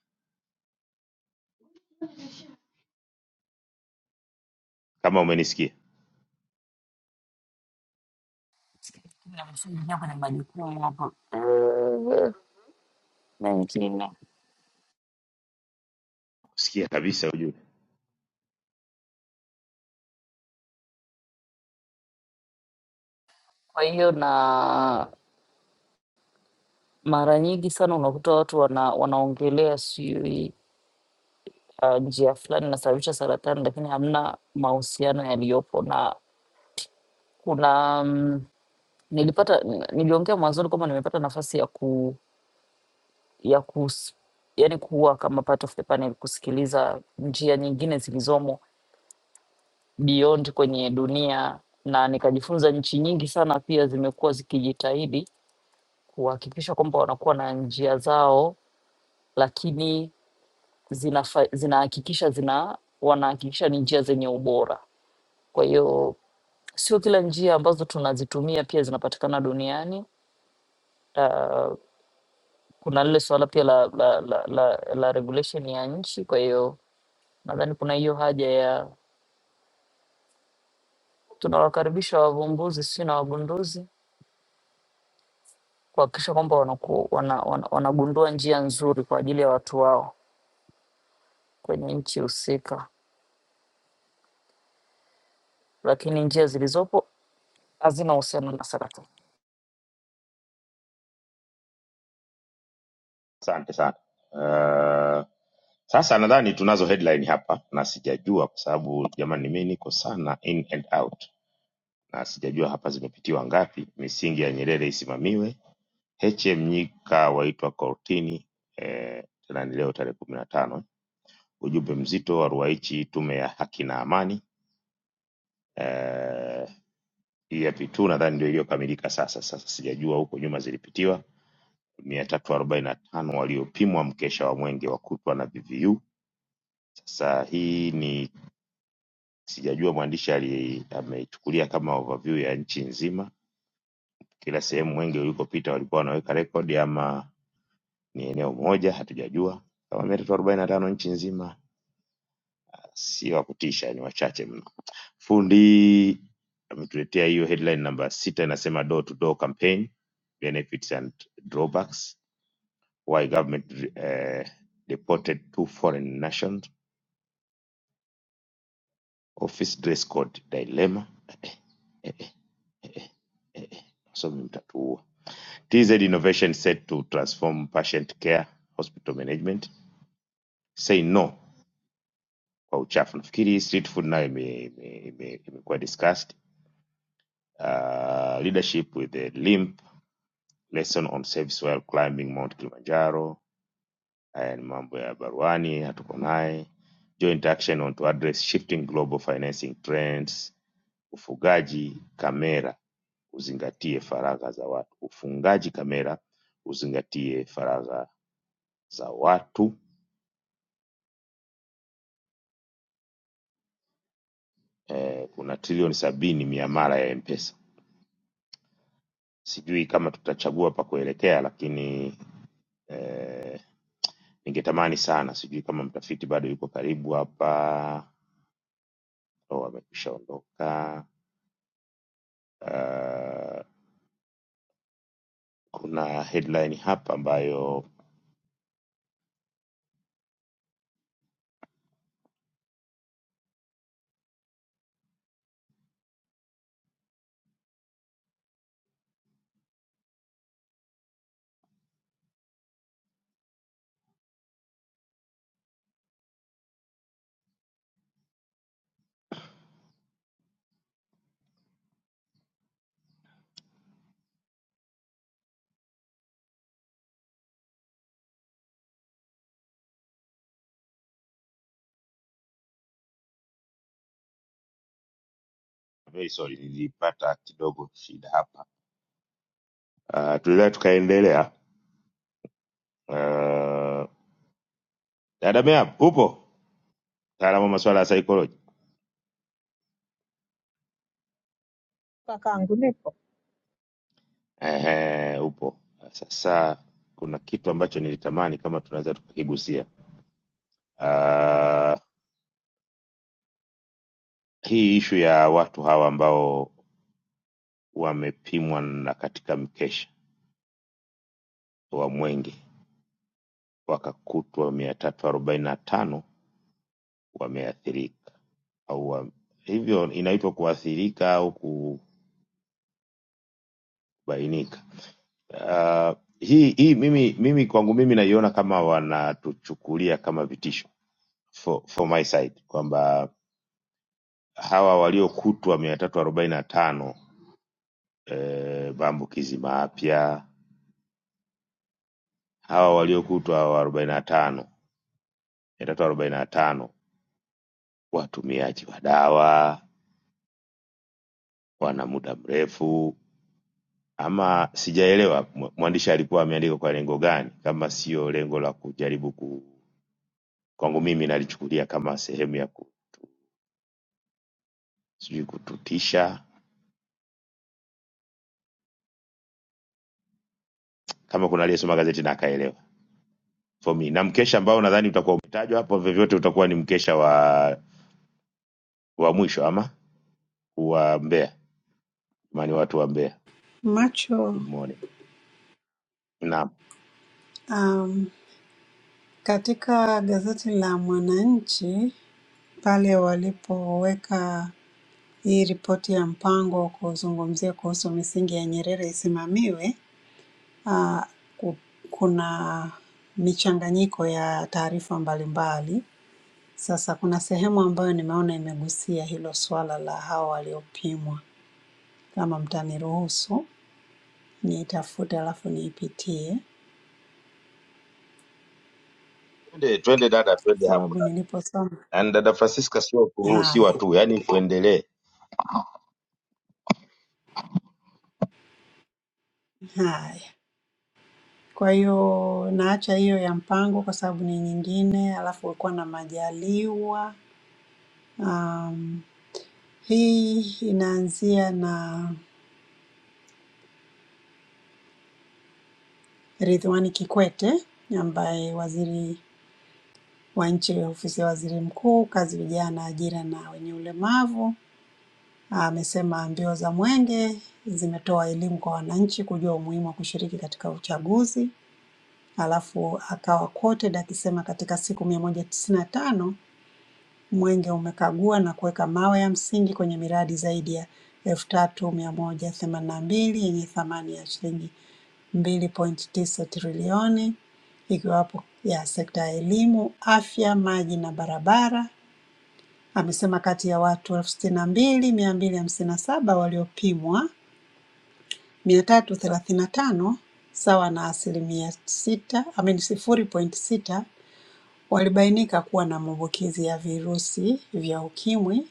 S2: Kama umenisikia
S4: Nakushughulikia kwenye majukumu hapo Eh, mengine.
S2: sikia kabisa, ujue.
S4: Kwa hiyo na mara nyingi sana unakuta watu wana, wanaongelea sijui uh, njia fulani inasababisha saratani, lakini hamna mahusiano yaliyopo na kuna mm, nilipata niliongea mwanzoni kwamba nimepata nafasi ya ku ya kus, yani kuwa kama part of the panel kusikiliza njia nyingine zilizomo beyond kwenye dunia, na nikajifunza nchi nyingi sana pia zimekuwa zikijitahidi kuhakikisha kwamba wanakuwa na njia zao, lakini zinafa- zinahakikisha zina wanahakikisha ni njia zenye ubora. Kwa hiyo sio kila njia ambazo tunazitumia pia zinapatikana duniani. Uh, kuna lile suala pia la, la, la, la, la regulation ya nchi. Kwa hiyo Nadhani kuna hiyo haja ya tunawakaribisha wavumbuzi si na wagunduzi kuhakikisha kwamba wanaku, wana, wana, wanagundua njia nzuri kwa ajili ya watu wao kwenye nchi husika, lakini njia zilizopo hazina uhusiano na saratani.
S2: Asante sana. Uh, sasa nadhani tunazo headline hapa, na sijajua kwa sababu jamani, mimi niko sana in and out na sijajua hapa zimepitiwa ngapi. Misingi ya Nyerere isimamiwe Heche Mnyika waitwa kortini eh, tena ni leo tarehe kumi na tano. Ujumbe mzito wa Ruwaichi, tume ya haki na amani eh, hii ya P2 nadhani ndio iliyokamilika sasa. Sasa sijajua huko nyuma zilipitiwa mia tatu arobaini na tano waliopimwa mkesha wa mwenge wa kutwa na VVU. Sasa hii ni sijajua mwandishi ali- ameichukulia kama overview ya nchi nzima, kila sehemu mwenge ulikopita walikuwa wanaweka rekodi ama ni eneo moja, hatujajua kama mia tatu arobaini na tano nchi nzima si wa kutisha, ni wachache mno. Fundi ametuletea hiyo headline namba sita inasema door to door campaign benefits and drawbacks why government uh, deported two foreign nations office dress code dilemma Eh, eh, eh, eh, eh, eh. wasomi mtatuua TZ innovation set to transform patient care hospital management say no kwa uchafu nafikiri hii street food nayo imekuwa ime- ime- ime- imekuwa discussed uh, leadership with the limb lesson on service while climbing Mount Kilimanjaro. Haya ni mambo ya baruani, hatuko naye. Joint action on to address shifting global financing trends. Ufugaji kamera uzingatie faragha za watu. Ufungaji kamera uzingatie faragha za watu. Eh, kuna trilioni sabini miamala ya M-Pesa. Sijui kama tutachagua pa kuelekea, lakini ningetamani sana, sijui kama mtafiti bado yuko karibu hapa wamekwishaondoka. Uh, kuna headline hapa ambayo very sorry, nilipata kidogo shida hapa. Uh, tuliweza tukaendelea. Uh, dada Mea, upo mtaalamu wa masuala ya psychology?
S9: Uh, kakangu, nipo
S2: Ehe, upo. Sasa kuna kitu ambacho nilitamani kama tunaweza tukakigusia. Uh, hii ishu ya watu hawa ambao wamepimwa na katika mkesha wa mwenge wakakutwa mia tatu arobaini na tano wameathirika au wa, hivyo inaitwa kuathirika au kubainika. Uh, hii hii mimi mimi kwangu mimi naiona kama wanatuchukulia kama vitisho for, for my side kwamba hawa waliokutwa mia tatu arobaini na tano eh, maambukizi mapya hawa waliokutwa arobaini na tano mia tatu arobaini na tano watumiaji wa dawa wana muda mrefu ama sijaelewa mwa- mwandishi alikuwa ameandika kwa lengo gani, kama sio lengo la kujaribu ku, kwangu mimi nalichukulia kama sehemu ya ku, sijui kututisha, kama kuna aliyesoma gazeti na akaelewa for me. Na mkesha ambao nadhani utakuwa umetajwa hapo, vyovyote utakuwa ni mkesha wa wa mwisho ama wa Mbeya, maana watu wa Mbeya.
S5: Macho,
S2: Good morning. Naam,
S5: um, katika gazeti la Mwananchi pale walipoweka hii ripoti ya mpango wa kuzungumzia kuhusu misingi ya Nyerere isimamiwe, uh, ku- kuna michanganyiko ya taarifa mbalimbali Sasa kuna sehemu ambayo nimeona imegusia hilo swala la hao waliopimwa. Kama mtaniruhusu niitafute alafu niipitie,
S2: Twende twende dada, twende hapo
S5: sababu
S2: dada.
S5: niliposoma.
S2: Yaani dada Francisca sio kuruhusiwa
S5: Haya,
S2: tu, yani tuendelee.
S5: haya. Kwa hiyo naacha hiyo ya mpango kwa sababu ni nyingine, alafu ulikuwa na Majaliwa. Um, hii inaanzia na Ridhiwani Kikwete ambaye waziri wa nchi ofisi ya waziri mkuu, kazi, vijana, ajira na wenye ulemavu Amesema mbio za mwenge zimetoa elimu kwa wananchi kujua umuhimu wa kushiriki katika uchaguzi. Alafu akawa quoted akisema katika siku mia moja tisini na tano mwenge umekagua na kuweka mawe ya msingi kwenye miradi zaidi ya elfu tatu mia moja themanini na mbili yenye thamani ya shilingi mbili point tisa trilioni ikiwapo ya sekta ya elimu, afya, maji na barabara. Amesema kati ya watu elfu sitini na mbili mia mbili hamsini na saba waliopimwa mia tatu thelathini na tano sawa na asilimia sita amini sifuri pointi sita walibainika kuwa na maambukizi ya virusi vya ukimwi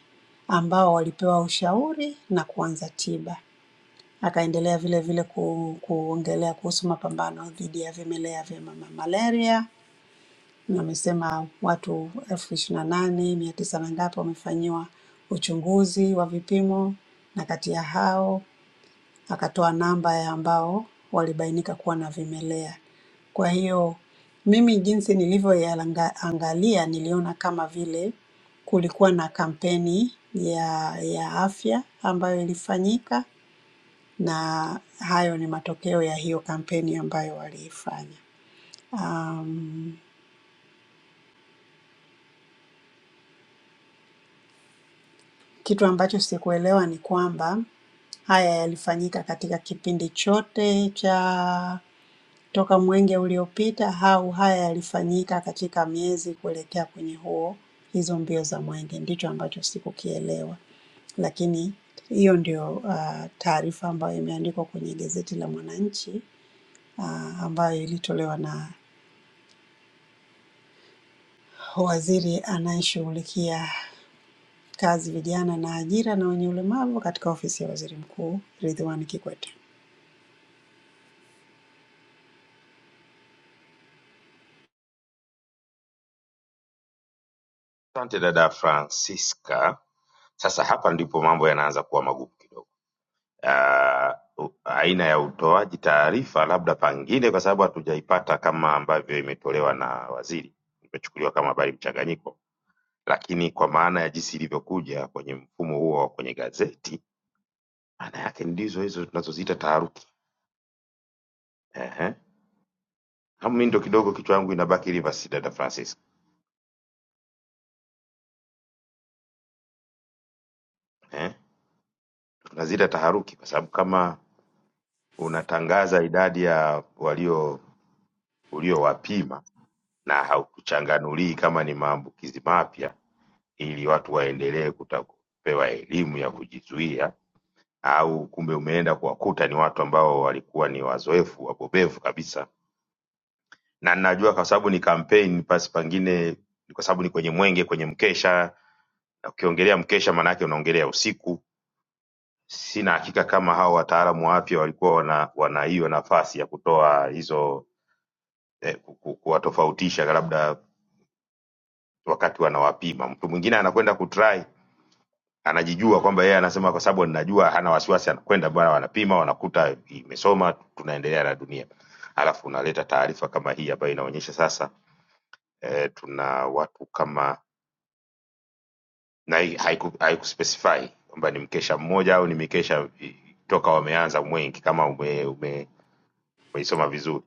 S5: ambao walipewa ushauri na kuanza tiba. Akaendelea vile vile ku, kuongelea kuhusu mapambano dhidi ya vimelea vya mama malaria na amesema watu elfu ishirini na nane mia tisa na ngapi wamefanyiwa uchunguzi wa vipimo na kati ya hao akatoa namba ya ambao walibainika kuwa na vimelea. Kwa hiyo mimi jinsi nilivyoyaangalia niliona kama vile kulikuwa na kampeni ya ya afya ambayo ilifanyika na hayo ni matokeo ya hiyo kampeni ambayo waliifanya. Um, kitu ambacho sikuelewa ni kwamba haya yalifanyika katika kipindi chote cha toka mwenge uliopita au haya yalifanyika katika miezi kuelekea kwenye huo hizo mbio za mwenge, ndicho ambacho sikukielewa, lakini hiyo ndio uh, taarifa ambayo imeandikwa kwenye gazeti la Mwananchi uh, ambayo ilitolewa na waziri anayeshughulikia kazi, vijana na ajira na wenye ulemavu katika ofisi ya waziri mkuu Ridhiwani Kikwete.
S2: Asante dada Francisca. Sasa hapa ndipo mambo yanaanza kuwa magumu kidogo. ah, u- aina ya utoaji taarifa, labda pangine, kwa sababu hatujaipata kama ambavyo imetolewa na waziri, imechukuliwa kama habari mchanganyiko, lakini kwa maana ya jinsi ilivyokuja kwenye mfumo huo wa kwenye gazeti, maana yake ndizo hizo tunazoziita taharuki. Ehe. Kama mimi ndo kidogo kichwa yangu inabaki rivers, dada Francis. Eh, tunaziita taharuki kwa sababu kama unatangaza idadi ya walio uliowapima na haukuchanganulii kama ni maambukizi mapya ili watu waendelee kuta- kupewa elimu ya kujizuia, au kumbe umeenda kuwakuta ni watu ambao walikuwa ni wazoefu wabobevu kabisa, na najua kwa sababu ni kampeni, basi pengine ni kwa sababu ni kwenye mwenge, kwenye mkesha, na ukiongelea mkesha maana yake unaongelea usiku. Sina hakika kama hao wataalamu wa afya walikuwa wana wana hiyo nafasi ya kutoa hizo eh, ku- ku- kuwatofautisha labda wakati wanawapima. Mtu mwingine anakwenda kutry anajijua kwamba yeye anasema kwa sababu ninajua, hana wasiwasi, anakwenda bwana, wanapima wanakuta imesoma, tunaendelea na dunia. Alafu unaleta taarifa kama hii ambayo inaonyesha sasa eh, tuna watu kama na hii haiku, haikuspecify kwamba ni mkesha mmoja au ni mikesha eh, toka wameanza mwengi, kama ume, ume, umeisoma vizuri,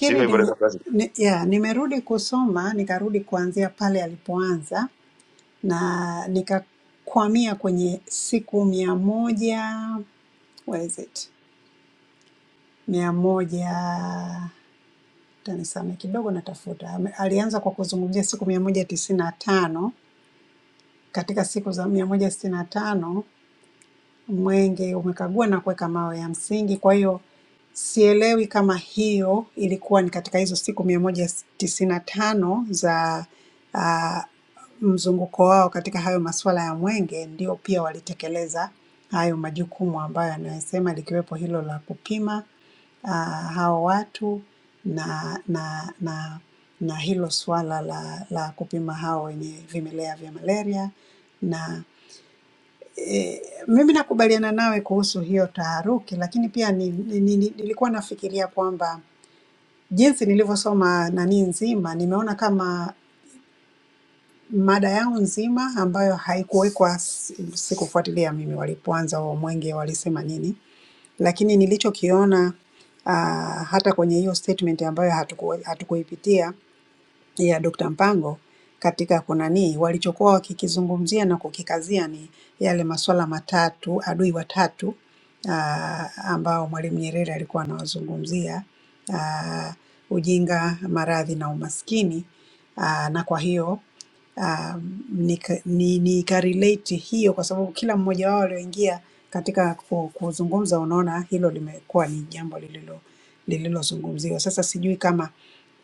S2: sio hivyo
S5: nime,
S2: dada Francisca?
S5: ni, ya, nimerudi kusoma nikarudi kuanzia pale alipoanza na nikakwamia kwenye siku mia moja what is it mia moja tanisame kidogo natafuta Ame- alianza kwa kuzungumzia siku mia moja tisini na tano katika siku za mia moja sitini na tano mwenge umekagua na kuweka mawe ya msingi. Kwa hiyo sielewi kama hiyo ilikuwa ni katika hizo siku mia moja tisini na tano za ah, mzunguko wao katika hayo masuala ya mwenge, ndio pia walitekeleza hayo majukumu ambayo anayosema, likiwepo hilo la kupima ah, hao watu na na na na hilo suala la, la kupima hao wenye vimelea vya malaria na E, mimi nakubaliana nawe kuhusu hiyo taharuki, lakini pia ni, ni, ni, nilikuwa nafikiria kwamba jinsi nilivyosoma nani nzima, nimeona kama mada yao nzima ambayo haikuwekwa, s- sikufuatilia mimi walipoanza huo mwenge walisema nini, lakini nilichokiona ah, hata kwenye hiyo statement ambayo hatuku, hatukuipitia ya Dr. Mpango katika kunanii, walichokuwa wakikizungumzia na kukikazia ni yale masuala matatu, adui watatu ah, ambao Mwalimu Nyerere alikuwa anawazungumzia ah, ujinga, maradhi na umaskini ah, na kwa hiyo um, nika, ni, nikarelate hiyo kwa sababu kila mmoja wao walioingia katika ku- kuzungumza, unaona hilo limekuwa ni jambo lililo lililozungumziwa. Sasa sijui kama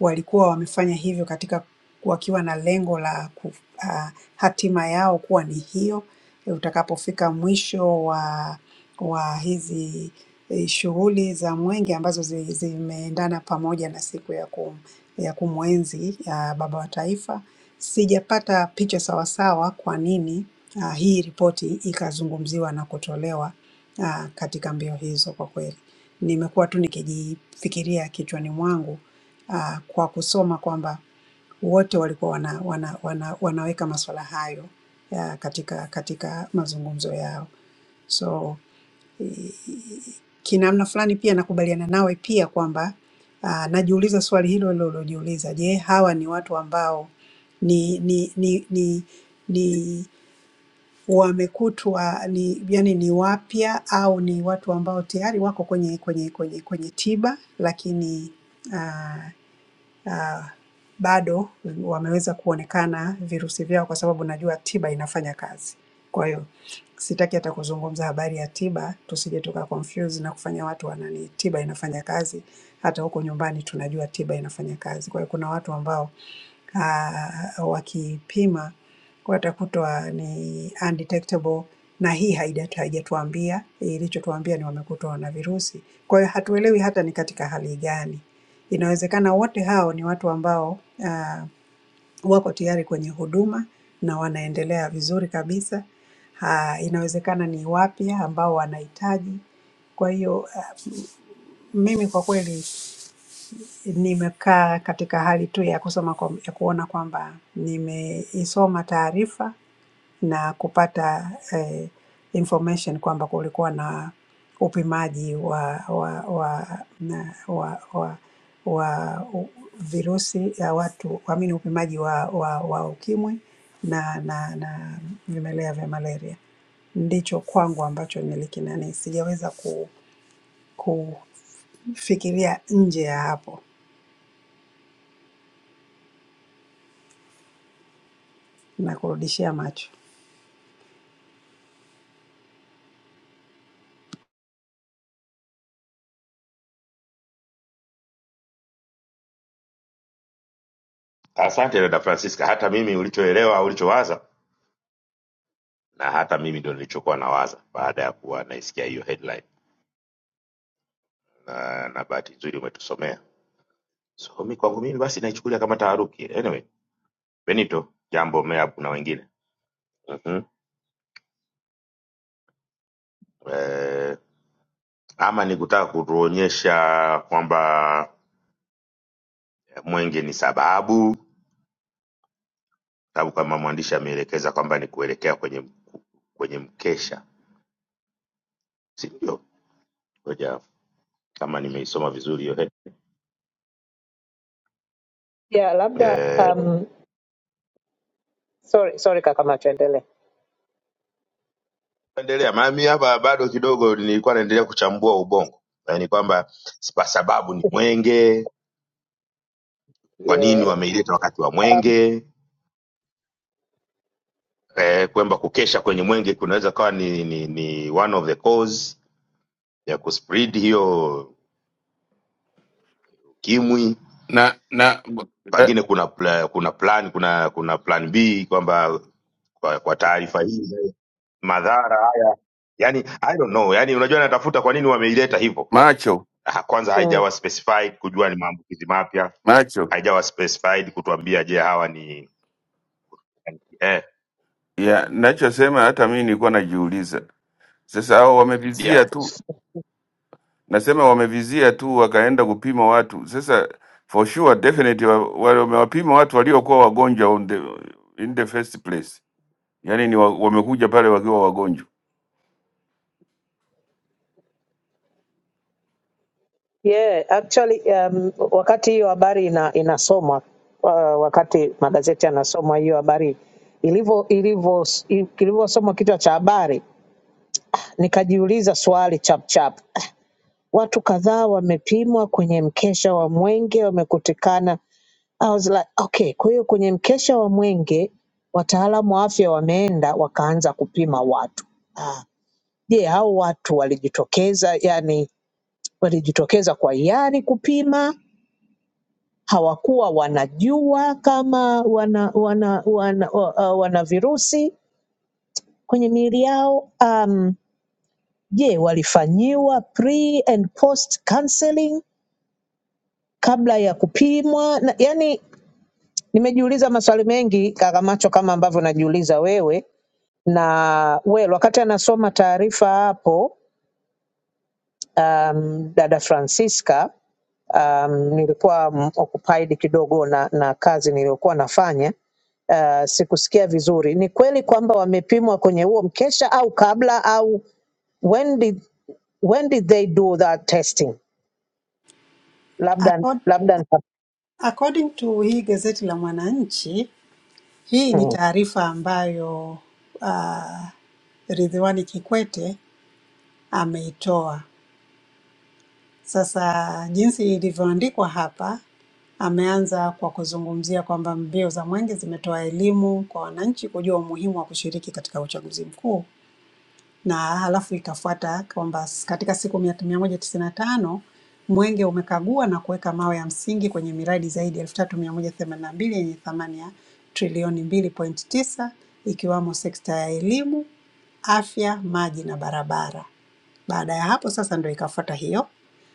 S5: walikuwa wamefanya hivyo katika wakiwa na lengo la ku, uh, hatima yao kuwa ni hiyo, utakapofika mwisho wa wa hizi eh, shughuli za mwenge ambazo zi- zimeendana pamoja na siku ya kum, ya kumwenzi ya baba wa taifa. Sijapata picha sawasawa kwa nini ah, hii ripoti ikazungumziwa na kutolewa ah, katika mbio hizo. Kwa kweli nimekuwa tu nikijifikiria kichwani mwangu ah, kwa kusoma kwamba wote walikuwa wana, wana, wana, wanaweka masuala hayo ya katika, katika mazungumzo yao. So Kinamna fulani pia nakubaliana nawe pia kwamba ah, najiuliza swali hilo hilo ulilojiuliza. Je, hawa ni watu ambao ni ni ni ni, ni wamekutwa ni yani ni wapya au ni watu ambao tayari wako kwenye kwenye kwenye kwenye tiba lakini uh, ah, bado wameweza kuonekana virusi vyao kwa sababu najua tiba inafanya kazi. Kwa hiyo sitaki hata kuzungumza habari ya tiba, tusije tuka confuse na kufanya watu wanani, tiba inafanya kazi. Hata huko nyumbani tunajua tiba inafanya kazi. Kwa hiyo kuna watu ambao ah, wakipima watakutwa ni undetectable, na hii haijatu- haijatuambia, ilichotuambia ni wamekutwa na virusi. Kwa hiyo hatuelewi hata ni katika hali gani Inawezekana wote hao ni watu ambao ah, wako tayari kwenye huduma na wanaendelea vizuri kabisa. Ah, inawezekana ni wapya ambao wanahitaji. Kwa hiyo ah, mimi kwa kweli nimekaa katika hali tu ya kusoma kwa, ya kuona kwamba nimeisoma taarifa na kupata eh, information kwamba kulikuwa na upimaji wa wa wa na- wa wa, wa u- virusi ya watu amini upimaji wa, wa, wa ukimwi na, na, na vimelea vya malaria. Ndicho kwangu ambacho nilikinani, sijaweza ku, kufikiria nje ya hapo na kurudishia macho.
S2: Asante dada Francisca, hata mimi ulichoelewa ulichowaza na hata mimi ndo nilichokuwa nawaza baada ya kuwa naisikia hiyo headline na, na bahati nzuri umetusomea. So mi kwangu mimi basi naichukulia kama taharuki. Anyway, Benito, jambo meapu na wengine mm-hmm. Eh, ama ni kutaka kutuonyesha kwamba mwenge ni sababu, sababu kama mwandishi ameelekeza kwamba ni kuelekea kwenye kwenye mkesha, si ndio? Ngoja kama nimeisoma vizuri hiyo head.
S9: yeah, labda
S2: Eh,
S9: um, sorry, sorry kaka Macho, endelee.
S2: endelea mami, hapa bado kidogo nilikuwa naendelea kuchambua ubongo, yaani kwamba si kwa sababu ni mwenge, kwa
S9: yeah.
S2: nini wameileta wakati wa mwenge eh, kwamba kukesha kwenye mwenge kunaweza kawa ni, ni, ni one of the cause ya kuspread hiyo ukimwi.
S11: na na eh,
S2: Pengine kuna pla, kuna plan kuna kuna plan B kwamba kwa, kwa taarifa hizi madhara haya yani, I don't know, yani unajua natafuta kwa nini wameileta hivyo.
S11: macho
S2: Ah, Kwanza
S9: Mm.
S2: haijawa specified kujua ni maambukizi mapya,
S11: macho
S2: haijawa specified kutuambia je hawa ni yani, eh,
S11: ya nachosema, hata mimi nilikuwa najiuliza sasa, hao wamevizia
S2: yeah.
S11: tu, nasema wamevizia tu, wakaenda kupima watu. Sasa for sure definitely wa- wale wamewapima watu waliokuwa wagonjwa on the, in the first place, yaani ni wa, wamekuja pale wakiwa wagonjwa.
S9: Yeah, actually um, wakati hiyo habari ina, inasomwa uh, wakati magazeti yanasomwa hiyo habari ilivyo ilivyo ilivyosomwa kichwa cha habari, nikajiuliza swali chap chap Watu kadhaa wamepimwa kwenye mkesha wa mwenge wamekutikana. I was like, okay, kwa hiyo kwenye mkesha wa mwenge wataalamu wa afya wameenda wakaanza kupima watu. Ah, Je, hao watu walijitokeza, yani walijitokeza kwa hiari kupima? Hawakuwa wanajua kama wana wana wana, wana, wana virusi kwenye miili yao? Um, Je, walifanyiwa pre and post counseling? kabla ya kupimwa na, yani nimejiuliza maswali mengi kaka Macho kama ambavyo najiuliza wewe na well, wakati anasoma taarifa hapo um, dada Francisca um, nilikuwa mm, occupied kidogo na, na kazi niliyokuwa nafanya uh, sikusikia vizuri. Ni kweli kwamba wamepimwa kwenye huo mkesha au kabla au when did, when did they do that testing? Labda
S5: Accord-
S9: labda nita-
S5: According to hii gazeti la Mwananchi Hii ni
S9: mm,
S5: taarifa ambayo ah, Ridhiwani Kikwete ameitoa. Sasa jinsi ilivyoandikwa hapa, ameanza kwa kuzungumzia kwamba mbio za mwenge zimetoa elimu kwa wananchi kujua umuhimu wa kushiriki katika uchaguzi mkuu na halafu ikafuata kwamba katika siku mia mia moja tisini na tano Mwenge umekagua na kuweka mawe ya msingi kwenye miradi zaidi ya 3182 yenye thamani ya trilioni 2.9 ikiwamo sekta ya elimu, afya, maji na barabara. Baada ya hapo sasa ndio ikafuata hiyo.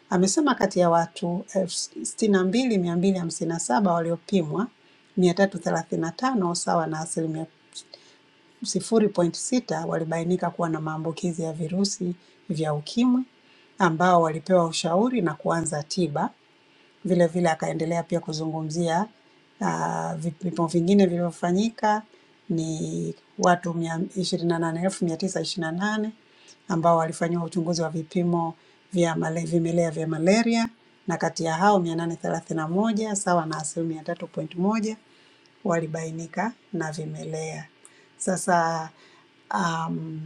S5: Amesema kati ya watu 62,257 waliopimwa, 335 sawa na asilimia 0.6 walibainika kuwa na maambukizi ya virusi vya ukimwi ambao walipewa ushauri na kuanza tiba. Vile vile akaendelea pia kuzungumzia ah, vipimo vingine vilivyofanyika ni watu ishirini na nane elfu mia- 28,928 ambao walifanyiwa uchunguzi wa vipimo vya male- vimelea vya malaria na kati ya hao 831 sawa na asilimia 3.1 walibainika na vimelea. Sasa um,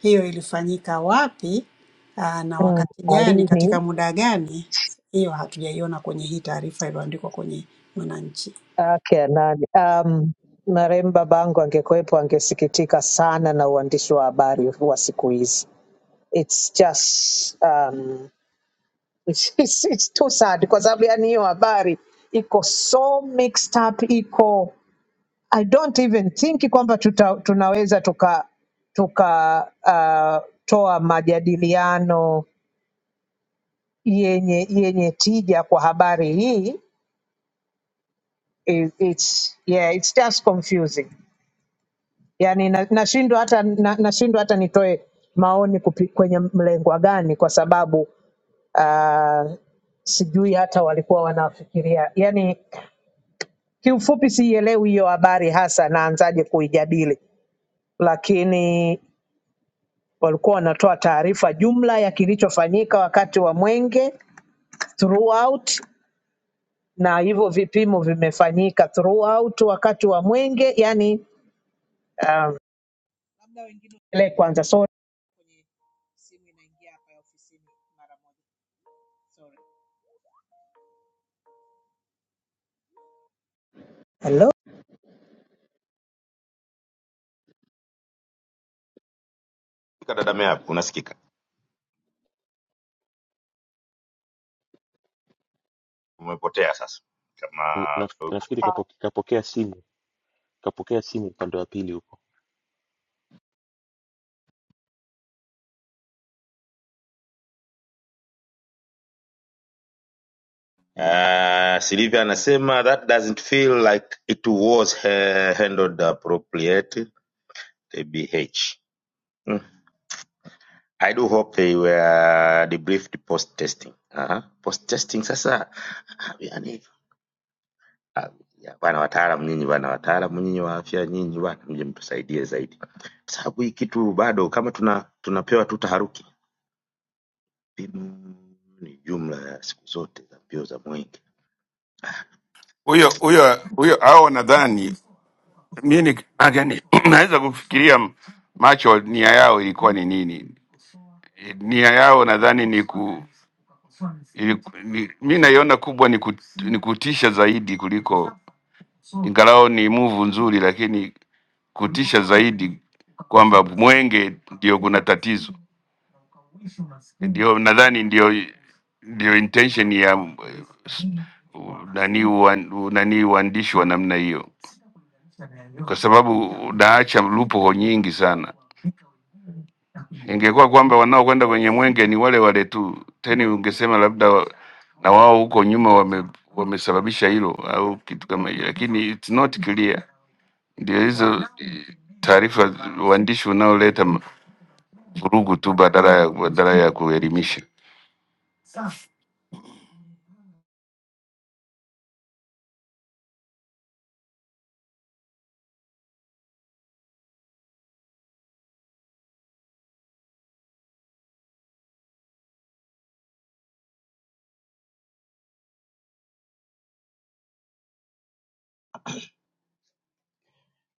S5: hiyo ilifanyika wapi ah, na
S9: mm,
S5: wakati gani,
S9: lini?
S5: katika muda gani, hiyo hatujaiona kwenye hii taarifa iliyoandikwa kwenye Mwananchi.
S9: yake ya nani. Um, marehemu babangu angekuwepo angesikitika sana na uandishi wa habari wa siku hizi. It's just um, it's, it's, it's too sad kwa sababu yani hiyo habari iko so mixed up, iko I don't even think kwamba tuta, tunaweza tuka tukatoa uh, toa majadiliano yenye yenye tija kwa habari hii. It, it's, yeah, it's just confusing. yani na- nashindwa hata na, nashindwa hata nitoe maoni kupi, kwenye mlengwa gani kwa sababu uh, sijui hata walikuwa wanafikiria yani kiufupi siielewi hiyo habari hasa naanzaje kuijadili lakini walikuwa wanatoa taarifa jumla ya kilichofanyika wakati wa mwenge throughout na hivyo vipimo vimefanyika throughout wakati wa mwenge yani um, ile kwanza sorry Hello?
S2: Dada Mea, unasikika umepotea sasa, kama
S14: Na- sasa
S2: uko kwenye
S14: Nafikiri kapo- kapokea simu kapokea simu upande wa pili huko.
S2: Uh, Sylvia anasema that doesn't feel like it was uh, handled appropriately TBH. Mm. I do hope they were debriefed post testing. Uh-huh. Post testing sasa yani ah, ya, bwana wataalamu nyinyi bwana wataalamu nyinyi wa afya nyinyi bwana mje mtusaidie zaidi. Kwa Sababu hii kitu bado kama tuna tunapewa tu taharuki. Vipimo ni jumla ya siku zote za mbio za mwenge.
S11: Huyo huyo huyo, hao nadhani mimi ni- again, naweza kufikiria macho nia yao ilikuwa ni nini Eh, nia yao nadhani ni ku ili- ni- mi naiona kubwa ni, kut, ni kutisha zaidi kuliko ingalao ni muvu nzuri, lakini kutisha zaidi kwamba mwenge ndio kuna tatizo, ndio nadhani ndio ndio intention ya eh, s- nani uan- nani uandishi wa namna hiyo, kwa sababu unaacha lupoho nyingi sana. Ingekuwa kwamba wanaokwenda kwenye mwenge ni wale wale tu, tena ungesema labda wa- na wao huko nyuma wame wamesababisha hilo au kitu kama hiyo, lakini it's not clear. Ndio hizo eh, taarifa uandishi unaoleta m- vurugu tu badala ya badala ya kuelimisha.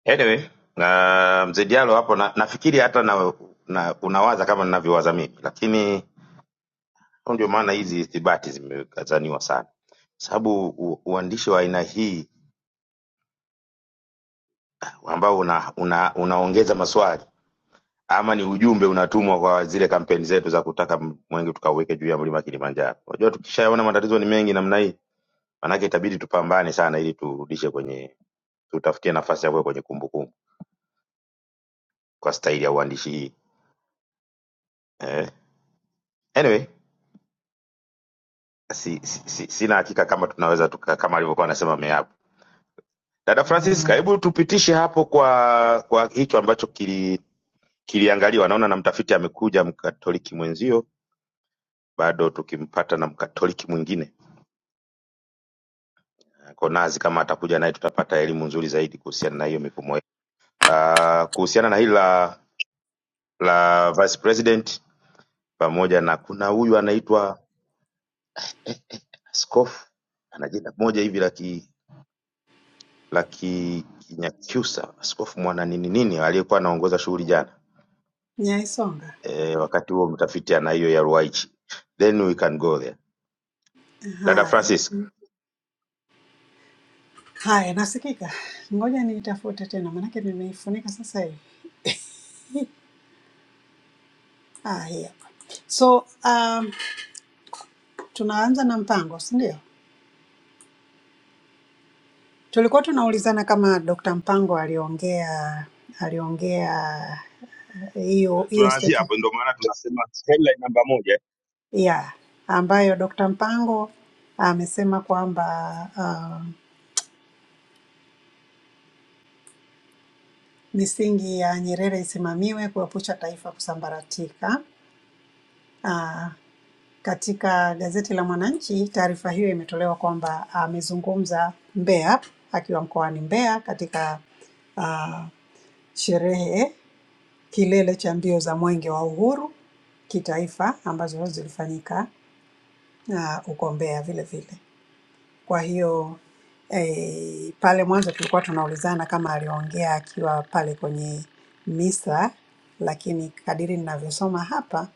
S2: anyway na mzee Diallo hapo na, nafikiri hata na, na unawaza kama ninavyowaza mimi lakini hapo ndio maana hizi ithibati zimekazaniwa sana sababu u- uandishi wa aina hii ambao una, una, unaongeza maswali ama ni ujumbe unatumwa kwa zile kampeni zetu za kutaka m- mwenge tukauweke juu ya mlima Kilimanjaro. Unajua tukishaona matatizo ni mengi namna hii, maanake itabidi tupambane sana ili turudishe kwenye tutafutie nafasi ya kuwa kwenye kumbukumbu kwa staili ya uandishi hii eh. Anyway, si, si, si, sina hakika kama tunaweza tuka, kama alivyokuwa anasema Meapo. Dada Francisca, hebu tupitishe hapo kwa kwa hicho ambacho kili, kiliangaliwa. Naona na mtafiti amekuja mkatoliki mwenzio, bado tukimpata na mkatoliki mwingine Konazi, kama atakuja naye tutapata elimu nzuri zaidi kuhusiana na hiyo mifumo yetu. Ah, kuhusiana na hili la la vice president pamoja na kuna huyu anaitwa askofu ana jina moja hivi la ki la Ki- Kinyakyusa, askofu mwana nini nini aliyekuwa anaongoza shughuli jana
S5: Nyaisonga.
S2: e, wakati huo mtafiti ana hiyo ya Ruwaichi, then we can go there. Dada
S5: Haya,
S2: Francis,
S5: haya, nasikika. Ngoja niitafute tena, maanake nimeifunika sasa hivi. Ah, hii hapa. So um, tunaanza na Mpango, si ndio? Tulikuwa tunaulizana kama Dr. Mpango aliongea aliongea hiyo hiyo
S2: tunaanzia
S5: statement
S2: hapo ndio maana tunasema headline namba moja
S5: yeah, ambayo Dr. Mpango amesema kwamba uh, misingi ya Nyerere isimamiwe kuepusha taifa kusambaratika. Uh, katika gazeti la Mwananchi taarifa hiyo imetolewa kwamba amezungumza Mbeya akiwa mkoani Mbeya katika uh, sherehe kilele cha mbio za Mwenge wa Uhuru kitaifa ambazo zilifanyika uh, huko Mbeya vile vile. Kwa hiyo eh, pale mwanzo tulikuwa tunaulizana kama aliongea akiwa pale kwenye misa, lakini kadiri ninavyosoma hapa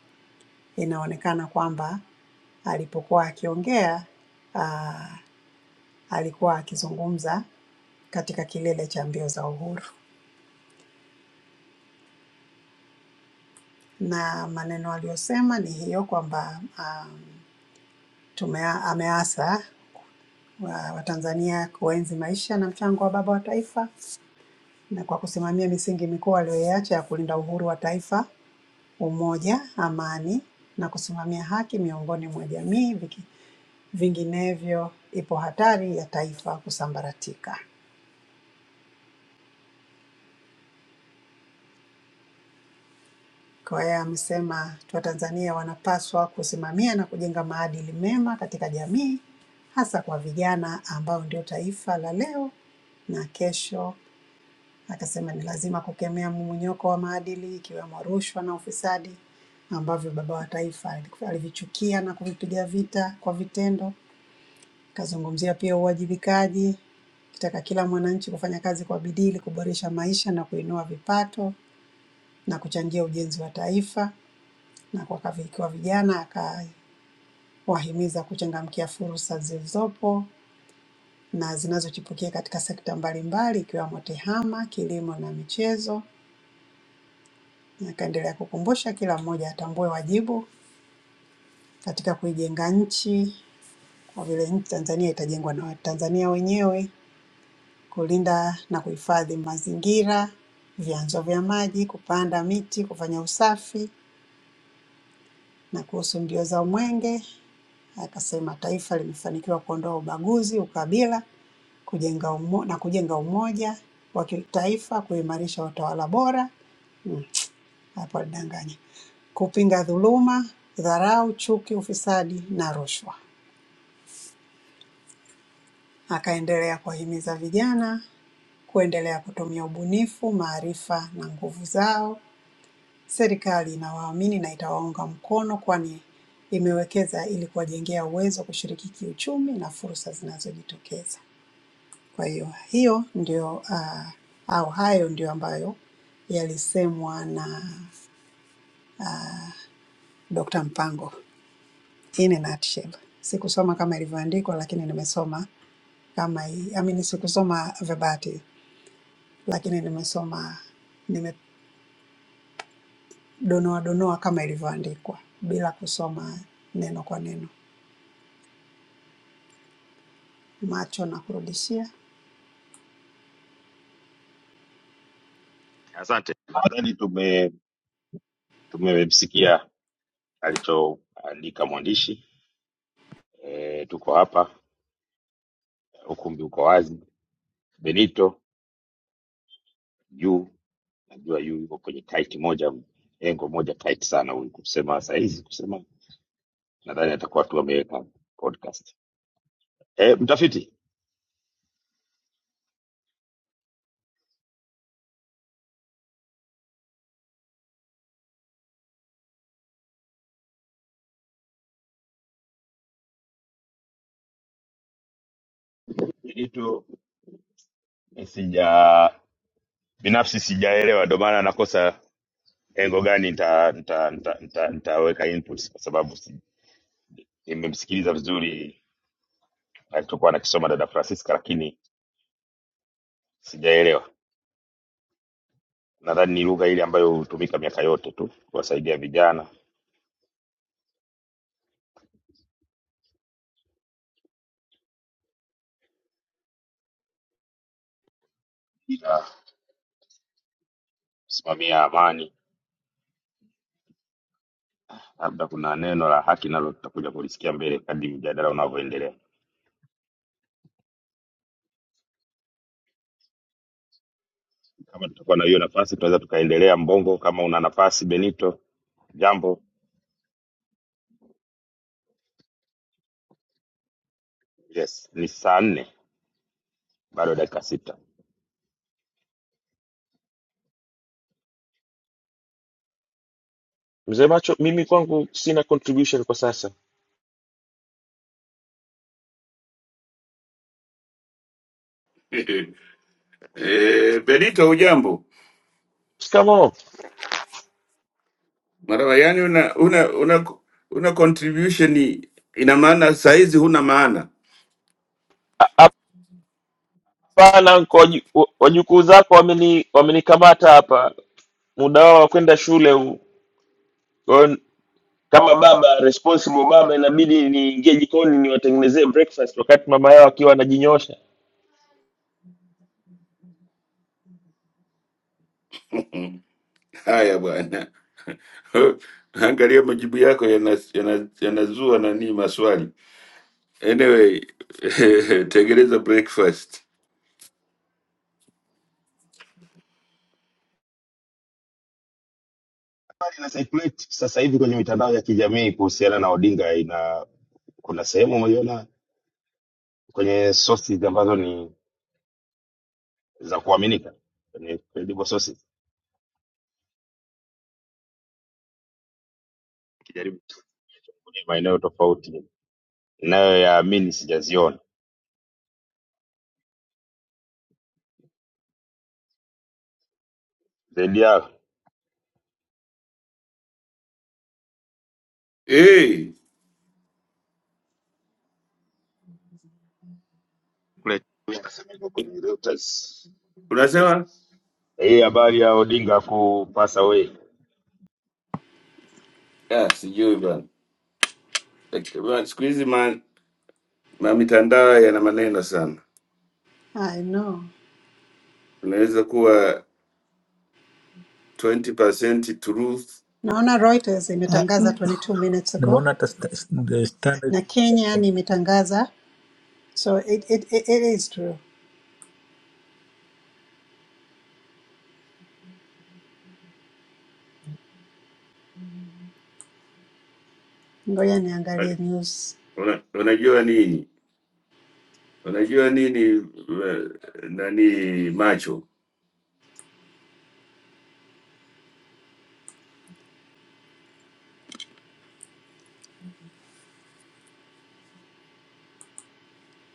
S5: inaonekana kwamba alipokuwa akiongea ah, alikuwa akizungumza katika kilele cha mbio za uhuru, na maneno aliyosema ni hiyo kwamba um, tumea, ameasa wa- Watanzania kuenzi maisha na mchango wa baba wa taifa na kwa kusimamia misingi mikuu aliyoiacha ya kulinda uhuru wa taifa, umoja, amani na kusimamia haki miongoni mwa jamii, viki- vinginevyo ipo hatari ya taifa kusambaratika. Kwa hiyo amesema Watanzania wanapaswa kusimamia na kujenga maadili mema katika jamii, hasa kwa vijana ambao ndio taifa la leo na kesho Akasema ni lazima kukemea mmomonyoko wa maadili ikiwemo rushwa na ufisadi ambavyo baba wa taifa alivichukia na kuvipiga vita kwa vitendo. Akazungumzia pia uwajibikaji, akitaka kila mwananchi kufanya kazi kwa bidii ili kuboresha maisha na kuinua vipato na kuchangia ujenzi wa taifa. Na kwa kavi- kwa vijana akawahimiza kuchangamkia fursa zilizopo na zinazochipukia katika sekta mbalimbali ikiwemo tehama, kilimo na michezo Akaendelea kukumbusha kila mmoja atambue wajibu katika kuijenga nchi, kwa vile nchi Tanzania itajengwa na Watanzania wenyewe, kulinda na kuhifadhi mazingira, vyanzo vya maji, kupanda miti, kufanya usafi. Na kuhusu mbio za Mwenge akasema taifa limefanikiwa kuondoa ubaguzi, ukabila kujenga umo, na kujenga umoja wa kitaifa, kuimarisha utawala bora mm, hapa danganya, kupinga dhuluma, dharau, chuki, ufisadi na rushwa. Akaendelea kuwahimiza vijana kuendelea kutumia ubunifu, maarifa na nguvu zao. Serikali inawaamini na itawaunga mkono, kwani imewekeza ili kuwajengea uwezo wa kushiriki kiuchumi na fursa zinazojitokeza. Kwa hiyo hiyo ndio ah, au hayo ndio ambayo yalisemwa na Dr. Mpango. in a nutshell. Sikusoma kama ilivyoandikwa, lakini nimesoma kama hii. I mean, sikusoma verbatim, lakini nimesoma, nimedonoa donoa kama ilivyoandikwa bila kusoma neno kwa neno. Macho na kurudishia.
S2: asante. nadhani tume tumemsikia alichoandika mwandishi e, tuko hapa ukumbi uko wazi benito juu najua yu yuko kwenye tight moja engo moja tight sana huyu kusema sahizi kusema nadhani atakuwa tu ameweka podcast E, mtafiti kitu sija binafsi sijaelewa, ndio maana nakosa engo gani nita nita nita nita- nitaweka input kwa sababu si- nimemsikiliza vizuri alichokuwa anakisoma dada Francisca, lakini sijaelewa. Nadhani ni lugha ile ambayo hutumika miaka yote tu kuwasaidia vijana ila kusimamia amani. Labda kuna neno la haki nalo tutakuja kulisikia mbele kadri mjadala unavyoendelea. Kama tutakuwa na hiyo nafasi, tunaweza tukaendelea. Mbongo, kama una nafasi. Benito, jambo. Yes, ni saa nne bado dakika sita.
S14: Mzee Macho, mimi kwangu sina contribution kwa sasa.
S11: Eh, Benito, hujambo?
S14: Shikamoo.
S11: Marawa, yani una una una, una contribution ni- ina maana saizi huna maana.
S14: A- Hapana nko wajukuu zako wameni wamenikamata hapa, muda wao wa kwenda shule huu. Kwa hiyo kama baba responsible baba, inabidi niingie jikoni niwatengenezee breakfast, wakati mama yao akiwa anajinyoosha.
S11: Haya bwana. angalia majibu yako yanazua yana, yana yanazua nani maswali. Anyway, tengeneza breakfast.
S2: Habari ina circulate sasa hivi kwenye mitandao ya kijamii kuhusiana na Odinga, ina kuna sehemu umeiona kwenye sources ambazo ni za kuaminika, kwenye credible sources, kijaribu kwenye maeneo tofauti inayoyaamini sijaziona zaidi yao,
S11: Hey,
S2: inasemeka kwenye Reuters
S11: unasema
S2: hii habari ya Odinga kupasa away
S11: ah, sijui bana, Laki- bana, siku hizi ma, ma mitandao yana maneno sana,
S5: I know.
S11: unaweza kuwa 20% truth.
S5: Naona Reuters imetangaza 22 minutes ago
S10: Nimeona hata sta- sta- standard
S5: na
S10: TV ya
S5: Kenya
S10: Kenya.
S5: imetangaza, so it, it, it, it is true. Ngoja niangalie
S11: Like,
S5: news.
S11: Una, unajua nini? Unajua nini eh, nani macho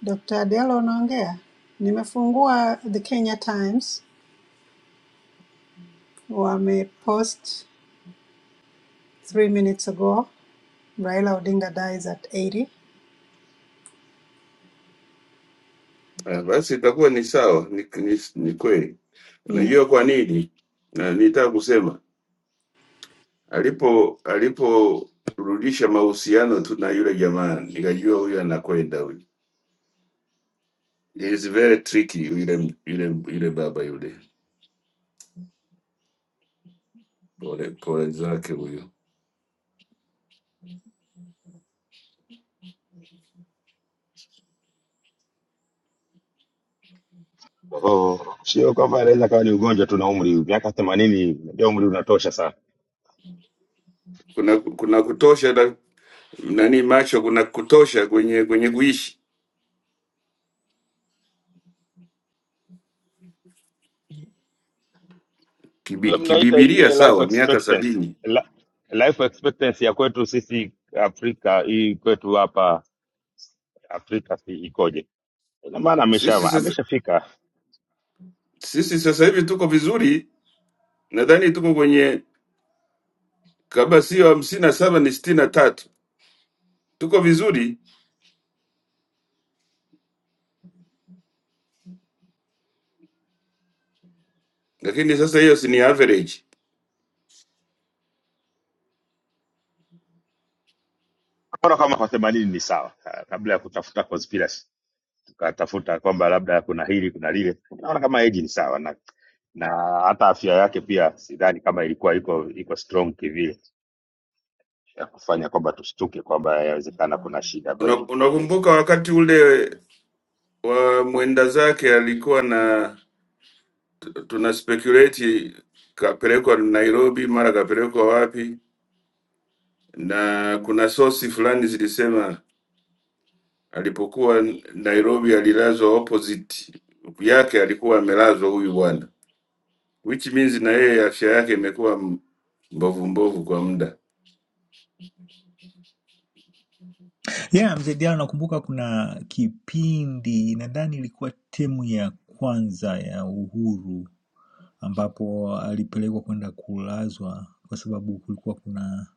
S5: Dr. Adela unaongea? Nimefungua The Kenya Times, wamepost Three minutes ago, Raila Odinga dies at 80.
S11: Eh, Basi itakuwa ni sawa, ni, ni, ni kweli.
S5: Mm.
S11: Unajua kwa nini? Na nitaka kusema alipo aliporudisha mahusiano tu na yule jamaa, nikajua huyu anakwenda huyu. Is very tricky yule yule yule baba yule, pole pole zake huyo.
S2: Kwa hiyo sio kwamba anaweza kawa ni ugonjwa tu na umri, miaka themanini, unajua umri unatosha sana.
S11: Kuna kuna kutosha na, nani macho, kuna kutosha kwenye kwenye kuishi
S2: Sasa
S11: Kibi,
S2: Mnaita
S11: kibibilia,
S2: yenyewe life
S11: sawa, miaka
S2: expectancy
S11: sabini.
S2: La, life expectancy ya kwetu sisi Afrika hii kwetu hapa Afrika si ikoje? Ina maana amesha
S11: Sisi sasa
S2: ameshafika,
S11: sisi sasa hivi tuko vizuri, nadhani tuko kwenye kama sio hamsini na saba ni sitini na tatu tuko vizuri lakini sasa hiyo si ni average
S2: naona kama kwa themanini ni sawa, Ah, kabla ya kutafuta conspiracy tukatafuta kwamba labda kuna hili kuna lile, naona kama age ni sawa na na hata afya yake pia sidhani kama ilikuwa iko iko strong kivile ya kufanya kwamba tushtuke kwamba yawezekana kuna shida ambayo
S11: Una,
S2: imejitokeza.
S11: unakumbuka wakati ule wa mwenda zake alikuwa na tuna speculate kapelekwa nairobi mara kapelekwa wapi na kuna sosi fulani zilisema alipokuwa nairobi alilazwa opposite yake alikuwa amelazwa huyu bwana which means na yeye afya yake imekuwa m- mbovu mbovu kwa muda
S10: Yeah, mzee Diallo, nakumbuka kuna kipindi nadhani ilikuwa temu ya kwanza ya Uhuru ambapo alipelekwa kwenda kulazwa kwa sababu kulikuwa kuna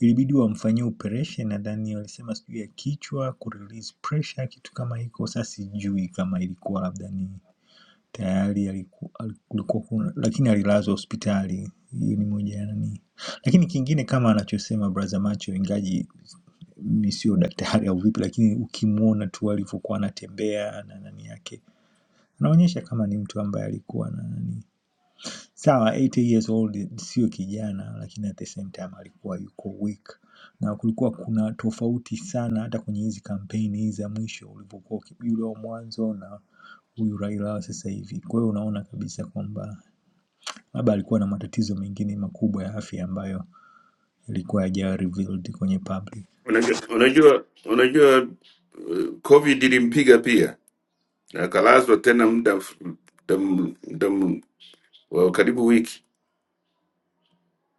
S10: ilibidi wamfanyie operation nadhani walisema sijui ya kichwa ku release pressure kitu kama hiko. Sasa sijui kama ilikuwa labda ni tayari aliku- al- kulikuwa kuna lakini alilazwa hospitali. Hiyo ni moja ya nani. Lakini kingine kama anachosema brother Macho, ingaji mi sio daktari au vipi, lakini ukimwona tu alivyokuwa anatembea na nani yake anaonyesha kama ni mtu ambaye alikuwa na nani sawa 80 years old sio kijana lakini at the same time alikuwa yuko weak na kulikuwa kuna tofauti sana hata kwenye hizi kampeni hizi za mwisho ulivyokuwa uki- yule wa mwanzo na huyu Raila wa sasa hivi. Kwa hiyo unaona kabisa kwamba labda alikuwa na matatizo mengine makubwa ya afya ambayo yalikuwa hajawa revealed kwenye public.
S11: unajua unajua unajua Covid ilimpiga pia, na akalazwa tena muda muda muda wa karibu wiki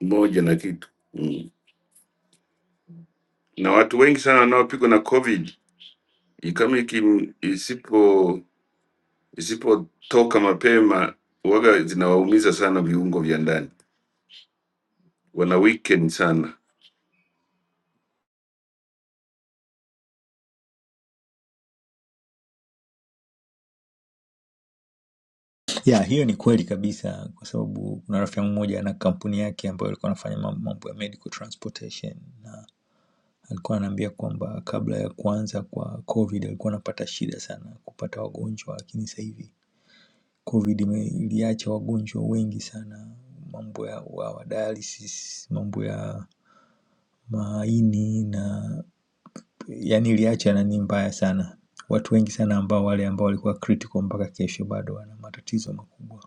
S11: moja na kitu mm. Na watu wengi sana wanaopigwa na Covid i- kama ikim- isipo isipotoka mapema waga zinawaumiza sana viungo vya ndani, wana weekend sana.
S10: Yeah, hiyo ni kweli kabisa kwa sababu kuna rafiki yangu mmoja ana kampuni yake ambayo alikuwa anafanya mam- mambo ya medical transportation na alikuwa ananiambia kwamba kabla ya kuanza kwa covid alikuwa anapata shida sana kupata wagonjwa lakini sasa hivi covid ime- iliacha wagonjwa wengi sana mambo ya wa, wa dialysis mambo ya maini na yani iliacha nani mbaya sana watu wengi sana ambao wale ambao walikuwa critical mpaka kesho bado wana matatizo makubwa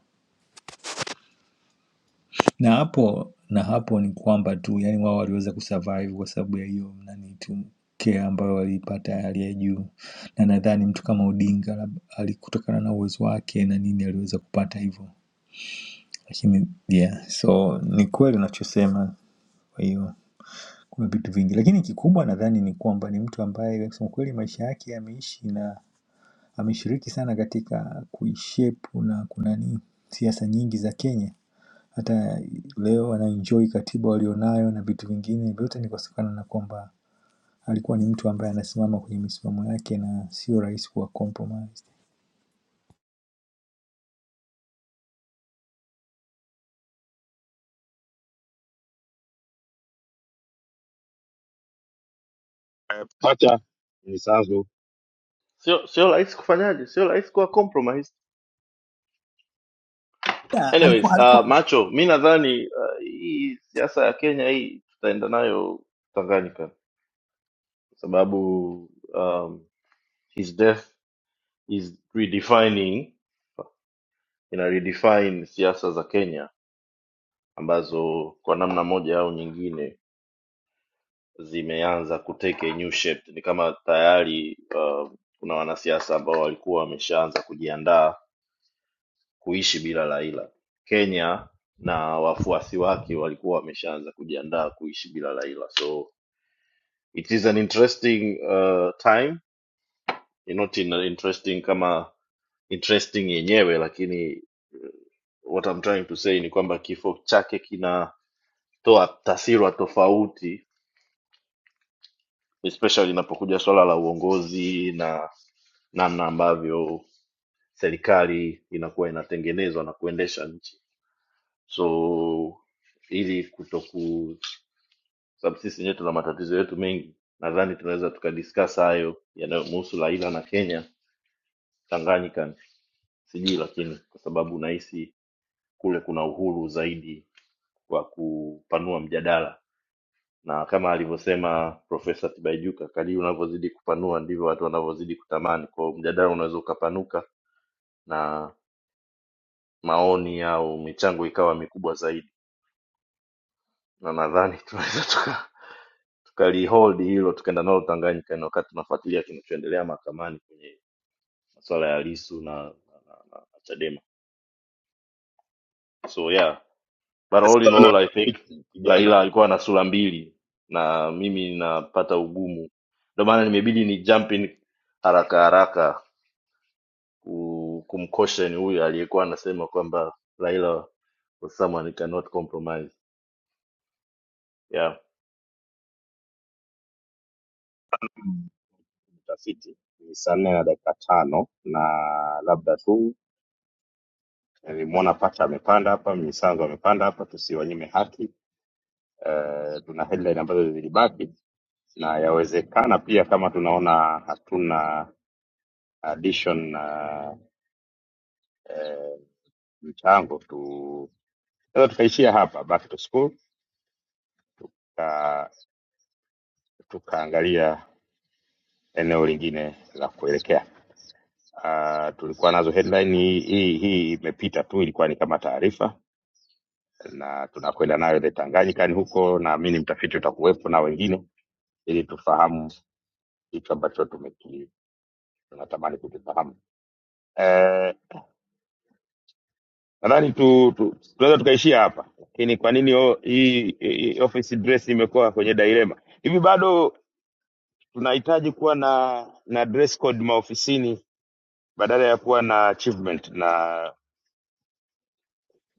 S10: Na hapo na hapo ni kwamba tu yaani wao waliweza kusurvive kwa sababu ya hiyo nani tu care ambayo waliipata ya hali ya juu, na nadhani mtu kama Odinga lab- ali kutokana na uwezo wake na nini aliweza kupata hivyo, lakini yeah, so ni kweli unachosema. Kwa hiyo kuna vitu vingi, lakini kikubwa nadhani ni kwamba ni mtu ambaye kusema kweli maisha yake ameishi na ameshiriki sana katika kuishape na kunani siasa nyingi za Kenya hata leo anaenjoy katiba walionayo na vitu vingine vyote ni kutokana na kwamba alikuwa ni mtu ambaye anasimama kwenye misimamo yake na sio rahisi kuwa compromised.
S2: Pacha ni sanzu
S8: sio sio rahisi kufanyaje sio rahisi kuwa compromise.
S10: Yeah,
S8: anyways
S10: alikuwa
S8: uh,
S10: alikuwa
S8: macho mi nadhani uh, hii siasa ya kenya hii tutaenda nayo tanganyika kwa sababu um, his death is redefining ina redefine siasa za kenya ambazo kwa namna moja au nyingine zimeanza kuteke new shape ni kama tayari uh, kuna wanasiasa ambao walikuwa wameshaanza kujiandaa kuishi bila Raila. Kenya na wafuasi wake walikuwa wameshaanza kujiandaa kuishi bila Raila, so it is an interesting uh, time not in interesting kama interesting yenyewe, lakini uh, what I'm trying to say ni kwamba kifo chake kinatoa taswira tofauti, especially inapokuja swala la uongozi na namna ambavyo serikali inakuwa inatengenezwa na kuendesha nchi. so ili kutoku sababu sisi wenyewe tuna matatizo yetu mengi nadhani tunaweza tukadiscuss hayo yanayomhusu laila na kenya tanganyika sijui lakini kwa sababu nahisi kule kuna uhuru zaidi wa kupanua mjadala na kama alivyosema profesa tibaijuka kadii unavyozidi kupanua ndivyo watu wanavyozidi kutamani kwao mjadala unaweza ukapanuka na maoni au michango ikawa mikubwa zaidi na nadhani tunaweza tuka tukalihold hilo tukaenda nalo Tanganyika na wakati tunafuatilia kinachoendelea mahakamani kwenye masuala ya Lissu na, na, na, na, na Chadema. So yeah, but all in
S2: sana
S8: all I think
S2: tafiti kijana
S8: Laila alikuwa na sura mbili na mimi ninapata ugumu, ndio maana nimebidi ni jump in haraka haraka ku- kumcaution huyu aliyekuwa anasema kwamba Laila was someone he cannot compromise. Yeah.
S2: mtafiti. Ni saa nne na dakika tano na labda tu nilimwona Pacha amepanda hapa, Misanzu amepanda hapa, tusiwanyime haki. Eh, tuna headline ambazo zilibaki na yawezekana pia kama tunaona hatuna addition na eh, mchango tu, sasa tukaishia hapa back to school tuka tukaangalia eneo lingine la kuelekea. Uh, tulikuwa nazo headline hii hii hii imepita tu, ilikuwa ni kama taarifa na tunakwenda nayo the Tanganyika ni huko, naamini mtafiti utakuwepo na wengine, ili tufahamu kitu ambacho tumeki tunatamani kukifahamu. Eh uh, nadhani tu, tu tunaweza tukaishia hapa lakini kwa nini o- hii hii office dress imekuwa kwenye dilema hivi bado tunahitaji kuwa na na dress code maofisini badala ya kuwa na achievement na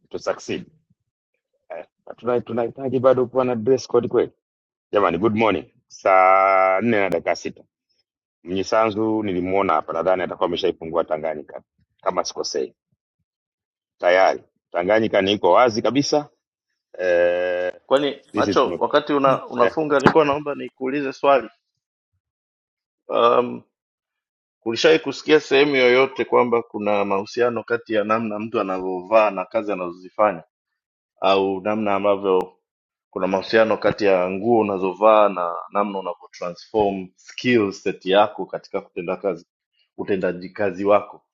S2: to succeed eh, tuna- tunahitaji bado kuwa na dress code kweli jamani good morning saa nne na dakika sita mnyisanzu nilimwona hapa nadhani atakuwa ameshaifungua tanganyika kama sikosei tayari tanganyika niko wazi kabisa eh,
S8: Kwani
S2: this is
S8: macho,
S2: good.
S8: wakati una,
S2: eh,
S8: unafunga nilikuwa naomba nikuulize swali Um, ulishawahi kusikia sehemu yoyote kwamba kuna mahusiano kati ya namna mtu anavyovaa na kazi anazozifanya au namna ambavyo kuna mahusiano kati ya nguo unazovaa na namna unavyotransform skill set yako katika kutenda kazi, utendaji kazi wako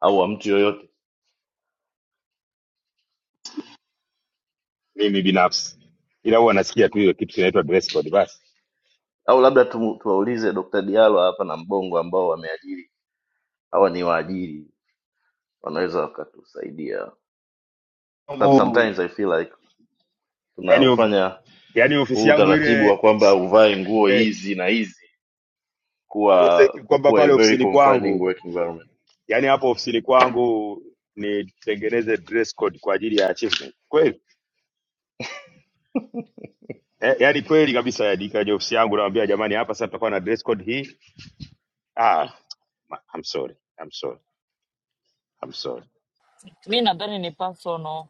S8: au wa mtu yoyote?
S2: mimi binafsi ila huwa nasikia tu hiyo kitu kinaitwa dress code basi
S8: Au labda tu, tuwaulize Dr. Diallo hapa na Mbongo ambao wameajiri, hawa ni waajiri, wanaweza wakatusaidia. Kwa sababu
S2: Mungu,
S8: Sometimes I feel like
S2: yani, of-
S8: tunaufanya
S2: yani ofisi
S8: huu
S2: yangu
S8: utaratibu
S2: ile
S8: wa kwamba uvae nguo
S2: eh,
S8: hizi na hizi kuwa
S2: tuuze ki- kwamba
S8: kuwa a
S2: pale
S8: very
S2: ofisini
S8: confining
S2: kwangu
S8: work environment.
S2: yani hapo ofisini kwangu nitengeneze dress code kwa ajili ya achievement kweli eh, yani kweli kabisa yani kwenye ofisi yangu nawaambia jamani hapa sasa tutakuwa na dress code hii ah ma- I'm sorry I'm sorry I'm sorry
S4: Mi nadhani ni personal.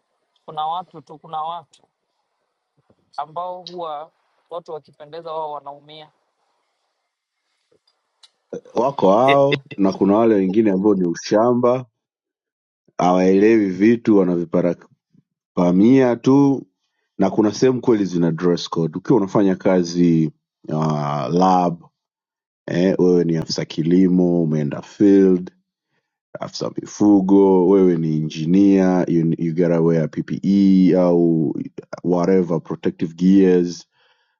S4: Kuna watu tu, kuna watu ambao huwa watu wakipendeza wao wanaumia.
S12: Wako hao na kuna wale wengine ambao ni ushamba hawaelewi vitu wanaviparapamia tu na kuna sehemu kweli zina dress code ukiwa unafanya kazi uh, lab eh, wewe ni afisa kilimo umeenda field afisa mifugo wewe ni engineer you, you gotta wear ppe au whatever protective gears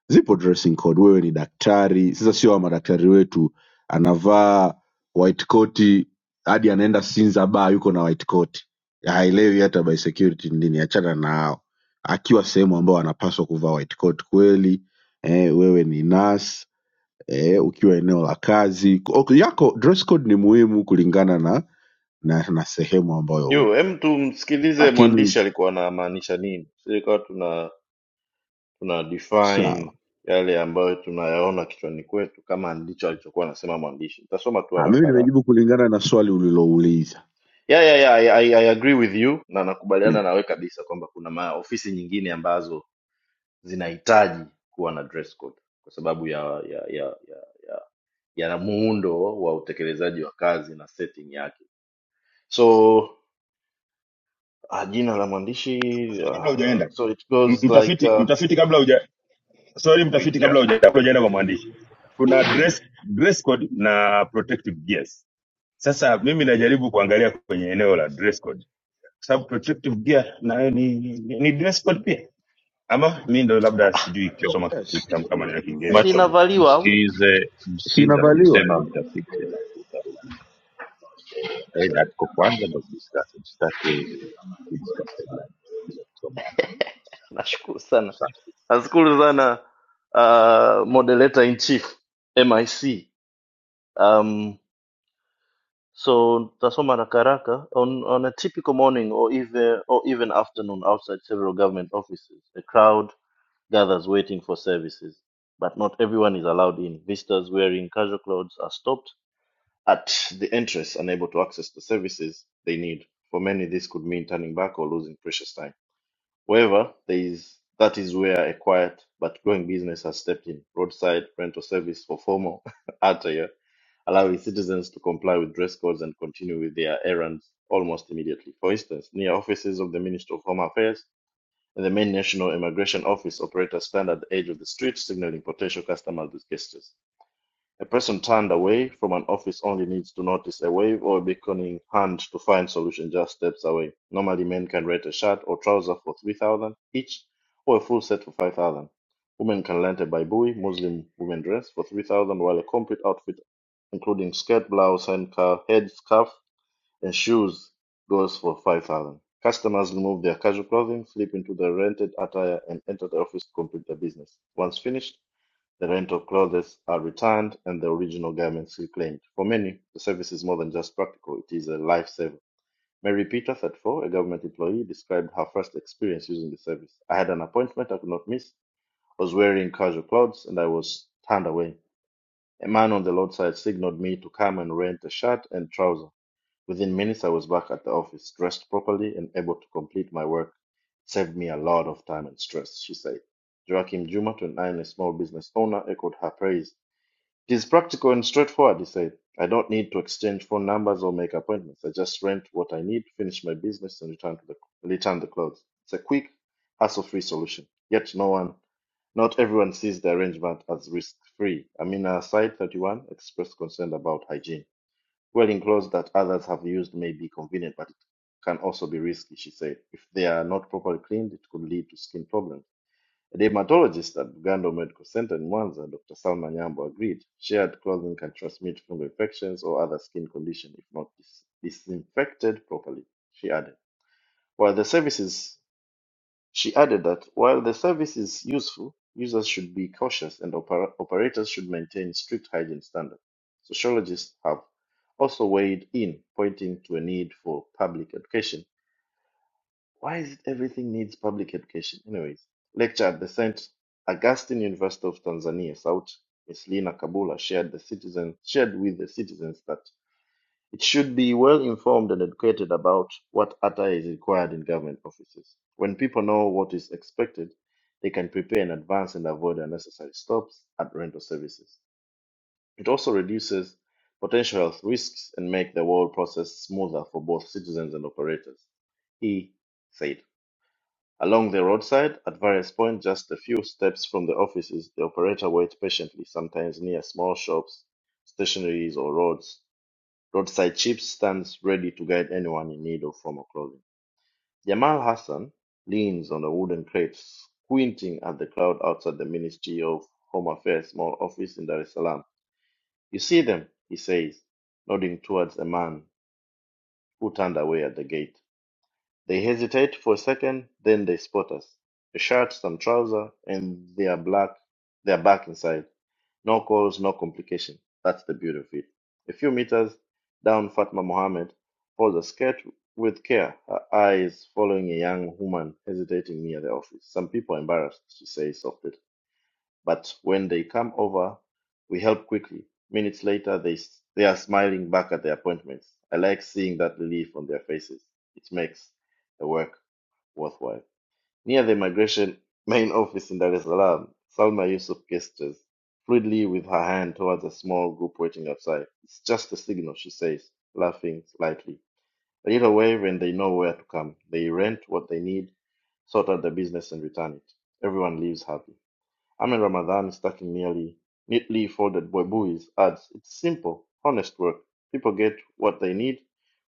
S12: Zipo dressing code. Wewe ni daktari, sasa sio wa madaktari wetu, anavaa white coat hadi anaenda Sinza bar yuko na white coat, haelewi hata by security ni nini. Achana na hao, akiwa sehemu ambao anapaswa kuvaa white coat kweli. Eh, wewe ni nurse eh, ukiwa eneo la kazi ok, yako dress code ni muhimu kulingana na na, na sehemu ambayo
S8: Yo,
S12: upo,
S8: hem tumsikilize
S12: lakini
S8: mwandishi alikuwa anamaanisha nini, silikuwa tuna tuna
S12: sawa.
S8: define yale ambayo tunayaona kichwani kwetu kama ndicho alichokuwa anasema mwandishi. Nitasoma tu
S12: Ah, mimi
S8: haraka haraka.
S12: nimejibu kulingana na swali ulilouliza.
S8: Yeah, yeah, yeah, I, I, I agree with you na
S12: Yeah.
S8: nakubaliana nawe kabisa kwamba kuna maofisi nyingine ambazo zinahitaji kuwa na dress code kwa sababu ya ya ya ya, ya yana muundo wa utekelezaji wa kazi na setting yake so uh, jina la mwandishi uh,
S2: kabla hujaenda
S8: so it
S2: M-
S8: goes like
S2: mtafiti
S8: uh,
S2: mtafiti kabla huja sorry mtafiti kabla
S1: Richard
S2: huja kabla hujaenda kwa mwandishi kuna dress dress code na protective gears sasa mimi najaribu kuangalia kwenye eneo la dress code kwa sababu protective gear nayo ni, ni, ni dress code pia ama mi ndo labda
S8: ah,
S2: sijui
S1: macho
S2: kusoma
S12: Yes.
S2: kutamka maneno ya kiingereza
S1: macho
S8: sinavaliwa au?
S1: msikilize
S12: Si
S1: msikilize
S12: inavaliwa
S1: anachosema mtafiti aidha tuko kwanza ndo kudiscuss sitaki kudiscuss so much
S8: nashukuru sana
S1: sana.
S8: nashukuru sana uh, moderator in chief mic um, so tutasoma haraka haraka on, on a typical morning or even, or even afternoon outside several government offices a crowd gathers waiting for services, but not everyone is allowed in. Visitors wearing casual clothes are stopped at the entrance, unable to access the services they need. For many, this could mean turning back or losing precious time. However, there is, that is where a quiet but growing business has stepped in roadside rental service for formal attire, allowing citizens to comply with dress codes and continue with their errands almost immediately. For instance, near offices of the Ministry of Home Affairs, and The main National Immigration Office operator stand at the edge of the street signaling potential customers with gestures. A person turned away from an office only needs to notice a wave or a beckoning hand to find solution just steps away. Normally men can rent a shirt or trouser for 3000 each or a full set for 5000 Women can rent a baibui, Muslim women dress, for 3000 while a complete outfit including skirt, blouse, handkerchief, head scarf and shoes goes for 5000 Customers remove their casual clothing, slip into their rented attire, and enter the office to complete their business. Once finished, the rental clothes are returned and the original garments reclaimed. For many, the service is more than just practical, it is a lifesaver. Mary Peter, 34, a government employee, described her first experience using the service. I had an appointment I could not miss, I was wearing casual clothes, and I was turned away. A man on the roadside signaled me to come and rent a shirt and trouser. Within minutes, I was back at the office, dressed properly and able to complete my work. saved me a lot of time and stress, she said. Joachim Juma, 29, a small business owner, echoed her praise. It is practical and straightforward, he said. I don't need to exchange phone numbers or make appointments. I just rent what I need, finish my business, and return to the return the clothes. It's a quick, hassle-free solution. Yet no one, not everyone sees the arrangement as risk-free. Amina Said, 31, expressed concern about hygiene. Wearing clothes that others have used may be convenient, but it can also be risky, she said. If they are not properly cleaned, it could lead to skin problems. A dermatologist at Bugando Medical Center in Mwanza, Dr. Salma Nyambo, agreed shared clothing can transmit fungal infections or other skin conditions if not dis- disinfected properly, she added. While the services she added that while the service is useful, users should be cautious and oper- operators should maintain strict hygiene standards. Sociologists have also weighed in, pointing to a need for public education. Why is it everything needs public education? Anyways, lecture at the St. Augustine University of Tanzania, South, Miss Lina Kabula shared the citizen shared with the citizens that it should be well informed and educated about what ATA is required in government offices. When people know what is expected, they can prepare in advance and avoid unnecessary stops at rental services. It also reduces potential health risks and make the whole process smoother for both citizens and operators, he said. Along the roadside, at various points, just a few steps from the offices, the operator waits patiently, sometimes near small shops, stationaries, or roads Roadside Chips stands ready to guide anyone in need of formal clothing. Jamal Hassan leans on a wooden crate, squinting at the crowd outside the Ministry of Home Affairs small office in Dar es Salaam. You see them, he says, nodding towards a man who turned away at the gate. They hesitate for a second, then they spot us. A shirt, some trouser, and they're black they're back inside. No calls, no complication. That's the beauty of it. A few meters down Fatma Mohammed pulls a skirt with care, her eyes following a young woman hesitating near the office. Some people are embarrassed, she says softly. But when they come over, we help quickly. Minutes later, they, they are smiling back at their appointments. I like seeing that relief on their faces. It makes the work worthwhile. Near the migration main office in Dar es Salaam, Salma Yusuf gestures fluidly with her hand towards a small group waiting outside. It's just a signal, she says, laughing slightly. A little wave and they know where to come. They rent what they need, sort out the business and return it. Everyone leaves happy. Ahmed Ramadan stuck in nearly neatly folded buebuis adds, It's simple, honest work. People get what they need,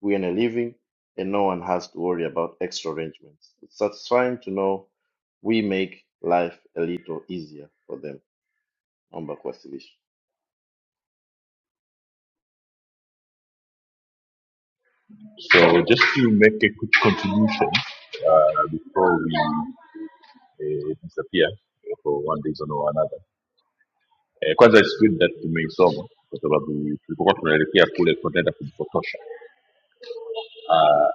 S8: we earn a living, and no one has to worry about extra arrangements. It's satisfying to know we make life a little easier for them. Naomba kuwasilisha.
S1: So just to make a quick contribution uh, before we uh, disappear for one reason or another eh, kwanza it's good that tumeisoma kwa sababu tulipokuwa tunaelekea kule tunaenda kujipotosha ah,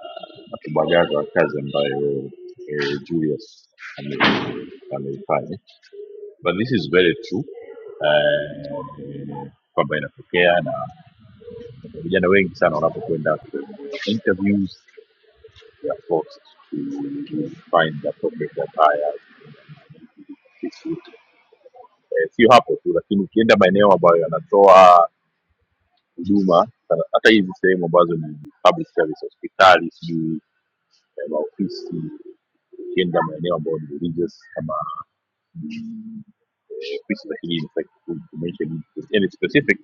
S1: na kubagaza kazi ambayo eh, Julius ame- ameifanya but this is very true eh, kwamba inatokea na Vijana wengi sana wanapokwenda kwenye interviews they are forced to to find appropriate attire. Eh, Sio hapo tu, lakini ukienda maeneo ambayo yanatoa huduma sana- hata hizi sehemu ambazo ni public service, hospitali, sijui eh, maofisi, ukienda maeneo ambayo ni religious kama eh, ofisi za kidini, like to mention any specific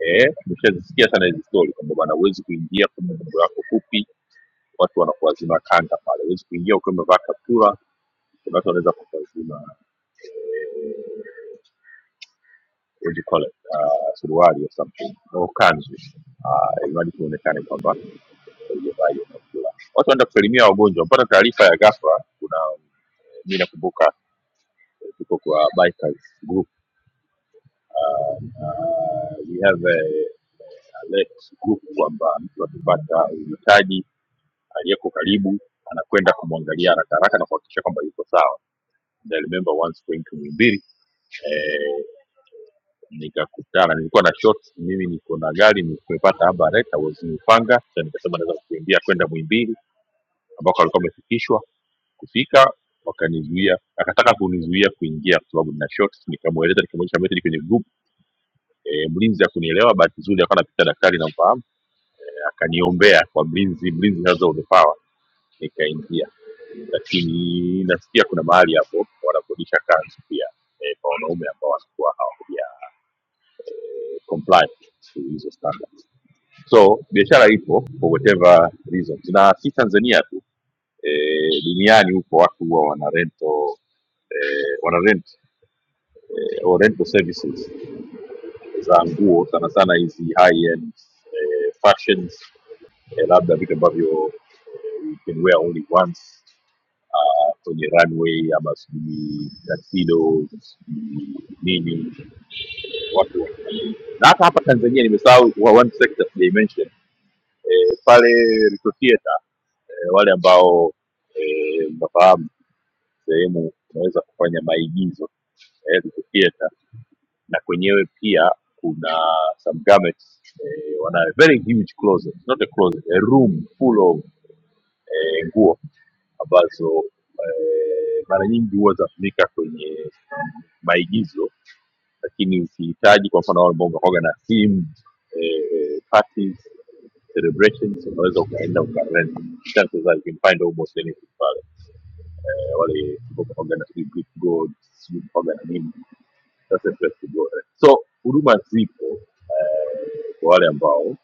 S1: eh, umeshazisikia sana hizi story kwamba bana, huwezi kuingia kwa mambo yako fupi, watu wanakuwazima kanga pale, huwezi kuingia ukiwa umevaa kaptura Watu wanaweza kuvaa zima, what do you call it, uh, suruali or something au kanzu uh, imradi tu uonekane kwamba ulivaa hiyo kaptula. Watu wanaenda kusalimia wagonjwa. Mpata taarifa ya ghafla, kuna um, mimi nakumbuka eh, tuko kwa bikers group Uh, we have a alert group kwamba mtu akipata uhitaji aliyeko karibu anakwenda kumwangalia haraka haraka na kuhakikisha kwamba yuko sawa. And I remember once going to Muhimbili eh, nikakutana nilikuwa na shot mimi niko na gari nimepata habaret I was in Upanga so nikasema naweza kukimbia kwenda Mwimbili ambako alikuwa amefikishwa kufika wakanizuia akataka kunizuia kuingia kwa sababu nina shot nikamweleza nikamwonyesha message kwenye group e, mlinzi hakunielewa bahati nzuri akawa anapita daktari namfahamu e, akaniombea kwa mlinzi mlinzi has all the power nikaingia lakini nasikia kuna mahali hapo wanakodisha kanzu pia e, kwa wanaume ambao wanakuwa hawakuja comply to hizo standards so biashara ipo for whatever reasons na si tanzania tu eh, duniani huko watu huwa wana rento eh, wana rent eh, or rental services za nguo sana sana hizi high end eh, fashions eh, labda vitu ambavyo eh, you can wear only once ah, kwenye runway ama sijui tuxedos sijui nini watu wa- na hata hapa tanzania nimesahau wa- one sector dimension e, pale Ruto Theatre e, wale ambao e, mnafahamu sehemu unaweza kufanya maigizo eh, Ruto Theatre na kwenyewe pia kuna some garments eh, wana very huge closet not a closet a room full of eh, nguo ambazo eh, mara nyingi huwa zinatumika kwenye maigizo lakini ukihitaji kwa mfano wale ambao unakuwaga na theme eh, parties celebrations unaweza ukaenda ukarent chances are you can find almost anything pale eh, wale ambao unakuwaga na sijui Greek gods sijui unakuwaga na nini that's interesting. Go ahead. So huduma zipo eh, kwa wale ambao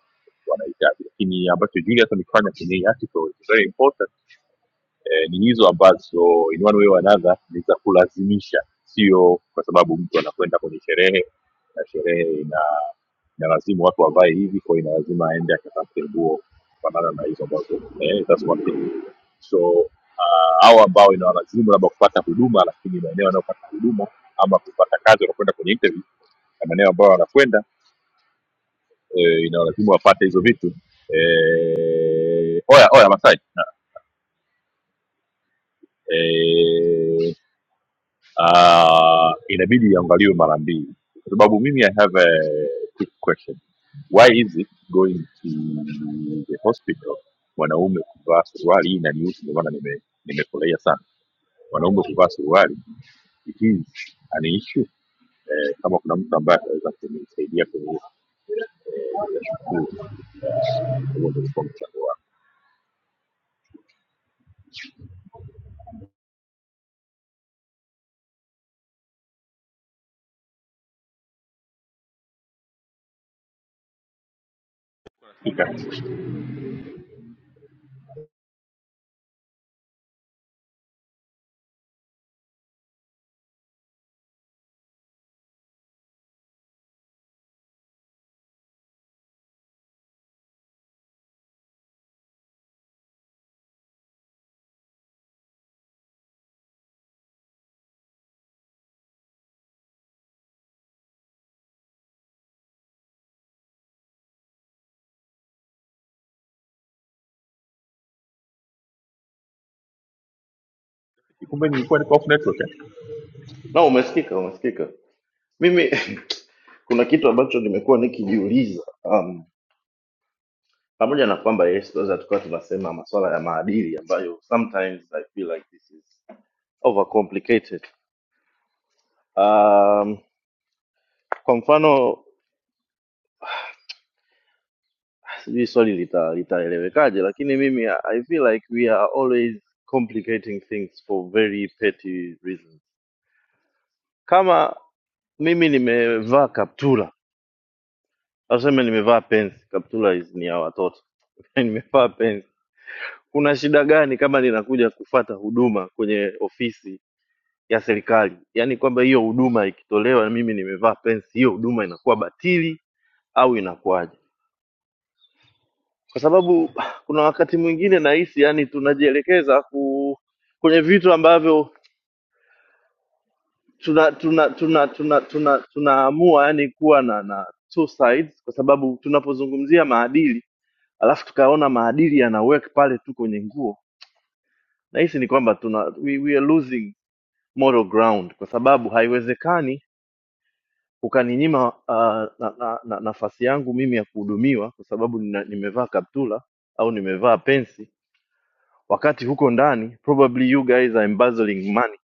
S1: wanahitaji, lakini ambacho Julius amekifanya kwenye hii article is very important eh, ni hizo ambazo in one way or another ni za kulazimisha sio kwa sababu mtu anakwenda kwenye sherehe na sherehe ina ina lazimu watu wavae hivi kwa hiyo ina lazima aende akatafute nguo kufanana na hizo ambazo eh, that's one thing so uh, au ambao inawalazimu labda kupata huduma lakini maeneo yanayopata huduma ama kupata kazi wanakwenda kwenye interview na maeneo ambayo wanakwenda eh, inawalazimu wapate hizo vitu eh, oya oya masai eh, uh, inabidi iangaliwe mara mbili kwa sababu mimi i have a quick question why is it going to the hospital wanaume kuvaa suruali hii inanihusu ndio maana nime- nimefurahia sana wanaume kuvaa suruali it is an issue eh, kama kuna mtu ambaye ataweza kunisaidia kwenye hilo, nitashukuru. Eh, huo ndio ulikuwa mchango wangu Hakika. kumbe nilikuwa niko off network eh?
S8: Na umesikika, umesikika. Mimi kuna kitu ambacho nimekuwa nikijiuliza um, pamoja na kwamba yes, tunaweza tukawa tunasema masuala ya maadili ambayo sometimes I feel like this is overcomplicated um, kwa mfano sijui swali lita- litaelewekaje lakini mimi i feel like we are always complicating things for very petty reasons kama mimi nimevaa kaptula aseme nimevaa pensi kaptula is ni ya watoto nimevaa pensi kuna shida gani kama ninakuja kufata huduma kwenye ofisi ya serikali yaani kwamba hiyo huduma ikitolewa na mimi nimevaa pensi hiyo huduma inakuwa batili au inakuwaje kwa sababu kuna wakati mwingine nahisi yani tunajielekeza ku, kwenye vitu ambavyo tuna tuna tuna tuna tuna tunaamua yani kuwa na na two sides, kwa sababu tunapozungumzia maadili alafu tukaona maadili yana work pale tu kwenye nguo, nahisi ni kwamba tuna we, we are losing moral ground, kwa sababu haiwezekani ukaninyima uh, na, na, na, nafasi yangu mimi ya kuhudumiwa kwa sababu nina, nimevaa kaptula au nimevaa pensi wakati huko ndani probably you guys are embezzling money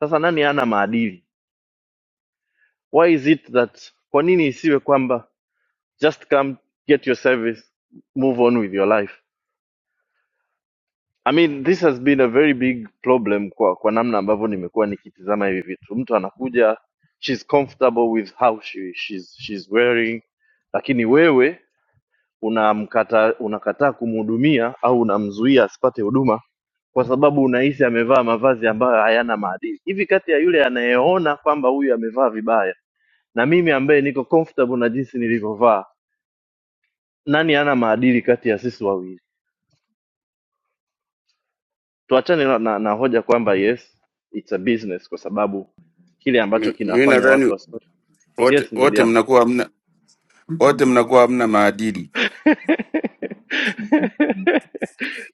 S8: sasa nani ana maadili why is it that kwa nini isiwe kwamba just come get your service move on with your life i mean this has been a very big problem kwa kwa namna ambavyo nimekuwa nikitizama hivi vitu mtu anakuja she's comfortable with how she, she's, she's wearing lakini wewe unamkata unakataa kumhudumia au unamzuia asipate huduma kwa sababu unahisi amevaa mavazi ambayo hayana maadili. Hivi kati ya yule anayeona kwamba huyu amevaa vibaya na mimi ambaye niko comfortable na jinsi nilivyovaa, nani hana maadili kati ya sisi wawili? Tuachane na, na, na hoja kwamba yes it's a business, kwa sababu kile ambacho
S11: Mi mi
S8: kinafanya watu
S11: nadhani
S8: wasi
S11: wote
S8: yes mzee
S11: wote
S8: Diallo.
S11: mnakuwa hamna wote mnakuwa hamna maadili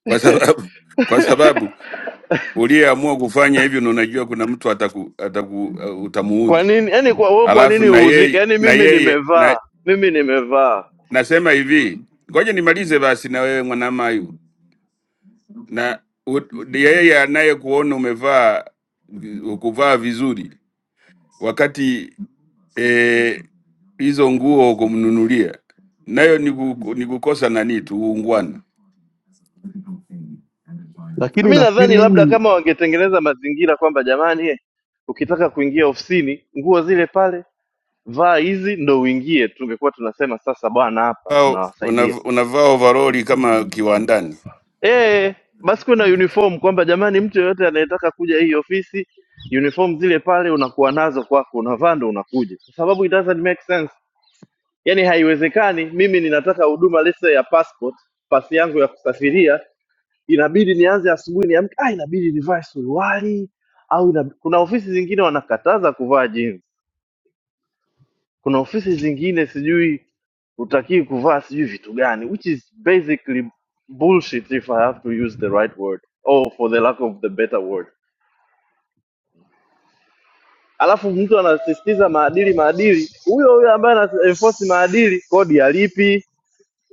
S11: kwa sababu kwa sababu uliyeamua kufanya hivyo na unajua kuna mtu ataku, ataku, uh,
S8: kwa
S11: utamuudhi
S8: nini yani kwa, wewe kwa
S11: Alafu
S8: nini
S11: na
S8: uudhike?
S11: yeye
S8: Yani
S11: na
S8: mimi
S11: yeye
S8: nimevaa
S11: na,
S8: mimi nimevaa
S11: nasema hivi, ngoja nimalize basi na wewe mwanamayu na u- u- yeye anayekuona umevaa kuvaa vizuri wakati eh, hizo nguo kumnunulia nayo ni, ku, ni kukosa nani tu uungwana.
S12: lakini
S8: mi nadhani
S12: nafikiri
S8: labda
S12: hii
S8: kama wangetengeneza mazingira kwamba jamani eh, ukitaka kuingia ofisini nguo zile pale vaa hizi ndo uingie tungekuwa tunasema sasa bwana hapa
S11: Au
S8: tunawasaidia
S11: una- Unavaa overoli kama kiwandani?
S8: eh basi kuwe na uniform kwamba jamani mtu yeyote anayetaka kuja hii ofisi uniform zile pale unakuwa nazo kwako unavaa ndo unakuja kwa sababu it doesn't make sense yani haiwezekani mimi ninataka huduma let's say ya passport pasi yangu ya kusafiria inabidi nianze asubuhi niamke, ah, inabidi nivae suruali au inab... kuna ofisi zingine wanakataza kuvaa jeans, kuna ofisi zingine sijui hutakii kuvaa sijui vitu gani, which is basically bullshit if I have to use the right word or for the lack of the better word. Alafu mtu anasisitiza maadili maadili, huyo huyo ambaye ana enforce maadili, kodi alipi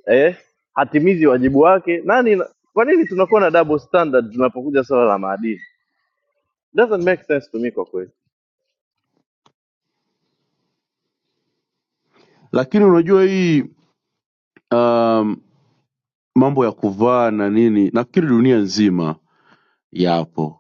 S8: eh, hatimizi wajibu wake. Nani? Kwa nini tunakuwa na double standard tunapokuja swala la maadili? Doesn't make sense to me kwa kweli.
S12: lakini unajua hii um, mambo ya kuvaa na nini nafikiri dunia nzima yapo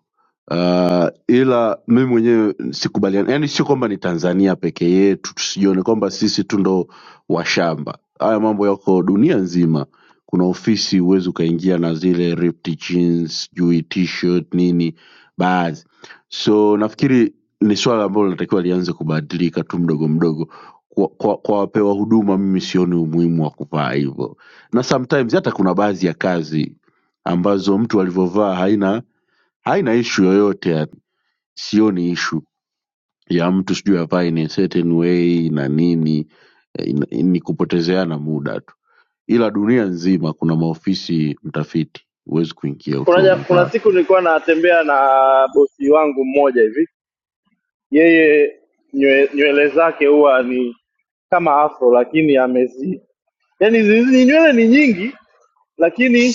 S12: uh, ila mimi mwenyewe sikubaliani, yani sio kwamba ni Tanzania peke yetu, tusijione kwamba sisi tu ndo washamba. Haya mambo yako dunia nzima. Kuna ofisi huwezi ukaingia na zile ripped jeans, sijui t-shirt nini baadhi. So nafikiri ni swala ambalo linatakiwa lianze kubadilika tu mdogo mdogo. Kwa, kwa, kwa wapewa huduma mimi sioni umuhimu wa kuvaa hivyo, na sometimes hata kuna baadhi ya kazi ambazo mtu alivyovaa haina haina issue yoyote yani sioni issue ya mtu sijui avae in a certain way na nini eh, ina- ni kupotezeana muda tu ila dunia nzima kuna maofisi mtafiti huwezi kuingia
S8: kuna,
S12: ukiwa
S8: ja- kuna
S12: umevaa
S8: siku nilikuwa natembea na bosi wangu mmoja hivi, yeye nywele, nywele zake huwa ni kama afro, lakini amezi yani hizi nywele ni nyingi, lakini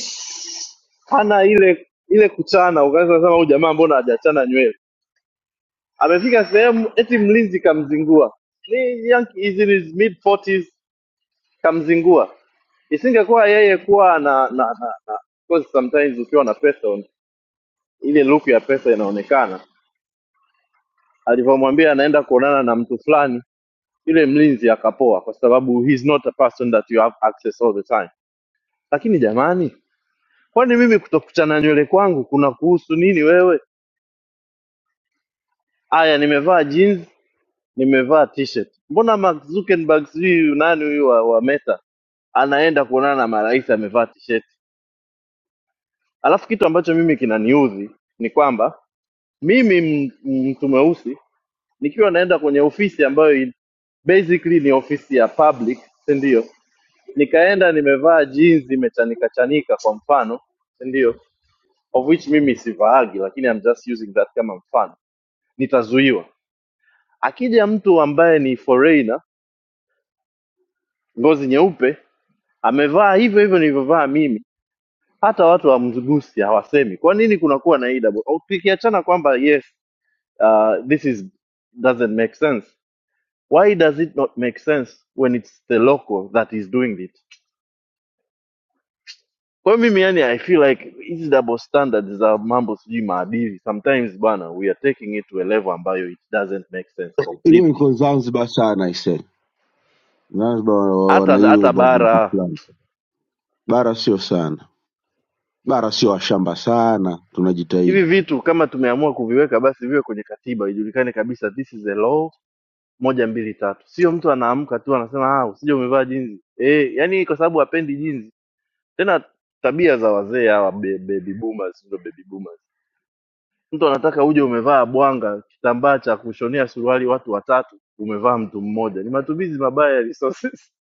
S8: hana ile ile kuchana. Ukaanza kusema huyu jamaa mbona hajachana nywele? Amefika sehemu eti mlinzi kamzingua, ni young is in his mid 40s, kamzingua. Isingekuwa yeye kuwa na na, na, na of course sometimes ukiwa na pesa ile look ya pesa inaonekana alivyomwambia anaenda kuonana na mtu fulani, yule mlinzi akapoa, kwa sababu he's not a person that you have access all the time. Lakini jamani, kwani mimi kutokuchana nywele kwangu kuna kuhusu nini wewe? Aya, nimevaa jeans, nimevaa t-shirt. Mbona Mark Zuckerberg sijui nani huyu wa, wa Meta anaenda kuonana na marais amevaa t-shirt? Alafu kitu ambacho mimi kinaniudhi ni kwamba mimi m- m- mtu mweusi nikiwa naenda kwenye ofisi ambayo basically ni ofisi ya public si ndio nikaenda nimevaa jeans imechanika chanika kwa mfano si ndio of which mimi sivaagi lakini I'm just using that kama mfano nitazuiwa akija mtu ambaye ni foreigner ngozi nyeupe amevaa hivyo hivyo nilivyovaa mimi hata watu hawamgusi hawasemi kwa nini kunakuwa na hii double au tukiachana kwamba yes uh, this is doesn't make sense why does it not make sense when it's the local that is doing it Kwa hiyo mimi yani I feel like hizi double standards za mambo sijui maadili sometimes bwana we are taking it to a level ambayo it doesn't make sense
S12: hiyo
S8: completely.
S12: iko zanzibar sana ise zanzibar wa- wa- wana
S8: Hata
S12: hiyo
S8: hata
S12: ubaguzi
S8: bara
S12: fulani bara sio sana bara sio washamba sana
S8: hivi
S12: tunajitahidi
S8: vitu kama tumeamua kuviweka basi viwe kwenye katiba ijulikane kabisa this is a law moja mbili tatu. Sio mtu anaamka tu anasema ah usije umevaa jinzi. Eh, yani kwa sababu hapendi jinzi. Tena tabia za wazee hawa be- baby boomers ndio baby boomers mtu anataka uje umevaa bwanga kitambaa cha kushonea suruali watu watatu umevaa mtu mmoja ni matumizi mabaya ya resources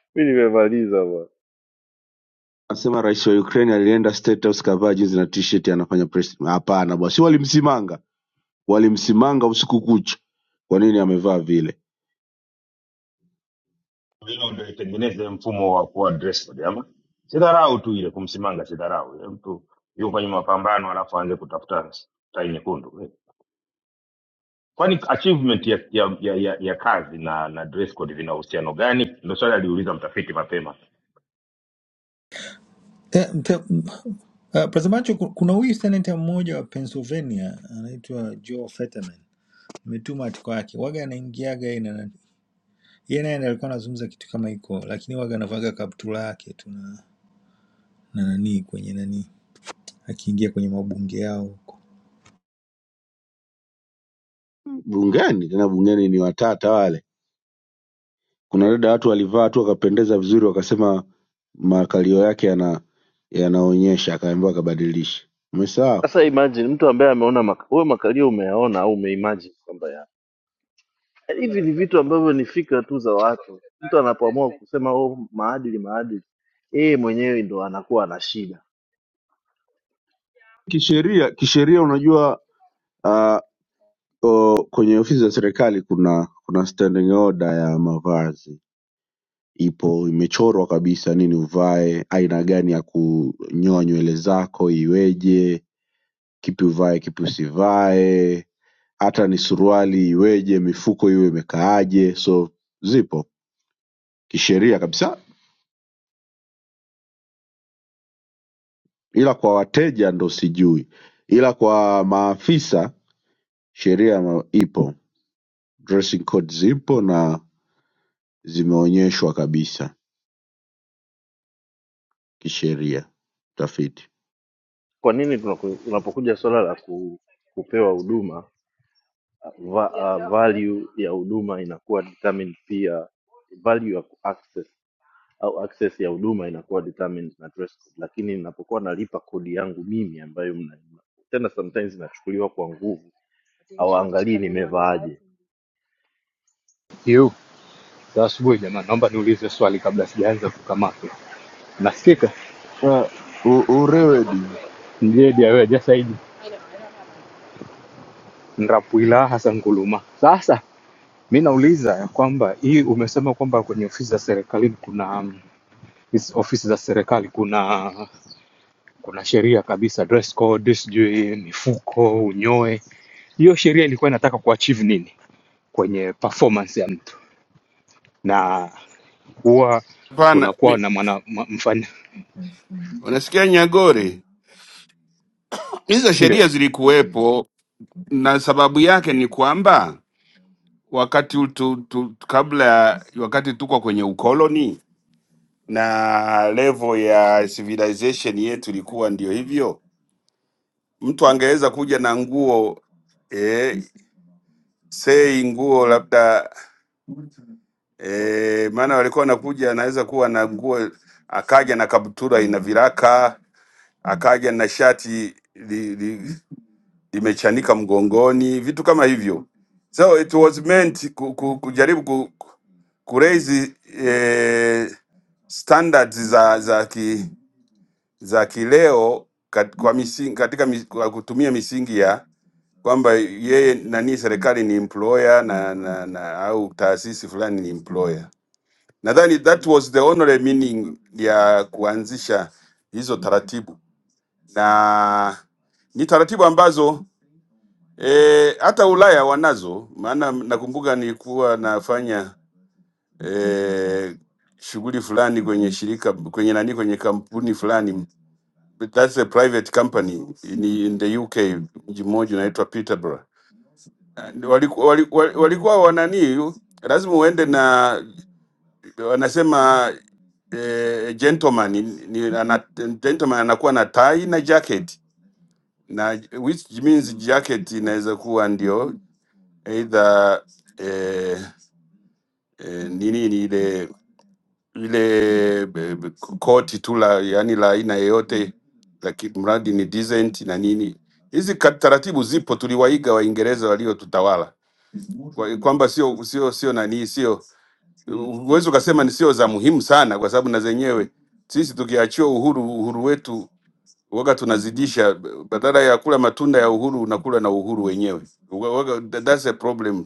S8: mi nimemaliza bwana
S12: anasema rais wa ukraine alienda state house kavaa jinsi na t-shirt anafanya press hapana bwana si walimsimanga Walimsimanga usiku kucha kwa nini amevaa vile.
S2: hilo ndo itengeneze mfumo wa kuwa dress code ama sidharau tu ile kumsimanga sidharau Ile mtu yuko kwenye mapambano alafu aanze kutafuta tai nyekundu kwani achievement ya ya, ya, ya ya kazi na na dress code vina uhusiano gani? Ndio swali aliuliza mtafiti mapema.
S10: eh, mte- m- eh, mtazamaji, ku- kuna huyu senata mmoja wa Pennsylvania anaitwa Joe Fetterman, nimetuma atiko yake, waga anaingiaga yeye na yeye naye ndiye alikuwa anazungumza kitu kama hiko, lakini waga anavaga kaptula yake tu na na nani kwenye nani, akiingia kwenye mabunge yao
S12: Bungeni tena bungeni ni watata wale. Kuna dada watu walivaa tu wakapendeza vizuri, wakasema makalio yake yana yanaonyesha, akaambiwa akabadilisha. Umesahau
S8: sasa imagine mtu ambaye ameona maka, wewe makalio umeyaona au umeimagine kwamba ya hivi ni vitu ambavyo ni fikra tu za watu mtu anapoamua kusema oh, maadili maadili yeye mwenyewe ndo anakuwa ana shida
S12: kisheria. Kisheria unajua uh, o, kwenye ofisi za serikali kuna kuna standing order ya mavazi ipo, imechorwa kabisa, nini uvae, aina gani ya kunyoa nywele zako iweje, kipi uvae, kipi usivae hata ni suruali iweje, mifuko hiyo imekaaje. So zipo kisheria kabisa, ila kwa wateja ndo sijui, ila kwa maafisa sheria ma- ipo, dressing code zipo na zimeonyeshwa kabisa kisheria tafiti.
S8: kwa nini tunaku- unapokuja swala la ku, kupewa huduma va, uh, value ya huduma inakuwa determined pia value ya access au access ya huduma inakuwa determined na dress code, lakini ninapokuwa nalipa kodi yangu mimi ambayo mna, tena sometimes inachukuliwa kwa nguvu, hawaangalii nimevaaje.
S15: Yu, za asubuhi jamani, naomba niulize swali kabla sijaanza kukamatwa. Nasikika
S12: Uh, u- urewedi
S15: mjedi aweja Saidi Nrapuila Hassan Nkuluma. Sasa mi nauliza ya kwamba hii umesema kwamba kwenye ofisi za serikalini kuna mm, hizi ofisi za serikali kuna kuna sheria kabisa, dress code, sijui mifuko, unyoe. Hiyo sheria ilikuwa inataka kuachieve nini kwenye performance ya mtu, na huwa
S11: Hapana,
S15: kunakuwa
S11: mi-
S15: na mwana ma- mfanya
S11: unasikia Nyagore, hizo
S15: ndio
S11: sheria zilikuwepo na sababu yake ni kwamba wakati u- tu, tu, kabla ya- wakati tuko kwenye ukoloni na level ya civilization yetu ilikuwa ndio hivyo, mtu angeweza kuja na nguo eh, sei nguo labda eh, maana walikuwa wanakuja, anaweza kuwa na nguo akaja na kaptura ina viraka, akaja na shati imechanika mgongoni, vitu kama hivyo. So it was meant ku, ku, kujaribu ku, ku raise eh, standards za za ki, za kileo kat, kwa misingi, katika mis, kwa kutumia misingi ya kwamba yeye nani serikali ni employer na, na, na au taasisi fulani ni employer. Nadhani that was the only meaning ya kuanzisha hizo taratibu, na ni taratibu ambazo E, hata Ulaya wanazo, maana nakumbuka nilikuwa nafanya e, shughuli fulani kwenye shirika kwenye nani kwenye kampuni fulani But that's a private company in, in the UK mji mmoja unaitwa Peterborough. And Waliku, wali- wali- walikuwa wanani lazima uende na wanasema eh, gentleman ni, ni, ana, gentleman anakuwa na tai na jacket na which means jacket inaweza kuwa ndio aidha eh, eh, nini ni ile ile be- be- koti tu la yani la aina yeyote, lakini mradi ni decent na nini. Hizi ka- taratibu zipo, tuliwaiga Waingereza waliotutawala Kwa- kwamba sio sio sio nani, sio huwezi ukasema ni sio za muhimu sana, kwa sababu na zenyewe sisi tukiachiwa uhuru uhuru wetu waga tunazidisha, badala ya kula matunda ya uhuru unakula na uhuru wenyewe. Waga, that's a problem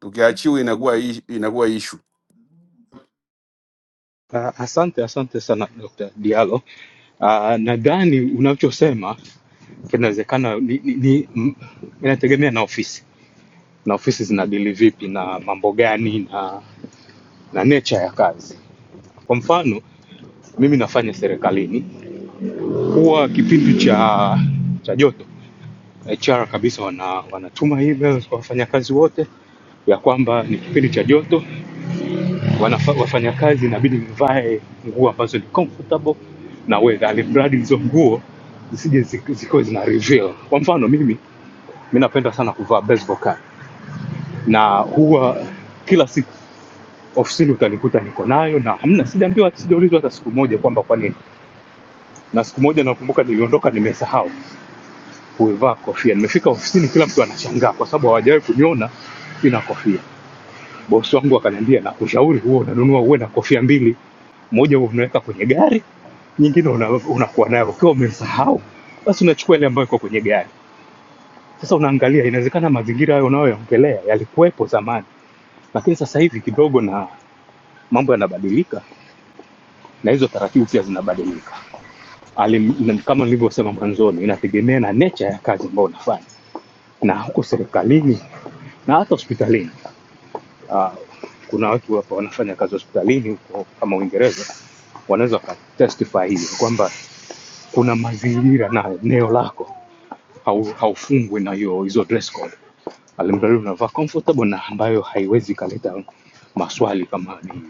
S11: Tukiachiwa inakuwa ish- inakuwa issue.
S15: Ah, Asante, asante sana Dr. Diallo. Ah, Nadhani unachosema kinawezekana ni, ni, ni, m- inategemea na ofisi na ofisi zinadili vipi na mambo gani na, na nature ya kazi. Kwa mfano mimi nafanya serikalini, huwa kipindi cha cha joto HR kabisa wana, wanatuma emails kwa wafanyakazi wote ya kwamba ni kipindi cha joto wanafa- wafanyakazi inabidi mvae nguo ambazo ni comfortable na weather, alimradi hizo nguo zisije zik- zikawa zina reveal. Kwa mfano mimi mi napenda sana kuvaa baseball cap na huwa kila siku ofisini utanikuta niko nayo na hamna, sijaambiwa sijaulizwa hata siku moja kwamba kwa nini. Na siku moja nakumbuka niliondoka nimesahau kuivaa kofia, nimefika ofisini kila mtu anashangaa kwa sababu hawajawahi kuniona sina kofia. Bosi wangu akaniambia, nakushauri huo unanunua uwe na kofia mbili, moja huwa unaweka kwenye gari nyingine una, unakuwa nayo ukiwa umesahau, basi unachukua ile ambayo iko kwenye gari. Sasa unaangalia, inawezekana mazingira hayo unayoyaongelea yalikuwepo zamani, lakini sasa hivi kidogo na mambo yanabadilika na hizo taratibu pia zinabadilika. Alim, na kama nilivyosema mwanzoni, inategemea na nature ya kazi ambayo unafanya, na huko serikalini na hata hospitalini. Uh, kuna watu hapa wanafanya kazi hospitalini huko kama Uingereza, wanaweza wakatestify hiyo kwamba kuna mazingira na eneo lako hau- haufungwi na hiyo hizo dress code alimradi unavaa comfortable na ambayo haiwezi kaleta maswali kama ni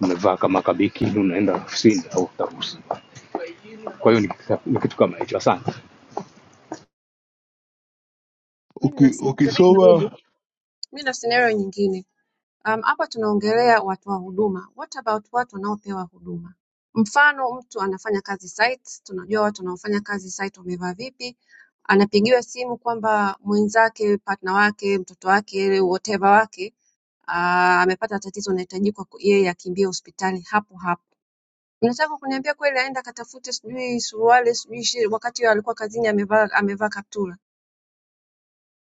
S15: umevaa kama kabiki unaenda ofisini au tarusi kwa hiyo ni, kita- ni kitu kama hicho asante
S3: Mimi nina
S12: Uki-
S3: scenario nyingine.
S12: ukisoma
S3: Mimi na scenario nyingine. Um, hapa tunaongelea watu wa huduma. What about watu wanaopewa huduma? Mfano mtu anafanya kazi site, tunajua watu wanaofanya kazi site wamevaa vipi. Anapigiwa simu kwamba mwenzake, partner wake, mtoto wake, whatever wake ah, amepata tatizo anahitaji kwa ku- yeye akimbie hospitali hapo hapo. Unataka kuniambia kweli aenda akatafute sijui suruali sijui shi, wakati alikuwa kazini amevaa amevaa kaptura?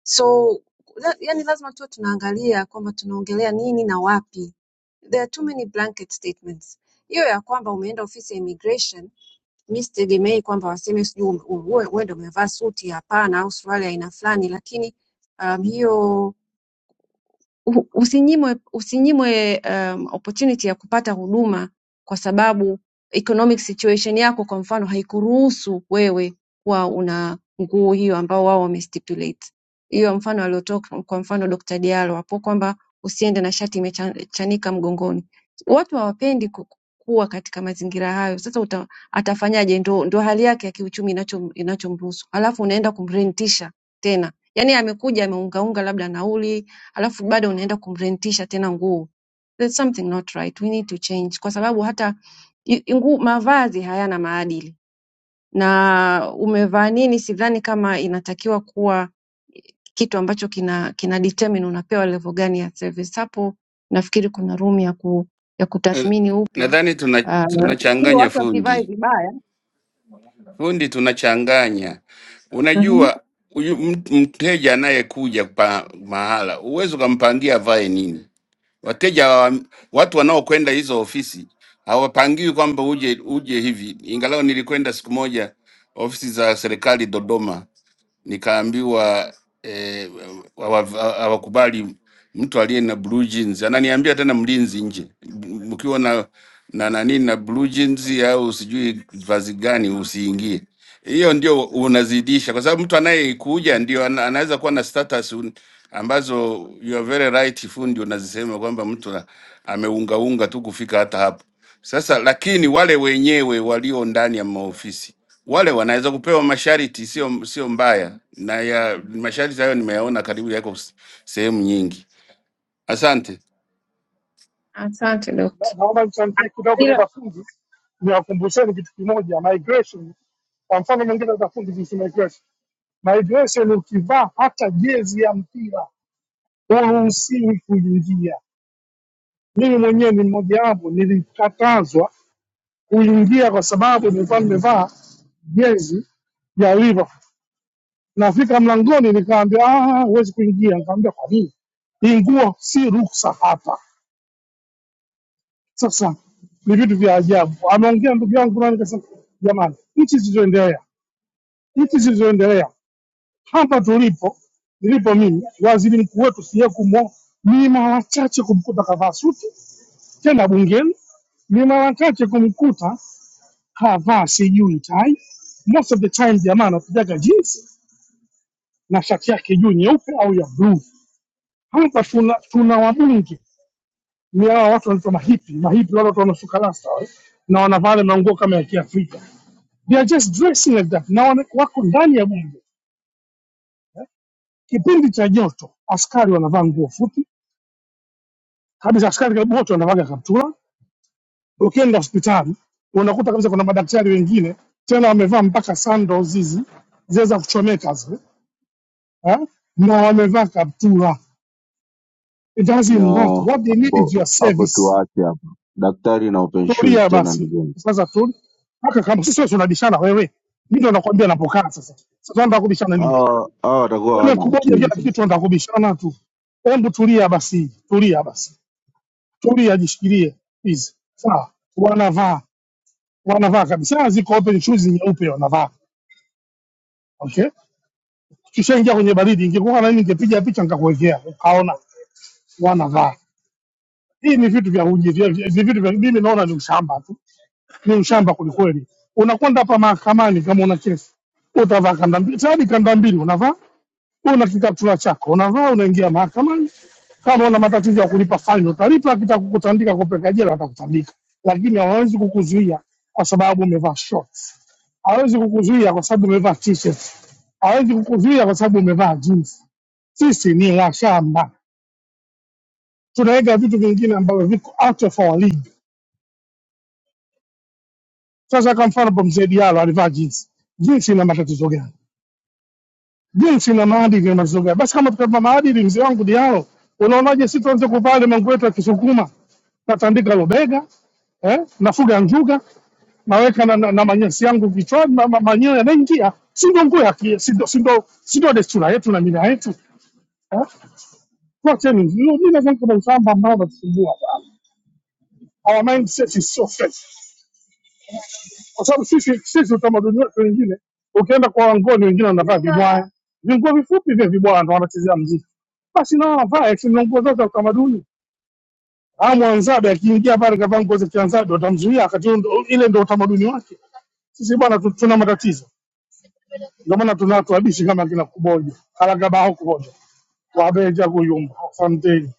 S3: So la, yani lazima tuwe tunaangalia kwamba tunaongelea nini na wapi. There are too many blanket statements. Hiyo ya kwamba umeenda ofisi ya immigration, mi sitegemei kwamba waseme sijui ume- uwe- wewe ndio umevaa suti, hapana, au suruali ya aina fulani, lakini um, hiyo u- usinyimwe, usinyimwe um, opportunity ya kupata huduma kwa sababu economic situation yako kwa mfano haikuruhusu wewe kuwa una nguo hiyo ambao wao wamestipulate hiyo mfano aliotoa kwa kwa mfano Dr. Diallo hapo kwamba usiende na shati imechanika mgongoni watu hawapendi ku- kuwa katika mazingira hayo sasa uta, atafanyaje ndo, ndo hali yake ya kiuchumi inachom- inachomruhusu alafu unaenda kumrentisha tena yaani amekuja ameungaunga labda nauli alafu bado unaenda kumrentisha tena nguo. There's something not right. We need to change kwa sababu hata i- nguo mavazi hayana maadili. Na umevaa nini sidhani kama inatakiwa kuwa kitu ambacho kina kina determine unapewa level gani ya service. Hapo nafikiri kuna room ya ku ya
S11: Eh,
S3: kutathmini upya
S11: Nadhani tuna
S3: uh, ili
S11: tunachanganya
S3: watu wasivae
S11: fundi
S3: vibaya.
S11: fundi, tunachanganya.
S3: Mhm.
S11: Unajua huyu mtu- mteja anayekuja pa mahala, huwezi ukampangia avae nini. Wateja hawa- watu wanaokwenda hizo ofisi hawapangiwi kwamba uje uje hivi. Ingalau nilikwenda siku moja ofisi za serikali Dodoma, nikaambiwa eh, hawa- hawakubali mtu aliye na blue jeans. Ananiambia tena mlinzi nje, m- mkiwa na na nani na blue jeans au sijui vazi gani usiingie. Hiyo ndio unazidisha, kwa sababu mtu anayekuja ndio ana- anaweza kuwa na status un- ambazo you are very right, fundi, unazisema kwamba mtu na- ameungaunga tu kufika hata hapo sasa. Lakini wale wenyewe walio ndani ya maofisi wale wanaweza kupewa masharti, sio sio mbaya, na ya masharti hayo nimeyaona karibu yako s- sehemu nyingi. Asante.
S3: Asante
S16: Na-
S3: dokta.
S16: naomba nichangie kidogo
S3: Ila
S16: dada fundi, niwakumbusheni kitu kimoja, migration. Kwa mfano mwingine dada fundi kuhusu migration, migration ukivaa hata jezi ya mpira huruhusiwi kuingia. Mimi mwenyewe ni mmoja wapo, nilikatazwa kuingia kwa sababu nilikuwa nimevaa jezi ya Liverpool. Nafika mlangoni nikaambiwa, ah, huwezi kuingia. Nikamwambia kwa nini? Hii nguo si ruksa hapa. Sasa ni vitu vya ajabu. Ameongea ndugu yangu nani, kasema jamani, nchi zilizoendelea, nchi zilizoendelea hapa tulipo, nilipo mimi, waziri mkuu wetu siyekumwo ni mara chache kumkuta kavaa suti, tena bungeni ni mara chache kumkuta kavaa sijui tai. Most of the time jamaa anapigaga jeans na shati yake juu nyeupe au ya bluu. Hapa tuna, tuna wabunge ni hawa watu wanaitwa mahipi, mahipi wale watu wanasuka rasta wale, na wanavaa yale manguo kama ya Kiafrika They are just dressing like that na wana- wako ndani ya bunge kipindi cha joto, askari wanavaa nguo fupi kabisa, askari karibu wote wanavaga kaptura. Ukienda hospitali unakuta kabisa kuna madaktari wengine tena wamevaa mpaka sandals hizi zile za kuchomeka zile eh, na wamevaa kaptura. It doesn't matter
S12: No,
S16: what they need is
S12: hapo
S16: your
S12: hapo
S16: service.
S12: tuache hapo. Daktari na open shoes
S16: Tulia
S12: tena,
S16: basi
S12: ndugu yangu,
S16: sasa, tu mpaka kama sisi wewe tunabishana wewe, mimi ndo nakwambia napokaa sasa. Sasa tunataka kubishana nini?
S12: hawa hawa watakuwa
S16: Wewe
S12: hawana
S16: kuboja
S12: akili
S16: kila
S12: sasa.
S16: kitu nataka kubishana tu. Hebu tulia basi, tulia basi, tulia, jishikilie hizi sawa. Wanavaa wanavaa kabisa, ziko open shoes nyeupe wanavaa. Okay, tushaingia kwenye baridi. Ingekuwa na mimi ningepiga picha nikakuwekea ukaona wanavaa. Hii ni vitu vya uji, vya- vya- ni vitu vya mimi naona ni ushamba tu, ni ushamba kwelikweli. Unakwenda hapa mahakamani kama una kesi, utavaa kanda mbili, tayari kanda mbili unavaa una kikaptula chako unavaa, unaingia mahakamani. Kama una matatizo ya kulipa faini utalipa, akitaka kukutandika kupeleka jela atakutandika, lakini hawawezi kukuzuia kwa sababu umevaa shorts, hawezi kukuzuia kwa sababu umevaa t-shirt, hawezi kukuzuia kwa sababu umevaa jeans. Sisi ni washamba, tunaweka vitu vingine ambavyo viko out of our league. Sasa kwa mfano hapo, mzee Diallo alivaa jeans, jeans ina matatizo gani? jinsi na maadili ya mazungumzo. Basi kama tutapa maadili, mzee wangu Diao, unaonaje sisi tuanze kuvaa ile manguo yetu ya Kisukuma, natandika lobega eh, nafuga njuga, naweka na, na, na manyasi yangu kichwani, ma, ma, manyoya yanaingia, si ndo nguo ya ki- si ndo si ndo si ndo desturi yetu na mila yetu eh? Tuacheni, mimi nadhani kuna ushamba ambao unatusumbua sana. Our mindset is so fresh. kwa sababu sisi sisi utamaduni wetu, wengine ukienda kwa Wangoni wengine wanavaa vibwaya, vinguo vifupi vya vibwaya ndo wanachezea mziki, basi nao wanavaa eti ndo nguo zote za utamaduni. Aa, Mwanzada akiingia pale kavaa nguo za Kianzada watamzuia, wakati huo ndo- ile ndo utamaduni wake. Sisi bwana tu- tuna matatizo, ndio maana tuna watu wabishi kama kina Kuboja Kalagabaho, Kuboja Wabeja, Kuyumba Asanteni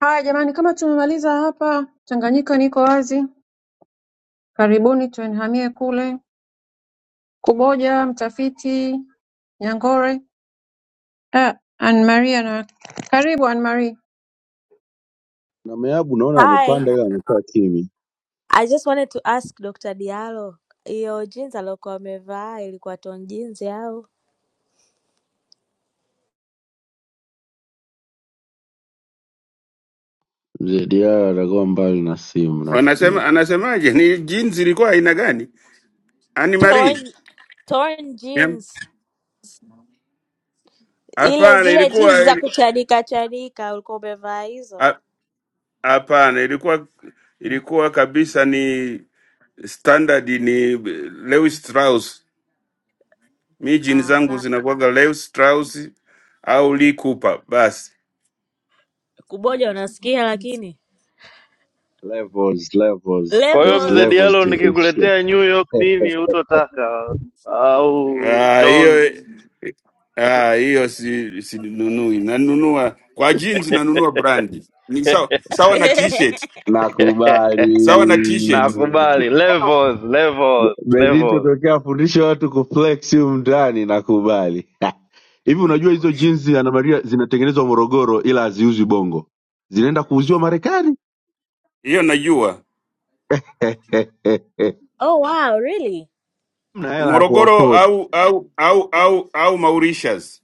S3: haya jamani, kama tumemaliza hapa, Tanganyika niko wazi, karibuni tuenhamie kule. Kuboja Mtafiti Nyangore ah, Anne Marie na karibu Anne Marie
S12: na Meabu naona
S17: Hi.
S12: wamepanda ila wamekaa kimya.
S17: I just wanted to ask Dr. Diallo, hiyo jeans aliyokuwa amevaa ilikuwa torn jeans au
S12: Mzee Diarra atakuwa mbali na simu
S11: Anasema
S12: nafikiri.
S11: anasemaje? Ni jeans ilikuwa aina gani? Anne Marie.
S17: torn torn
S11: Yam.
S17: jeans ile
S11: Hapana,
S17: zile jeans
S11: ilikuwa
S17: za
S11: ili-
S17: kuchanika chanika ulikuwa umevaa hizo?
S11: ha- hapana, ilikuwa ilikuwa kabisa ni standard, ni Levi Strauss. Mi jeans zangu
S17: Ah,
S11: zinakuwaga Levi Strauss au Lee Cooper basi.
S17: kuboja unasikia lakini
S12: Levels, levels,
S8: Kwa hiyo
S12: there's
S8: mzee
S17: levels.
S12: levels
S8: Diallo,
S12: to this shit.
S8: nikikuletea New York nini hutotaka au
S11: Ah,
S8: Jones
S11: hiyo
S8: uto-
S11: ah, hiyo si sinunui, nanunua kwa jeans, nanunua brandi ni sawa sawa na t-shirt,
S12: Nakubali.
S11: sawa na t-shirt
S8: nakubali levels,
S12: Be-
S8: levels,
S12: Benito
S8: levels.
S12: tokea afundishe watu kuflex humu ndani, nakubali. Hivi unajua hizo jeans ana Maria zinatengenezwa Morogoro ila haziuzwi Bongo, zinaenda kuuziwa Marekani.
S11: hiyo najua
S17: oh wow, really?
S12: Mna hela ya
S11: Morogoro
S12: kuafford.
S11: au au au au au Mauritius,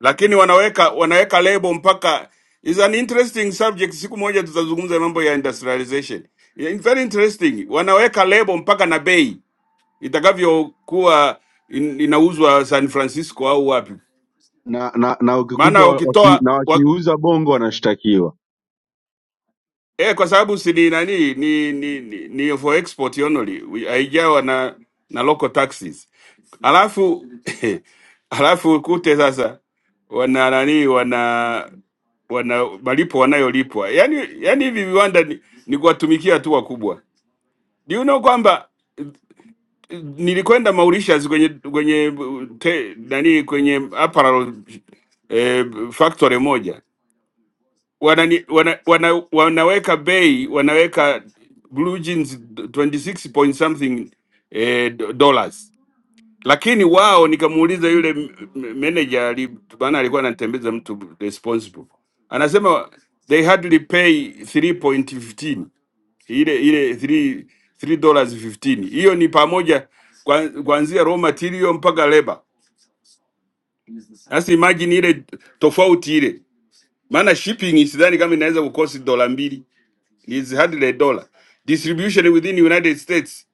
S11: lakini wanaweka wanaweka lebo mpaka. Is an interesting subject, siku moja tutazungumza mambo ya industrialization. Yeah, it's very interesting. Wanaweka lebo mpaka na bei itakavyokuwa in, inauzwa San Francisco au wapi.
S12: na na na
S11: maana
S12: ukikutwa waki,
S11: wakitoa
S12: na
S11: wak,
S12: wakiuza bongo wanashtakiwa
S11: eh, kwa sababu si ni nani ni, ni, ni, ni for export only We- haijawa na na local taxes, alafu alafu kute sasa wana nani wana wana malipo wanayolipwa yani, yani hivi viwanda ni, ni kuwatumikia tu wakubwa. Do you know kwamba eh, eh, nilikwenda Mauritius kwenye kwenye eh, te, nani kwenye apparel eh, factory moja wanani, wana, wana, wanaweka bei wanaweka blue jeans 26 point something eh, do- dollars lakini wao nikamuuliza yule m- m- manager ali- maana alikuwa anatembeza mtu responsible anasema they hardly pay 3.15 ile ile 3 3 dollars 15 hiyo ni pamoja kwa- kuanzia raw material mpaka labor sasa imagine ile tofauti ile maana shipping sidhani kama inaweza kukosi dola mbili is $100. dollar. Distribution within United States,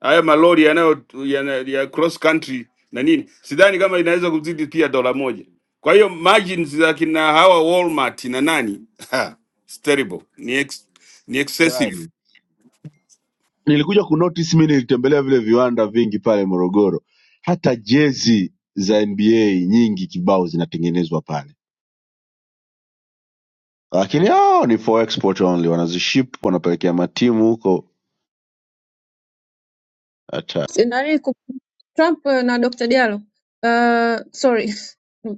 S11: haya malori yanayo yana, ya cross country na nini, sidhani kama inaweza kuzidi pia dola moja. Kwa hiyo margins za kina hawa Walmart na nani ha, it's terrible, ni, ex, ni excessive.
S12: tayari. Nilikuja kunotice mimi, nilitembelea vile viwanda vingi pale Morogoro, hata jezi za NBA nyingi kibao zinatengenezwa pale, lakini hao ni for export only, wanaziship wanapelekea matimu huko. Hatari.
S3: Si- nani ku- Trump eh, na Dr. Diallo uh, sorry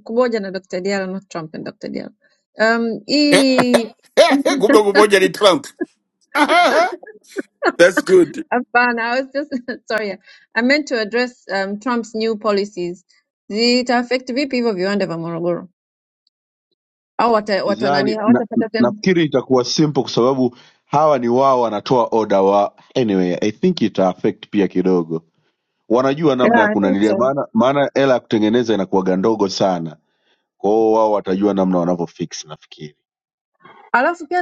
S3: Kuboja na Dr. Diallo not Trump and Dr. Diallo um, hii
S11: Kumbe kumoja ni Trump. That's good.
S3: Hapana, I was just sorry. yeah. I meant to address um, Trump's new policies. Zita affect vipi hivyo viwanda vya Morogoro? Au wata, wata nani
S12: Sidhani, na-
S3: hawatapata tena?
S12: nafikiri itakuwa simple kwa sababu hawa ni wao wanatoa order wa anyway, I think ita affect pia kidogo, wanajua namna ya
S3: Yeah, I think
S12: kunanilia,
S3: so.
S12: maana maana hela ya kutengeneza inakuwaga ndogo sana Kwa hiyo wao watajua namna wanavyo fix nafikiri,
S3: Alafu pia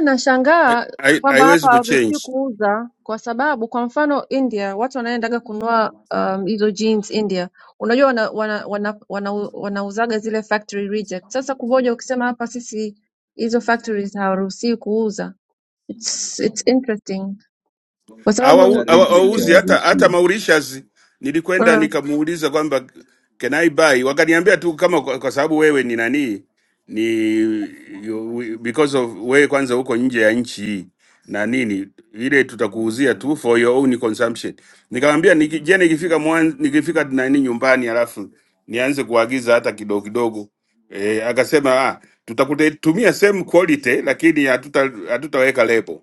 S11: Hai-
S3: nashangaa
S11: hai-
S3: kwamba hapa
S11: Haiwezi
S3: hawaruhusiwi
S11: kuchange.
S3: kuuza kwa sababu kwa mfano India watu wanaendaga kununua um, hizo jeans India, unajua wana, wana, wana, wana, wanauzaga zile factory reject. Sasa kuboja ukisema hapa sisi hizo factories hawaruhusiwi kuuza. It's, it's interesting kwa sababu
S12: hata
S11: hawa- hawa-
S12: reject
S3: nchi
S11: hawauzi hata hata
S12: hawaruhusiwi.
S11: Mauritius. Nilikwenda
S3: uh,
S11: nikamuuliza kwamba can I buy, wakaniambia tu kama kwa, kwa sababu wewe ni nani ni you, because of wewe kwanza huko nje ya nchi hii na nini ile tutakuuzia tu for your own consumption. Nikamwambia "Niki- je, nikifika mwan, nikifika nani nyumbani halafu nianze kuagiza hata kidogo kidogo. E, akasema ah, tutakutumia same quality lakini hatuta- hatutaweka lebo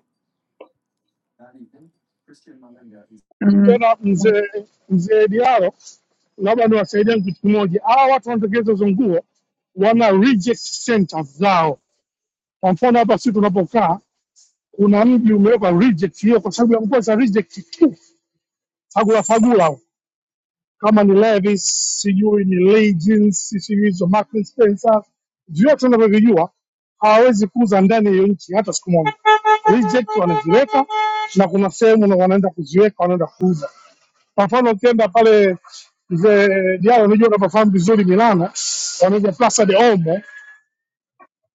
S3: Mm.
S16: tena. Mzee mzee Diaro, labda niwasaidie kitu kimoja. Hawa watu wanatengeneza hizo nguo wana reject center zao Kwa mfano hapa sisi tunapokaa kuna mji umewekwa reject hiyo kwa sababu ya kukosa reject tu, fagula fagula, kama ni Levi's sijui ni Legends sijui hizo Marks and Spencer, vyote unavyovijua hawawezi kuuza ndani ya hiyo nchi hata siku moja. Reject wanaziweka na kuna sehemu na wanaenda kuziweka wanaenda kuuza. Kwa mfano ukienda pale mzee Diallo, unajua unapafahamu vizuri Milano, wanaitwa Plaza de Olmo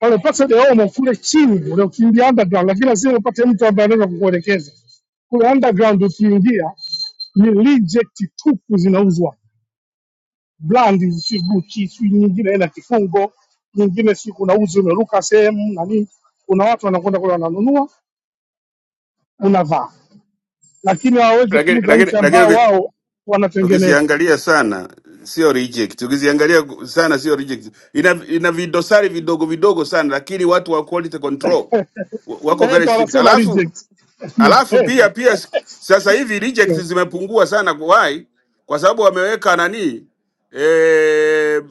S16: pale pata deomo kule chini, unakimbia underground, lakini lazima upate mtu ambaye anaweza kukuelekeza kule underground. Ukiingia ni reject tupu zinauzwa, brand si Gucci, si nyingine ina kifungo, nyingine si kuna uzi umeruka sehemu na nini. Kuna watu wanakwenda kule wananunua, unavaa, lakini hawawezi
S11: Lakini
S16: kuuza nchi ambao
S11: lakini
S16: wao wanatengeneza.
S11: Ukiziangalia sana sio reject, ukiziangalia sana sio reject. Ina, ina vidosari vidogo vidogo sana, lakini watu wa quality control wa- wako
S16: Eh,
S11: very
S16: ndio
S11: strict.
S16: wanasema
S11: Alafu
S16: reject. Ni
S11: alafu
S16: kweli,
S11: pia pia s- sasa hivi reject zimepungua sana. Why? Kwa sababu wameweka nani eh,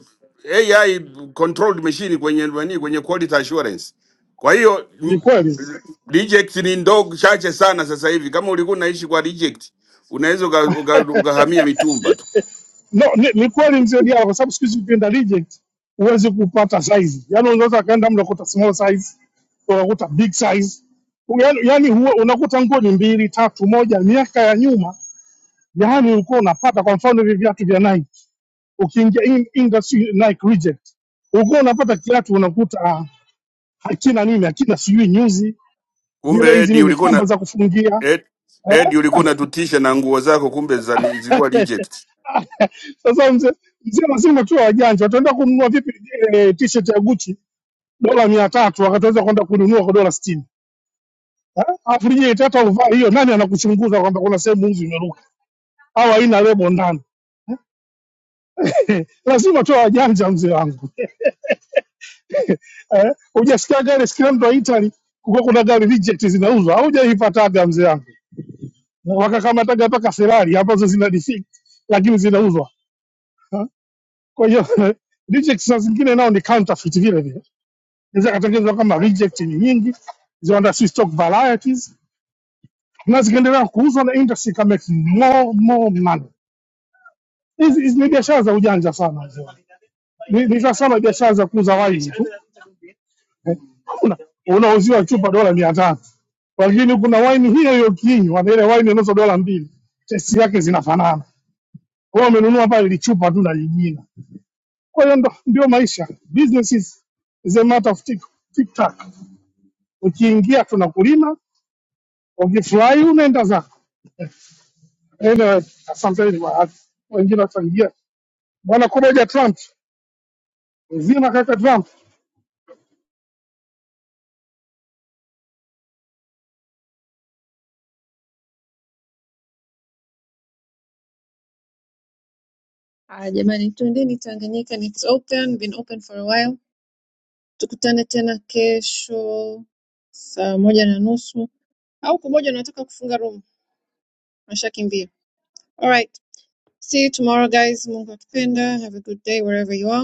S11: AI controlled machine kwenye nani kwenye quality assurance. Kwa hiyo
S16: ni
S11: m-
S16: kweli.
S11: reject ni ndogo chache sana sasa hivi. Kama ulikuwa unaishi kwa reject, unaweza uka- uka- ukahamia mitumba tu.
S16: No, ni, ni kweli mzee Diallo, kwa sababu siku hizi ukienda reject huwezi kupata size. Yaani unaweza ukaenda mtu ukakuta small size, ukakuta big size. Yaani yaani huwa unakuta nguo ni mbili, tatu, moja miaka ya nyuma. Yaani ulikuwa unapata kwa mfano hivi viatu vya Nike. Ukiingia in, industry Nike reject, ulikuwa unapata kiatu unakuta ah, hakina nini, hakina sijui nyuzi,
S11: Kumbe
S16: zile hizi
S11: Edi
S16: nini
S11: ulikuwa na
S16: kamba za kufungia.
S11: Ed,
S16: Eh?
S11: Edi ulikuwa unatutisha na nguo zako, kumbe zani- zilikuwa reject.
S16: Sasa mzee mzee lazima tuwe wajanja. Wataenda kununua vipi eh, t-shirt ya Gucci dola mia tatu wakataweza kwenda kununua kwa dola sitini Eh? alafu lije tata uvaa hiyo, nani anakuchunguza kwamba kuna sehemu mvi imeruka au haina lebo ndani? Lazima tu wajanja, mzee wangu eh? Hujasikia gari scrambled wa Italy, kuko kuna gari reject zinauzwa, haujaipataga mzee wangu, wakakamataga mpaka Ferrari ambazo zina defect lakini zinauzwa eh? Kwa hiyo reject saa zingine nao ni counterfeit vile vile, inaweza katengenezwa kama reject ni nyingi, ziwanda si stock varieties na zikiendelea kuuzwa na industry can make more more money. Hizi hizi ni biashara za ujanja sana hizo, ni ni za sana biashara za kuuza waini tu eh. Una- Unauziwa chupa dola mia tatu, lakini kuna waini hiyo hiyo kinywa na ile waini inauzwa dola mbili, testi yake zinafanana. Wewe umenunua pale lichupa tu na jingine. Kwa hiyo ndo ndio maisha, business is, is a matter of tick, tick tack. Ukiingia tunakulima, ukifurahi unaenda zako. Anyway, asanteni wa- wengine wataingia Bwana kuboja Trump mzima kaka Trump
S3: Haya jamani, tuendeni Tanganyika, and it's open, been open for a while. Tukutane tena kesho saa moja na nusu au kumoja unataka kufunga room, washakimbia. All right. See you tomorrow guys. Mungu akipenda. Have a good day wherever you are.